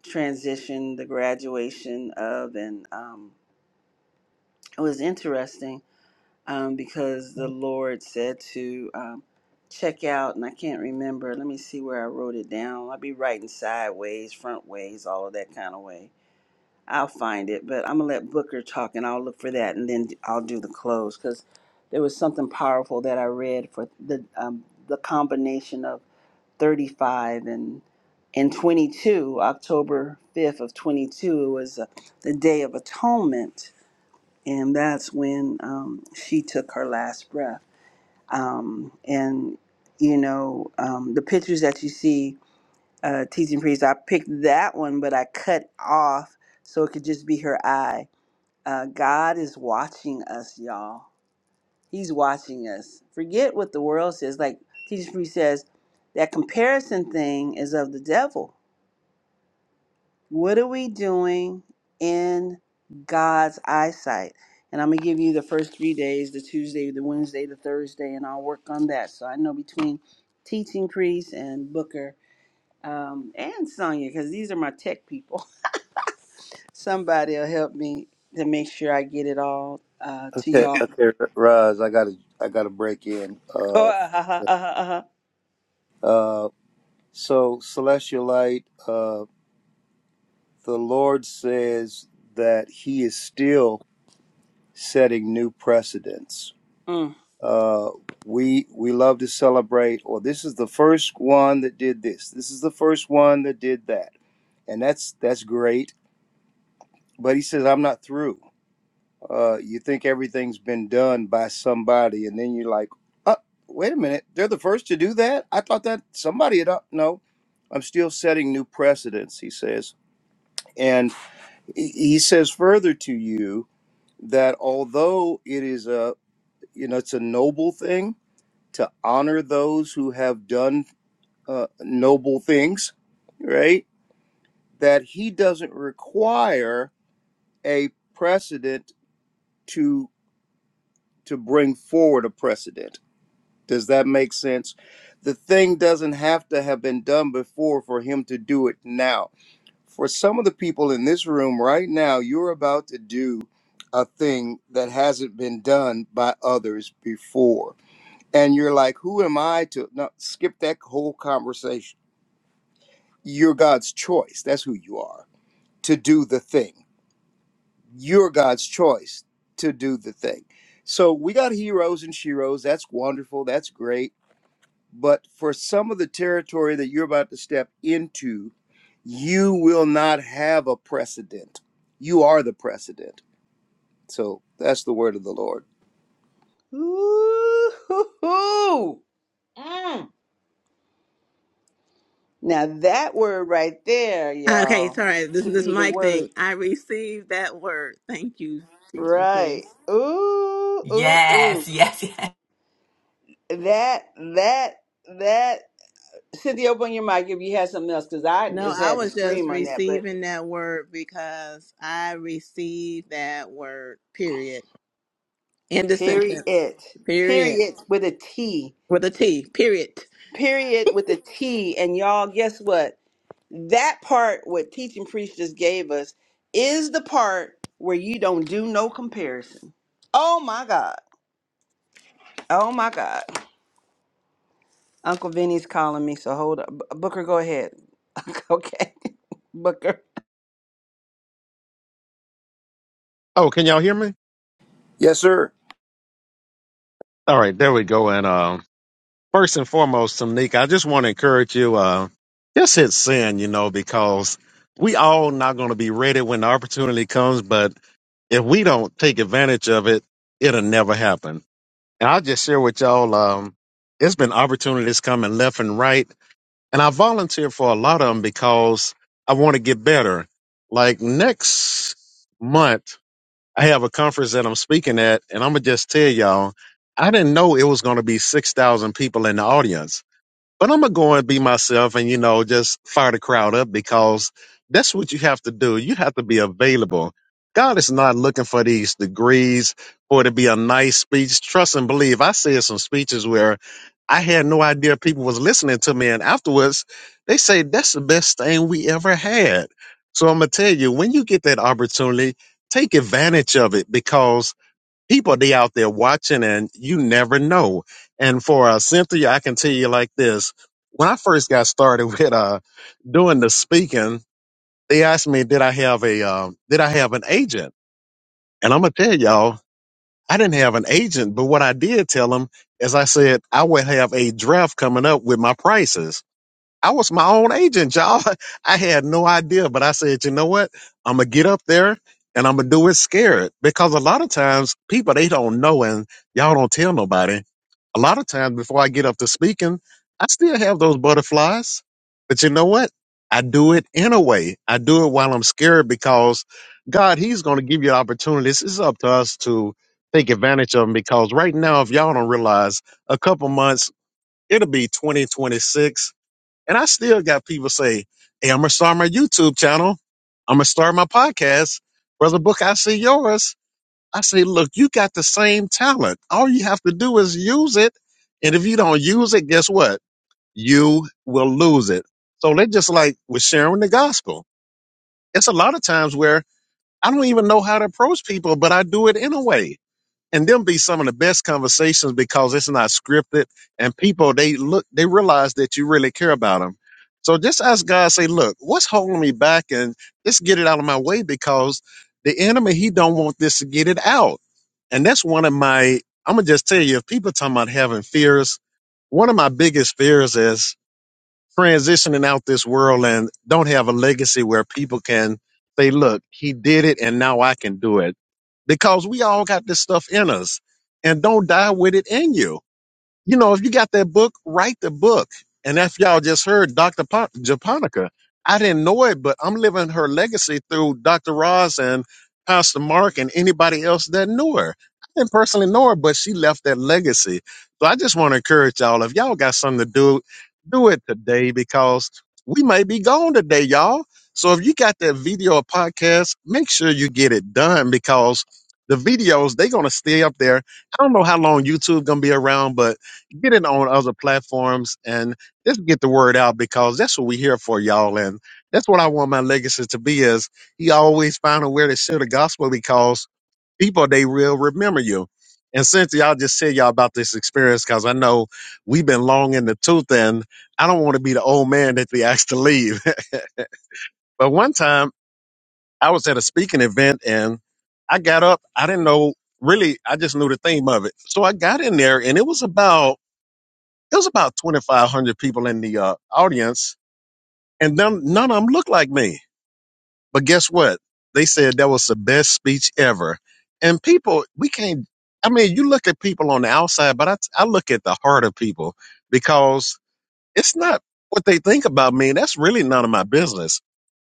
Speaker 1: transition, the graduation of, and um, it was interesting um, because the Lord said to um, check out, and I can't remember. Let me see where I wrote it down. I'll be writing sideways, front ways, all of that kind of way. I'll find it, but I'm gonna let Booker talk, and I'll look for that, and then I'll do the close because there was something powerful that I read for the um, the combination of 35 and and 22, October 5th of 22, it was uh, the Day of Atonement, and that's when um, she took her last breath um, and you know um, the pictures that you see uh, teaching priest i picked that one but i cut off so it could just be her eye uh, god is watching us y'all he's watching us forget what the world says like teaching priest says that comparison thing is of the devil what are we doing in God's eyesight? And I'm going to give you the first three days the Tuesday, the Wednesday, the Thursday, and I'll work on that. So I know between Teaching Priest and Booker um, and Sonia, because these are my tech people, somebody will help me to make sure I get it all uh, to
Speaker 4: Okay.
Speaker 1: y'all.
Speaker 4: Okay. Roz, I got to, I got to break in.
Speaker 1: Oh,
Speaker 4: Uh,
Speaker 1: uh, uh, uh, uh,
Speaker 4: uh, so, celestialite. uh, the Lord says that He is still. setting new precedents.
Speaker 1: uh, mm.
Speaker 4: Uh, we we love to celebrate. Or this is the first one that did this. This is the first one that did that, and that's that's great. But he says I'm not through. Uh, you think everything's been done by somebody, and then you're like, oh, wait a minute, they're the first to do that. I thought that somebody had up. No, I'm still setting new precedents. He says, and he he says further to you that although it is a you know it's a noble thing to honor those who have done uh, noble things, right? That he doesn't require a precedent to to bring forward a precedent. Does that make sense? The thing doesn't have to have been done before for him to do it now. For some of the people in this room right now, you're about to do a thing that hasn't been done by others before. And you're like, who am I to no, skip that whole conversation? You're God's choice. That's who you are to do the thing. You're God's choice to do the thing. So we got heroes and sheroes. That's wonderful. That's great. But for some of the territory that you're about to step into, you will not have a precedent. You are the precedent. So that's the word of the Lord.
Speaker 1: Ooh-hoo-hoo. Now that word right there,
Speaker 7: Uh, Okay,
Speaker 1: y'all,
Speaker 7: sorry. This
Speaker 1: should
Speaker 7: this
Speaker 1: be the
Speaker 7: mic
Speaker 1: word
Speaker 7: thing. I received that word. Thank you, teaching
Speaker 1: Right.
Speaker 7: priest.
Speaker 1: Ooh, ooh, ooh.
Speaker 8: Yes, yes, yes.
Speaker 1: That, that, that. Cynthia, open your mic if you had something else, because I
Speaker 7: No,
Speaker 1: just
Speaker 7: I
Speaker 1: had to
Speaker 7: was just
Speaker 1: scream on that. But
Speaker 7: receiving that word because I received that word. Period. End of sentence.
Speaker 1: period.
Speaker 7: Period.
Speaker 1: Period with a T.
Speaker 7: With a T. Period.
Speaker 1: Period with a T. And y'all, guess what? That part, what teaching priest just gave us, is the part where you don't do no comparison. Oh my God. Oh my God. Uncle Vinny's calling me, so hold up. B- Booker, go ahead. okay. Booker.
Speaker 2: Oh, can y'all hear me?
Speaker 4: Yes, sir.
Speaker 2: All right, there we go. And um, first and foremost, Tamika, I just want to encourage you, uh, just hit send, you know, because we all not going to be ready when the opportunity comes, but if we don't take advantage of it, it'll never happen. And I'll just share with y'all, um, it's been opportunities coming left and right. And I volunteer for a lot of them because I want to get better. Like next month, I have a conference that I'm speaking at, and I'm gonna just tell y'all, I didn't know it was gonna be six thousand people in the audience. But I'm gonna go and be myself and you know, just fire the crowd up because that's what you have to do. You have to be available. God is not looking for these degrees or to be a nice speech. Trust and believe. I said some speeches where I had no idea people was listening to me, and afterwards they say that's the best thing we ever had. So I'm gonna tell you, when you get that opportunity, take advantage of it because people they out there watching and you never know. And for uh, Cynthia, I can tell you like this. When I first got started with uh doing the speaking, they asked me did I have a um did I have an agent? And I'm gonna tell y'all, I didn't have an agent, but what I did tell them is I said I would have a draft coming up with my prices. I was my own agent, y'all. I had no idea, but I said, you know what? I'm gonna get up there and I'm gonna do it scared because a lot of times people they don't know and y'all don't tell nobody. A lot of times before I get up to speaking, I still have those butterflies, but you know what? I do it anyway. I do it while I'm scared because God, He's gonna give you opportunities. It's up to us to take advantage of them because right now, if y'all don't realize, a couple months it'll be 2026 and I still got people say, Hey, I'm gonna start my YouTube channel. I'm gonna start my podcast. Brother Book, I see yours. I say, look, you got the same talent. All you have to do is use it. And if you don't use it, guess what? You will lose it. So they're just like with sharing the gospel. It's a lot of times where I don't even know how to approach people, but I do it anyway and them be some of the best conversations because it's not scripted and people they look they realize that you really care about them so just ask god say look what's holding me back and just get it out of my way because the enemy he don't want this to get it out and that's one of my i'm gonna just tell you if people talking about having fears one of my biggest fears is transitioning out this world and don't have a legacy where people can say, look, he did it and now I can do it. Because we all got this stuff in us and don't die with it in you you know, if you got that book, write the book. And if y'all just heard Dr. Pa- Japonica, I didn't know it, but I'm living her legacy through Dr. Ross and Pastor Mark and anybody else that knew her. I didn't personally know her, but she left that legacy. So I just want to encourage y'all if y'all got something to do, do it today because we may be gone today, y'all. So if you got that video or podcast, make sure you get it done because the videos, they're going to stay up there. I don't know how long YouTube going to be around, but get it on other platforms and just get the word out because that's what we're here for, y'all. And that's what I want my legacy to be is he always find a way to share the gospel because people, they will remember you. And since y'all just said y'all about this experience, because I know we've been long in the tooth and I don't want to be the old man that they asked to leave. but one time I was at a speaking event and I got up. I didn't know really, I just knew the theme of it. So I got in there and it was about it was about 2,500 people in the uh, audience, and none, none of them looked like me. But guess what? They said that was the best speech ever. And people, we can't, I mean, you look at people on the outside, but I, I look at the heart of people because it's not what they think about me. That's really none of my business.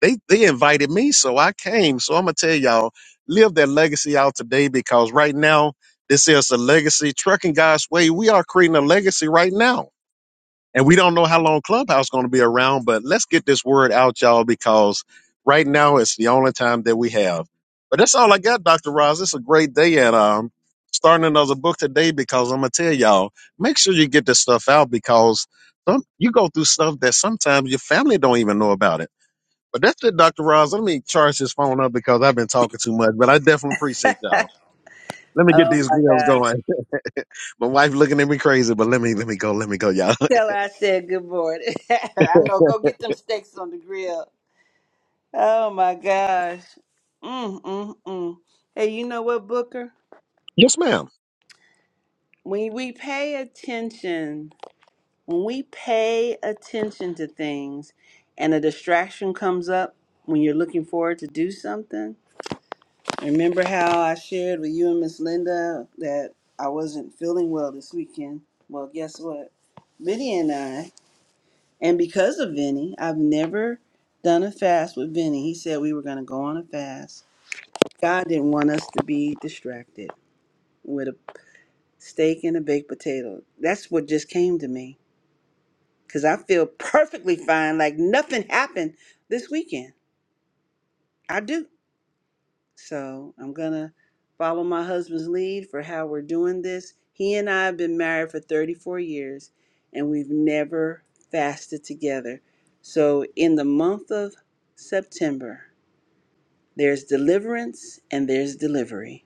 Speaker 2: They, they invited me, so I came. So I'm going to tell y'all, live that legacy out today because right now, this is a legacy. Trucking God's Way, we are creating a legacy right now and we don't know how long Clubhouse is going to be around, but let's get this word out, y'all, because right now it's the only time that we have. But that's all I got, Dr. Roz. It's a great day and um starting another book today because I'm gonna tell y'all, make sure you get this stuff out because some, you go through stuff that sometimes your family don't even know about it. But that's it, Dr. Roz. Let me charge this phone up because I've been talking too much, but I definitely appreciate y'all. Let me get
Speaker 1: Oh
Speaker 2: these
Speaker 1: my
Speaker 2: girls
Speaker 1: God.
Speaker 2: going. My wife looking at me crazy, but let me let me go, let me go, y'all.
Speaker 1: Tell her I said good morning. I know. Go get them steaks on the grill. Oh my gosh. Mm, mm, mm. Hey, you know what, Booker?
Speaker 2: Yes, ma'am.
Speaker 1: When we pay attention, when we pay attention to things and a distraction comes up when you're looking forward to do something, remember how I shared with you and Miss Linda that I wasn't feeling well this weekend? Well, guess what? Biddy and I And because of Vinny, I've never done a fast with Vinny. He said we were going to go on a fast. God didn't want us to be distracted with a steak and a baked potato. That's what just came to me because I feel perfectly fine, like nothing happened this weekend. I do. So I'm going to follow my husband's lead for how we're doing this. He and I have been married for 34 years and we've never fasted together. So in the month of September, There's deliverance and there's delivery.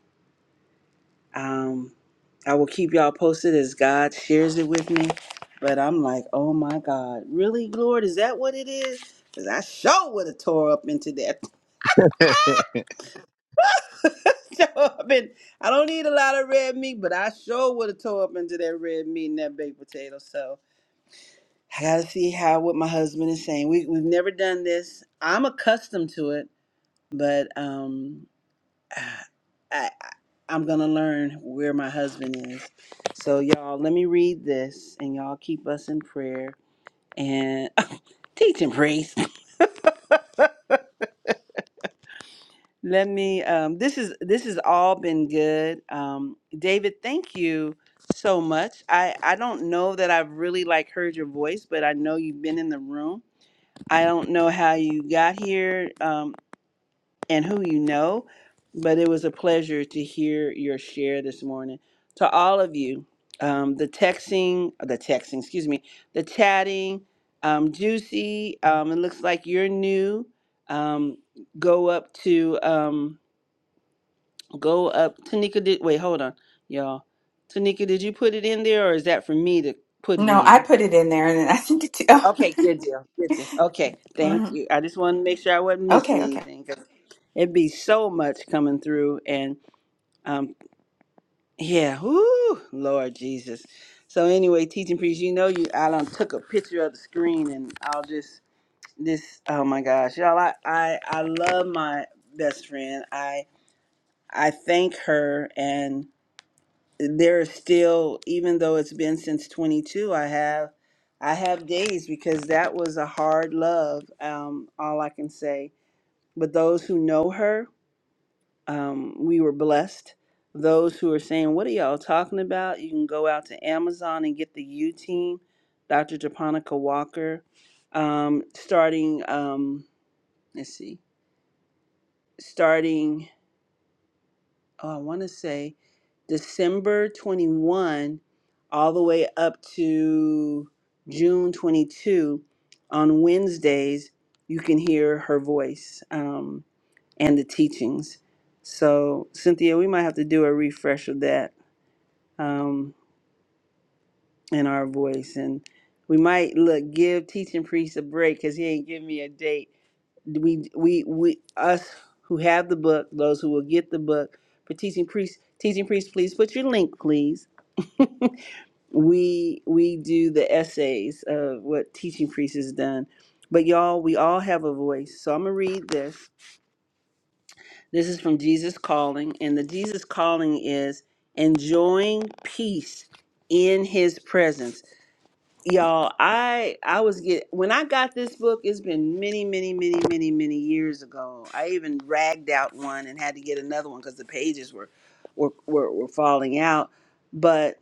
Speaker 1: Um, I will keep y'all posted as God shares it with me. But I'm like, oh my God, really, Lord, is that what it is? Because I sure would have tore up into that. Tore up in- I don't eat a lot of red meat, but I sure would have tore up into that red meat and that baked potato. So I got to see how what my husband is saying. We, we've never done this. I'm accustomed to it, but um, I, I'm gonna learn where my husband is. So y'all, let me read this, and y'all keep us in prayer and teach and praise. Let me. Um, this is this has all been good. Um, David, thank you so much. I I don't know that I've really like heard your voice, but I know you've been in the room. I don't know how you got here. Um, and who you know. But it was a pleasure to hear your share this morning. To all of you, um, the texting, the texting, excuse me, the chatting, um, Juicy, um, it looks like you're new. Um, go up to, um, go up. Tanika, did, wait, hold on, y'all. Tanika, did you put it in there or is that for me to put it
Speaker 8: No, I
Speaker 1: in?
Speaker 8: put it in there and then I sent it to. Oh,
Speaker 1: Okay, good deal. Good deal. Okay, thank
Speaker 8: mhm.
Speaker 1: you. I just wanted to make sure I wasn't missing
Speaker 8: okay, okay.
Speaker 1: anything. 'cause It'd be so much coming through, and um, yeah, whoo, Lord Jesus. So anyway, teaching priest, you know you I done took a picture of the screen and I'll just this oh my gosh. Y'all I, I I love my best friend. I I thank her and there is still even though it's been since twenty two, I have I have days because that was a hard love, um, all I can say. But those who know her, um, we were blessed. Those who are saying, What are y'all talking about? You can go out to Amazon and get the U Team, Dr. Japonica Walker, um, starting, um, let's see, starting, oh, I want to say December 21, all the way up to June 22. On Wednesdays, you can hear her voice um, and the teachings. So, Cynthia, we might have to do a refresh of that um, in our voice. And we might look give teaching priest a break because he ain't giving me a date. We we we us who have the book, those who will get the book for teaching priest. Teaching priest, please put your link, please. We we do the essays of what teaching priest has done. But y'all, we all have a voice. So I'm gonna read this. This is from Jesus Calling, and the Jesus Calling is enjoying peace in his presence y'all i i was get when i got this book it's been many many many many many years ago i even ragged out one and had to get another one because the pages were, were were were falling out but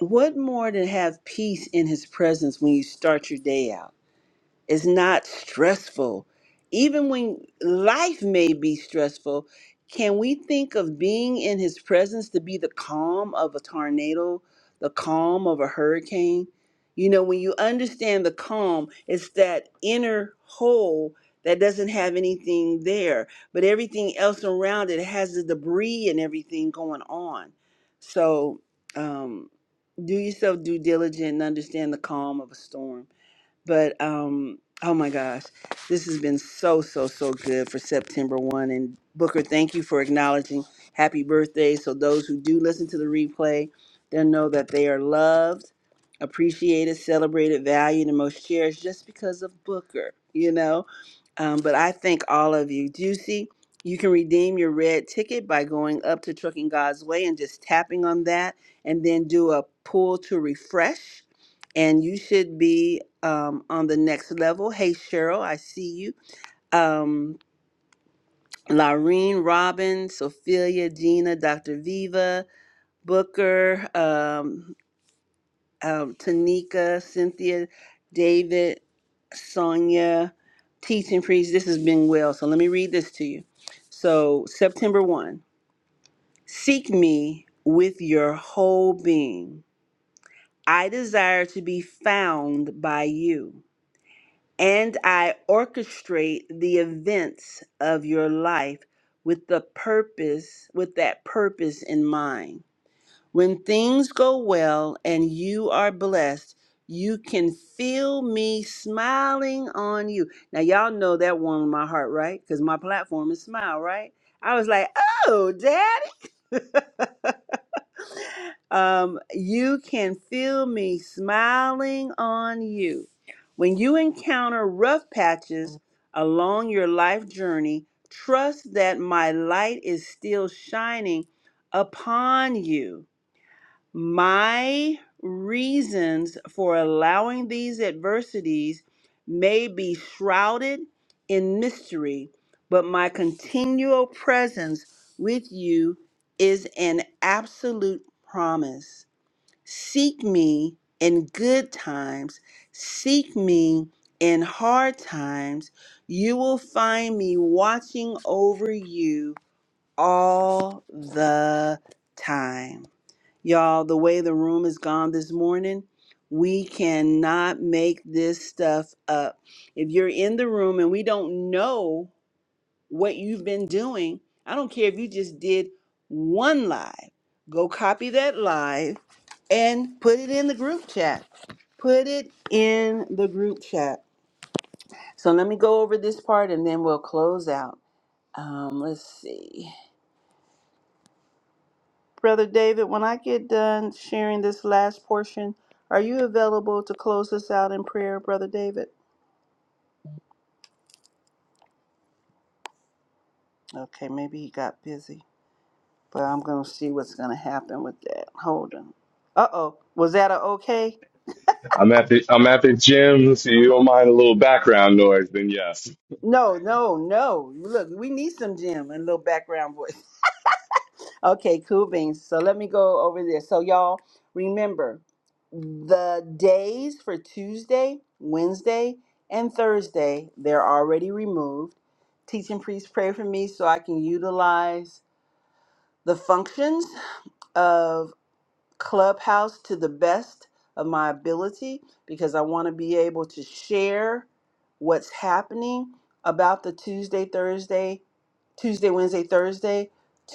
Speaker 1: what more to have peace in his presence when you start your day out it's not stressful. Even when life may be stressful, can we think of being in his presence to be the calm of a tornado, the calm of a hurricane? You know, when you understand the calm, it's that inner hole that doesn't have anything there, but everything else around it has the debris and everything going on. So, um, do yourself due diligence and understand the calm of a storm. But um, oh my gosh, this has been so so so good for September one. And Booker, thank you for acknowledging happy birthday. So those who do listen to the replay, they'll know that they are loved, appreciated, celebrated, valued, and most cherished just because of Booker. You know um, but I thank all of you. Juicy, you can redeem your red ticket by going up to Trucking God's Way and just tapping on that, and then do a pull to refresh. And you should be um, on the next level. Hey, Cheryl, I see you. Um, Laureen, Robin, Sophia, Gina, Dr. Viva, Booker. um, um, Tanika, Cynthia, David, Sonia, teaching priest. This has been well. So let me read this to you. So, September 1 Seek me with your whole being. I desire to be found by you, and I orchestrate the events of your life with the purpose, with that purpose in mind. When things go well and you are blessed, you can feel me smiling on you. Now, y'all know that warmed my heart, right? Because my platform is smile, right? I was like, oh, daddy. Um, you can feel me smiling on you. When you encounter rough patches along your life journey, trust that my light is still shining upon you. My reasons for allowing these adversities may be shrouded in mystery, but my continual presence with you is an absolute promise. Seek me in good times, seek me in hard times. You will find me watching over you all the time. Y'all, the way the room is gone this morning, we cannot make this stuff up. If you're in the room and we don't know what you've been doing, I don't care if you just did one live, go copy that live and put it in the group chat. Put it in the group chat. So let me go over this part and then we'll close out. Um, let's see. Brother David, when I get done sharing this last portion, are you available to close us out in prayer, Brother David? Okay, maybe he got busy, but I'm going to see what's going to happen with that. Hold on. Uh oh. Was that a okay?
Speaker 6: I'm at the I'm at the gym, so you don't mind a little background noise, then yes.
Speaker 1: No, no, no. Look, we need some Jim and a little background voice. Okay, cool beans. So let me go over this. So, y'all, remember. The days for Tuesday, Wednesday, and Thursday, they're already removed. Teaching priests pray for me so I can utilize the functions of Clubhouse to the best of my ability because I want to be able to share what's happening about the Tuesday, Thursday, Tuesday, Wednesday, Thursday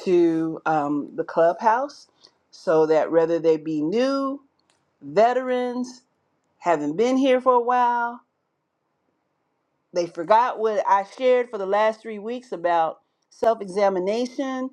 Speaker 1: to um, the Clubhouse so that whether they be new, veterans, haven't been here for a while they forgot what I shared for the last three weeks about self examination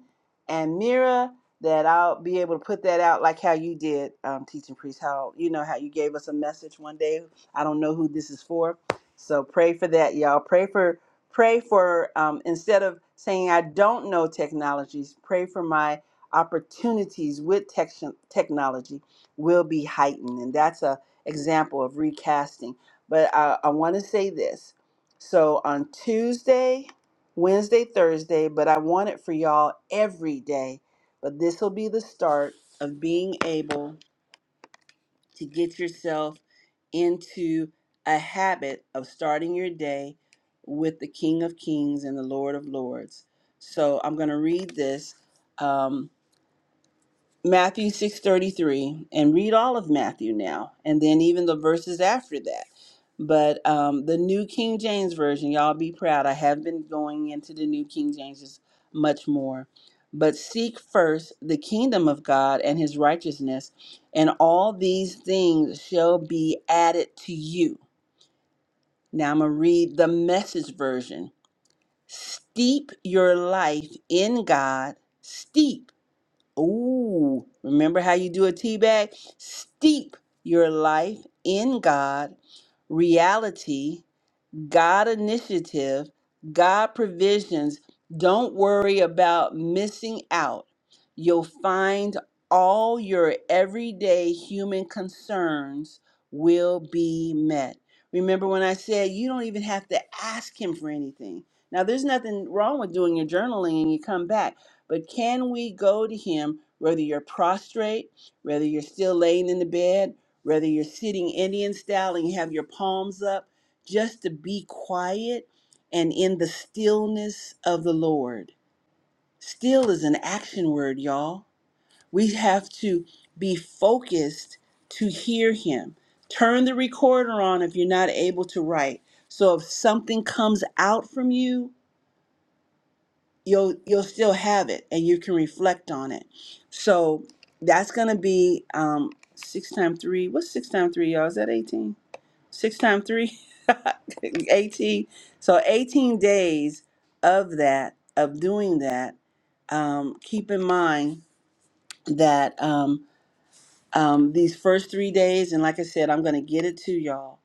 Speaker 1: and mirror. That I'll be able to put that out like how you did, um, teaching priest. How you know how you gave us a message one day. I don't know who this is for, so pray for that, y'all. Pray for pray for um, instead of saying I don't know technologies, pray for my opportunities with tech- technology will be heightened, and that's a example of recasting. But I, I want to say this so on Tuesday, Wednesday, Thursday, but I want it for y'all every day. But this will be the start of being able to get yourself into a habit of starting your day with the King of Kings and the Lord of Lords. So I'm going to read this. Um, Matthew 6:33 and read all of Matthew now and then even the verses after that. But um, the New King James version, y'all be proud. I have been going into the New King James much more. But seek first the kingdom of God and his righteousness, and all these things shall be added to you. Now I'm going to read the message version. Steep your life in God. Steep. Ooh, remember how you do a tea bag? Steep your life in God, reality, God initiative, God provisions. Don't worry about missing out. You'll find all your everyday human concerns will be met. Remember when I said you don't even have to ask him for anything. Now, there's nothing wrong with doing your journaling and you come back, but can we go to him whether you're prostrate, whether you're still laying in the bed, whether you're sitting Indian style and you have your palms up? just to be quiet and in the stillness of the Lord. Still is an action word, y'all. We have to be focused to hear Him. Turn the recorder on if you're not able to write. So if something comes out from you, you'll you'll still have it and you can reflect on it. So that's gonna be um, six times three. What's six times three, y'all? Is that eighteen? six times three, 18. So 18 days of that, of doing that. Um, keep in mind that um, um, these first three days, and like I said, I'm going to get it to y'all.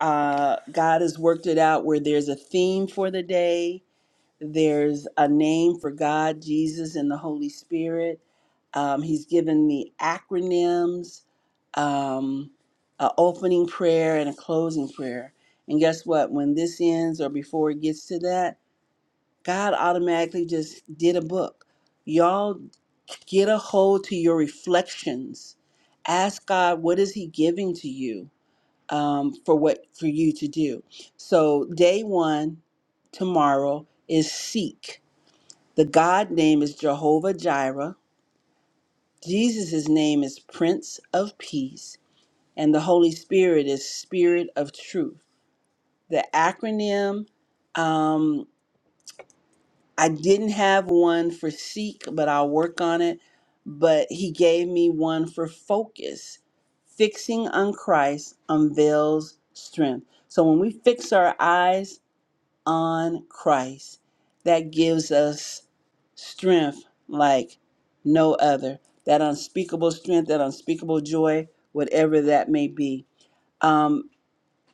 Speaker 1: Uh, God has worked it out where there's a theme for the day there's a name for God, Jesus, and the Holy Spirit. Um, he's given me acronyms, um, an opening prayer, and a closing prayer. And guess what? When this ends or before it gets to that, God automatically just did a book. Y'all get a hold to your reflections. Ask God, what is He giving to you um, for what for you to do? So day one tomorrow is seek the God name is Jehovah Jireh. Jesus' name is Prince of Peace. And the Holy Spirit is Spirit of Truth. The acronym, um, I didn't have one for seek, but I'll work on it. But he gave me one for focus. Fixing on Christ unveils strength. So when we fix our eyes on Christ that gives us strength like no other. That unspeakable strength, that unspeakable joy, whatever that may be. Um,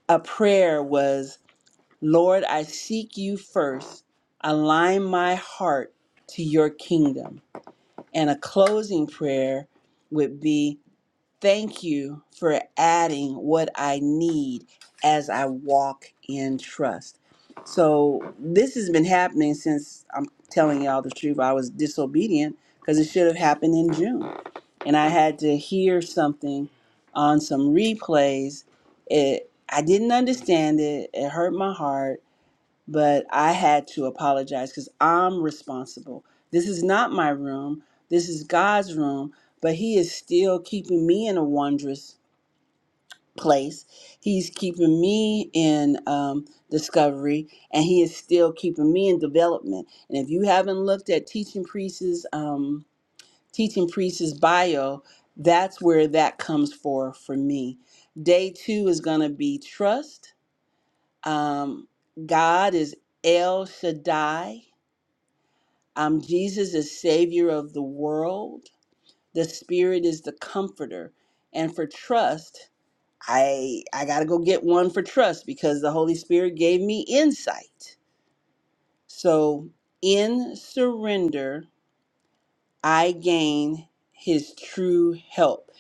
Speaker 1: a prayer was, Lord, I seek you first. Align my heart to your kingdom. And a closing prayer would be. Thank you for adding what I need as I walk in trust. So, this has been happening since I'm telling y'all the truth. I was disobedient because it should have happened in June. And I had to hear something on some replays. It I didn't understand it. It hurt my heart but I had to apologize because I'm responsible. This is not my room. This is God's room, but He is still keeping me in a wondrous place. He's keeping me in um, discovery, and He is still keeping me in development. And if you haven't looked at Teaching Priest's um, Teaching Priest's bio, that's where that comes for for me. Day two is going to be trust. Um, God is El Shaddai Um, Jesus is Savior of the world. The Spirit is the Comforter. And for trust, I I gotta go get one for trust because the Holy Spirit gave me insight. So in surrender, I gain His true help.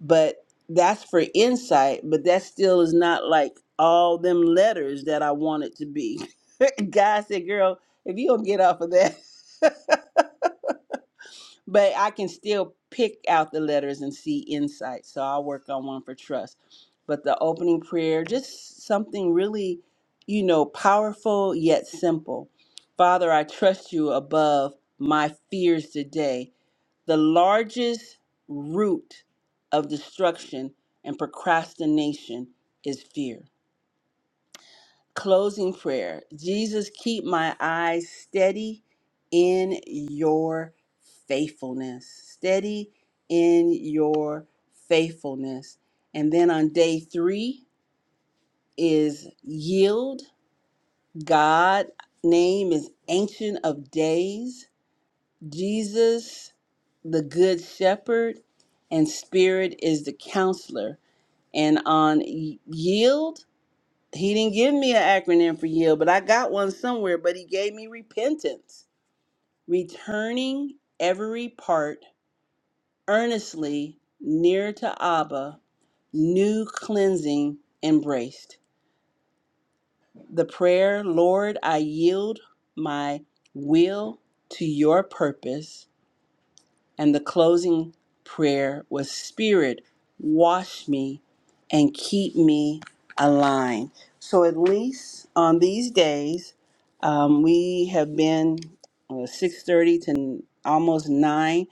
Speaker 1: But that's for insight. But that still is not like all them letters that I want it to be. God said, "Girl, if you don't get off of that." but I can still pick out the letters and see insight. So I'll work on one for trust. But the opening prayer, just something really, you know, powerful yet simple. Father, I trust you above my fears today, the largest root of destruction and procrastination is fear. Closing prayer. Jesus, keep my eyes steady in your faithfulness. Steady in your faithfulness. And then on day three is yield. God name is ancient of days. Jesus, the good shepherd, and spirit is the counselor. And on y- yield, he didn't give me an acronym for yield, but I got one somewhere. But he gave me repentance, returning every part earnestly near to Abba, new cleansing embraced. The prayer, Lord, I yield my will to your purpose And the closing prayer was Spirit, wash me and keep me aligned. So, at least on these days, um, we have been uh, 6.30 to n- almost 9.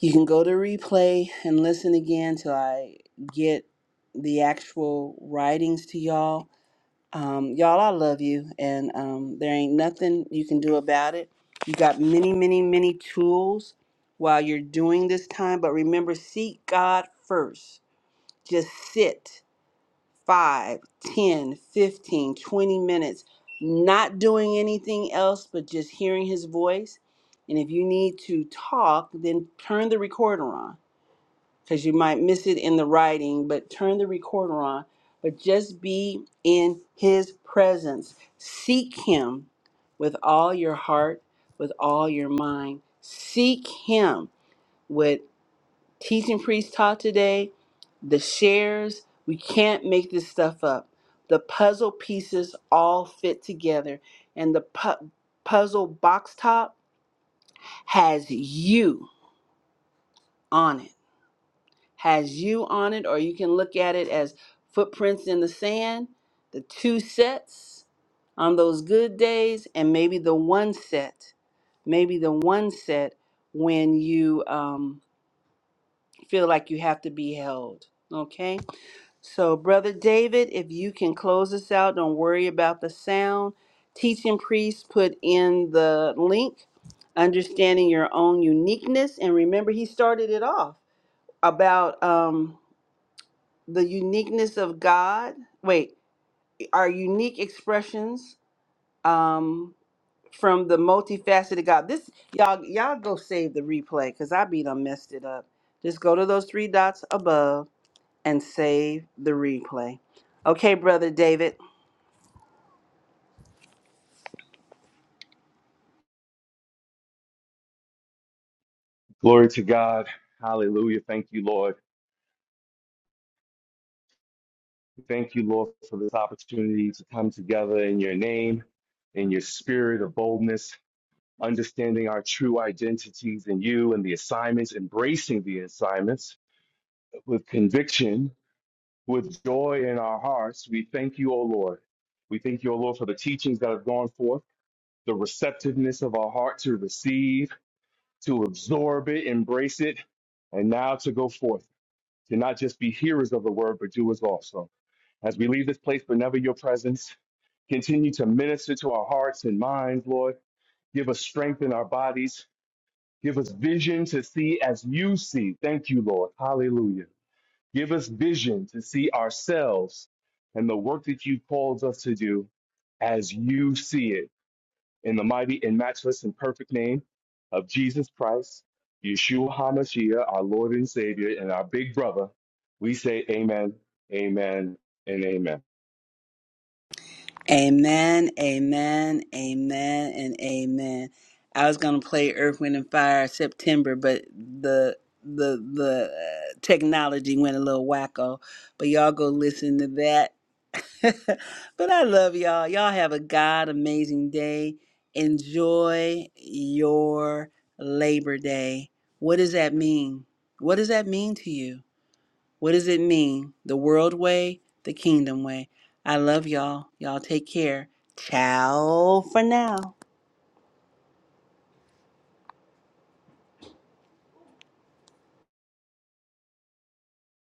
Speaker 1: You can go to replay and listen again till I get the actual writings to y'all um, y'all, I love you, and um, there ain't nothing you can do about it. You got many, many, many tools while you're doing this time, but remember, seek God first. Just sit five, ten, fifteen, twenty minutes, not doing anything else but just hearing His voice. And if you need to talk, then turn the recorder on because you might miss it in the writing, but turn the recorder on. But just be in his presence. Seek him with all your heart, with all your mind. Seek him. What teaching priest taught today, the shares, we can't make this stuff up. The puzzle pieces all fit together, and the pu- puzzle box top has you on it has you on it, or you can look at it as footprints in the sand, the two sets on those good days, and maybe the one set, maybe the one set when you um, feel like you have to be held. Okay? So, Brother David, if you can close us out, don't worry about the sound. Teaching priest put in the link, understanding your own uniqueness. And remember, he started it off about. Um, the uniqueness of God. Wait, our unique expressions um, from the multifaceted God. This y'all y'all go save the replay because I be done messed it up. Just go to those three dots above and save the replay. Okay, brother David.
Speaker 6: Glory to God. Hallelujah. Thank you, Lord. Thank you, Lord, for this opportunity to come together in your name, in your spirit of boldness, understanding our true identities in you and the assignments, embracing the assignments with conviction, with joy in our hearts. We thank you, O Lord. We thank you, O Lord, for the teachings that have gone forth, the receptiveness of our heart to receive to absorb it, embrace it, and now to go forth, to not just be hearers of the word, but doers also. As we leave this place, but never your presence, continue to minister to our hearts and minds, Lord. Give us strength in our bodies. Give us vision to see as you see. Thank you, Lord. Hallelujah. Give us vision to see ourselves and the work that you called us to do as you see it in the mighty and matchless and perfect name of Jesus Christ, Yeshua HaMashiach, our Lord and Savior, and our big brother, we say amen, amen, and amen.
Speaker 1: Amen, amen, amen, and amen. I was gonna play Earth, Wind, and Fire September, but the the the uh, technology went a little wacko. But y'all go listen to that. but I love y'all. Y'all have a God amazing day. Enjoy your Labor Day. What does that mean? What does that mean to you? What does it mean? The world way, the kingdom way. I love y'all. Y'all take care. Ciao for now.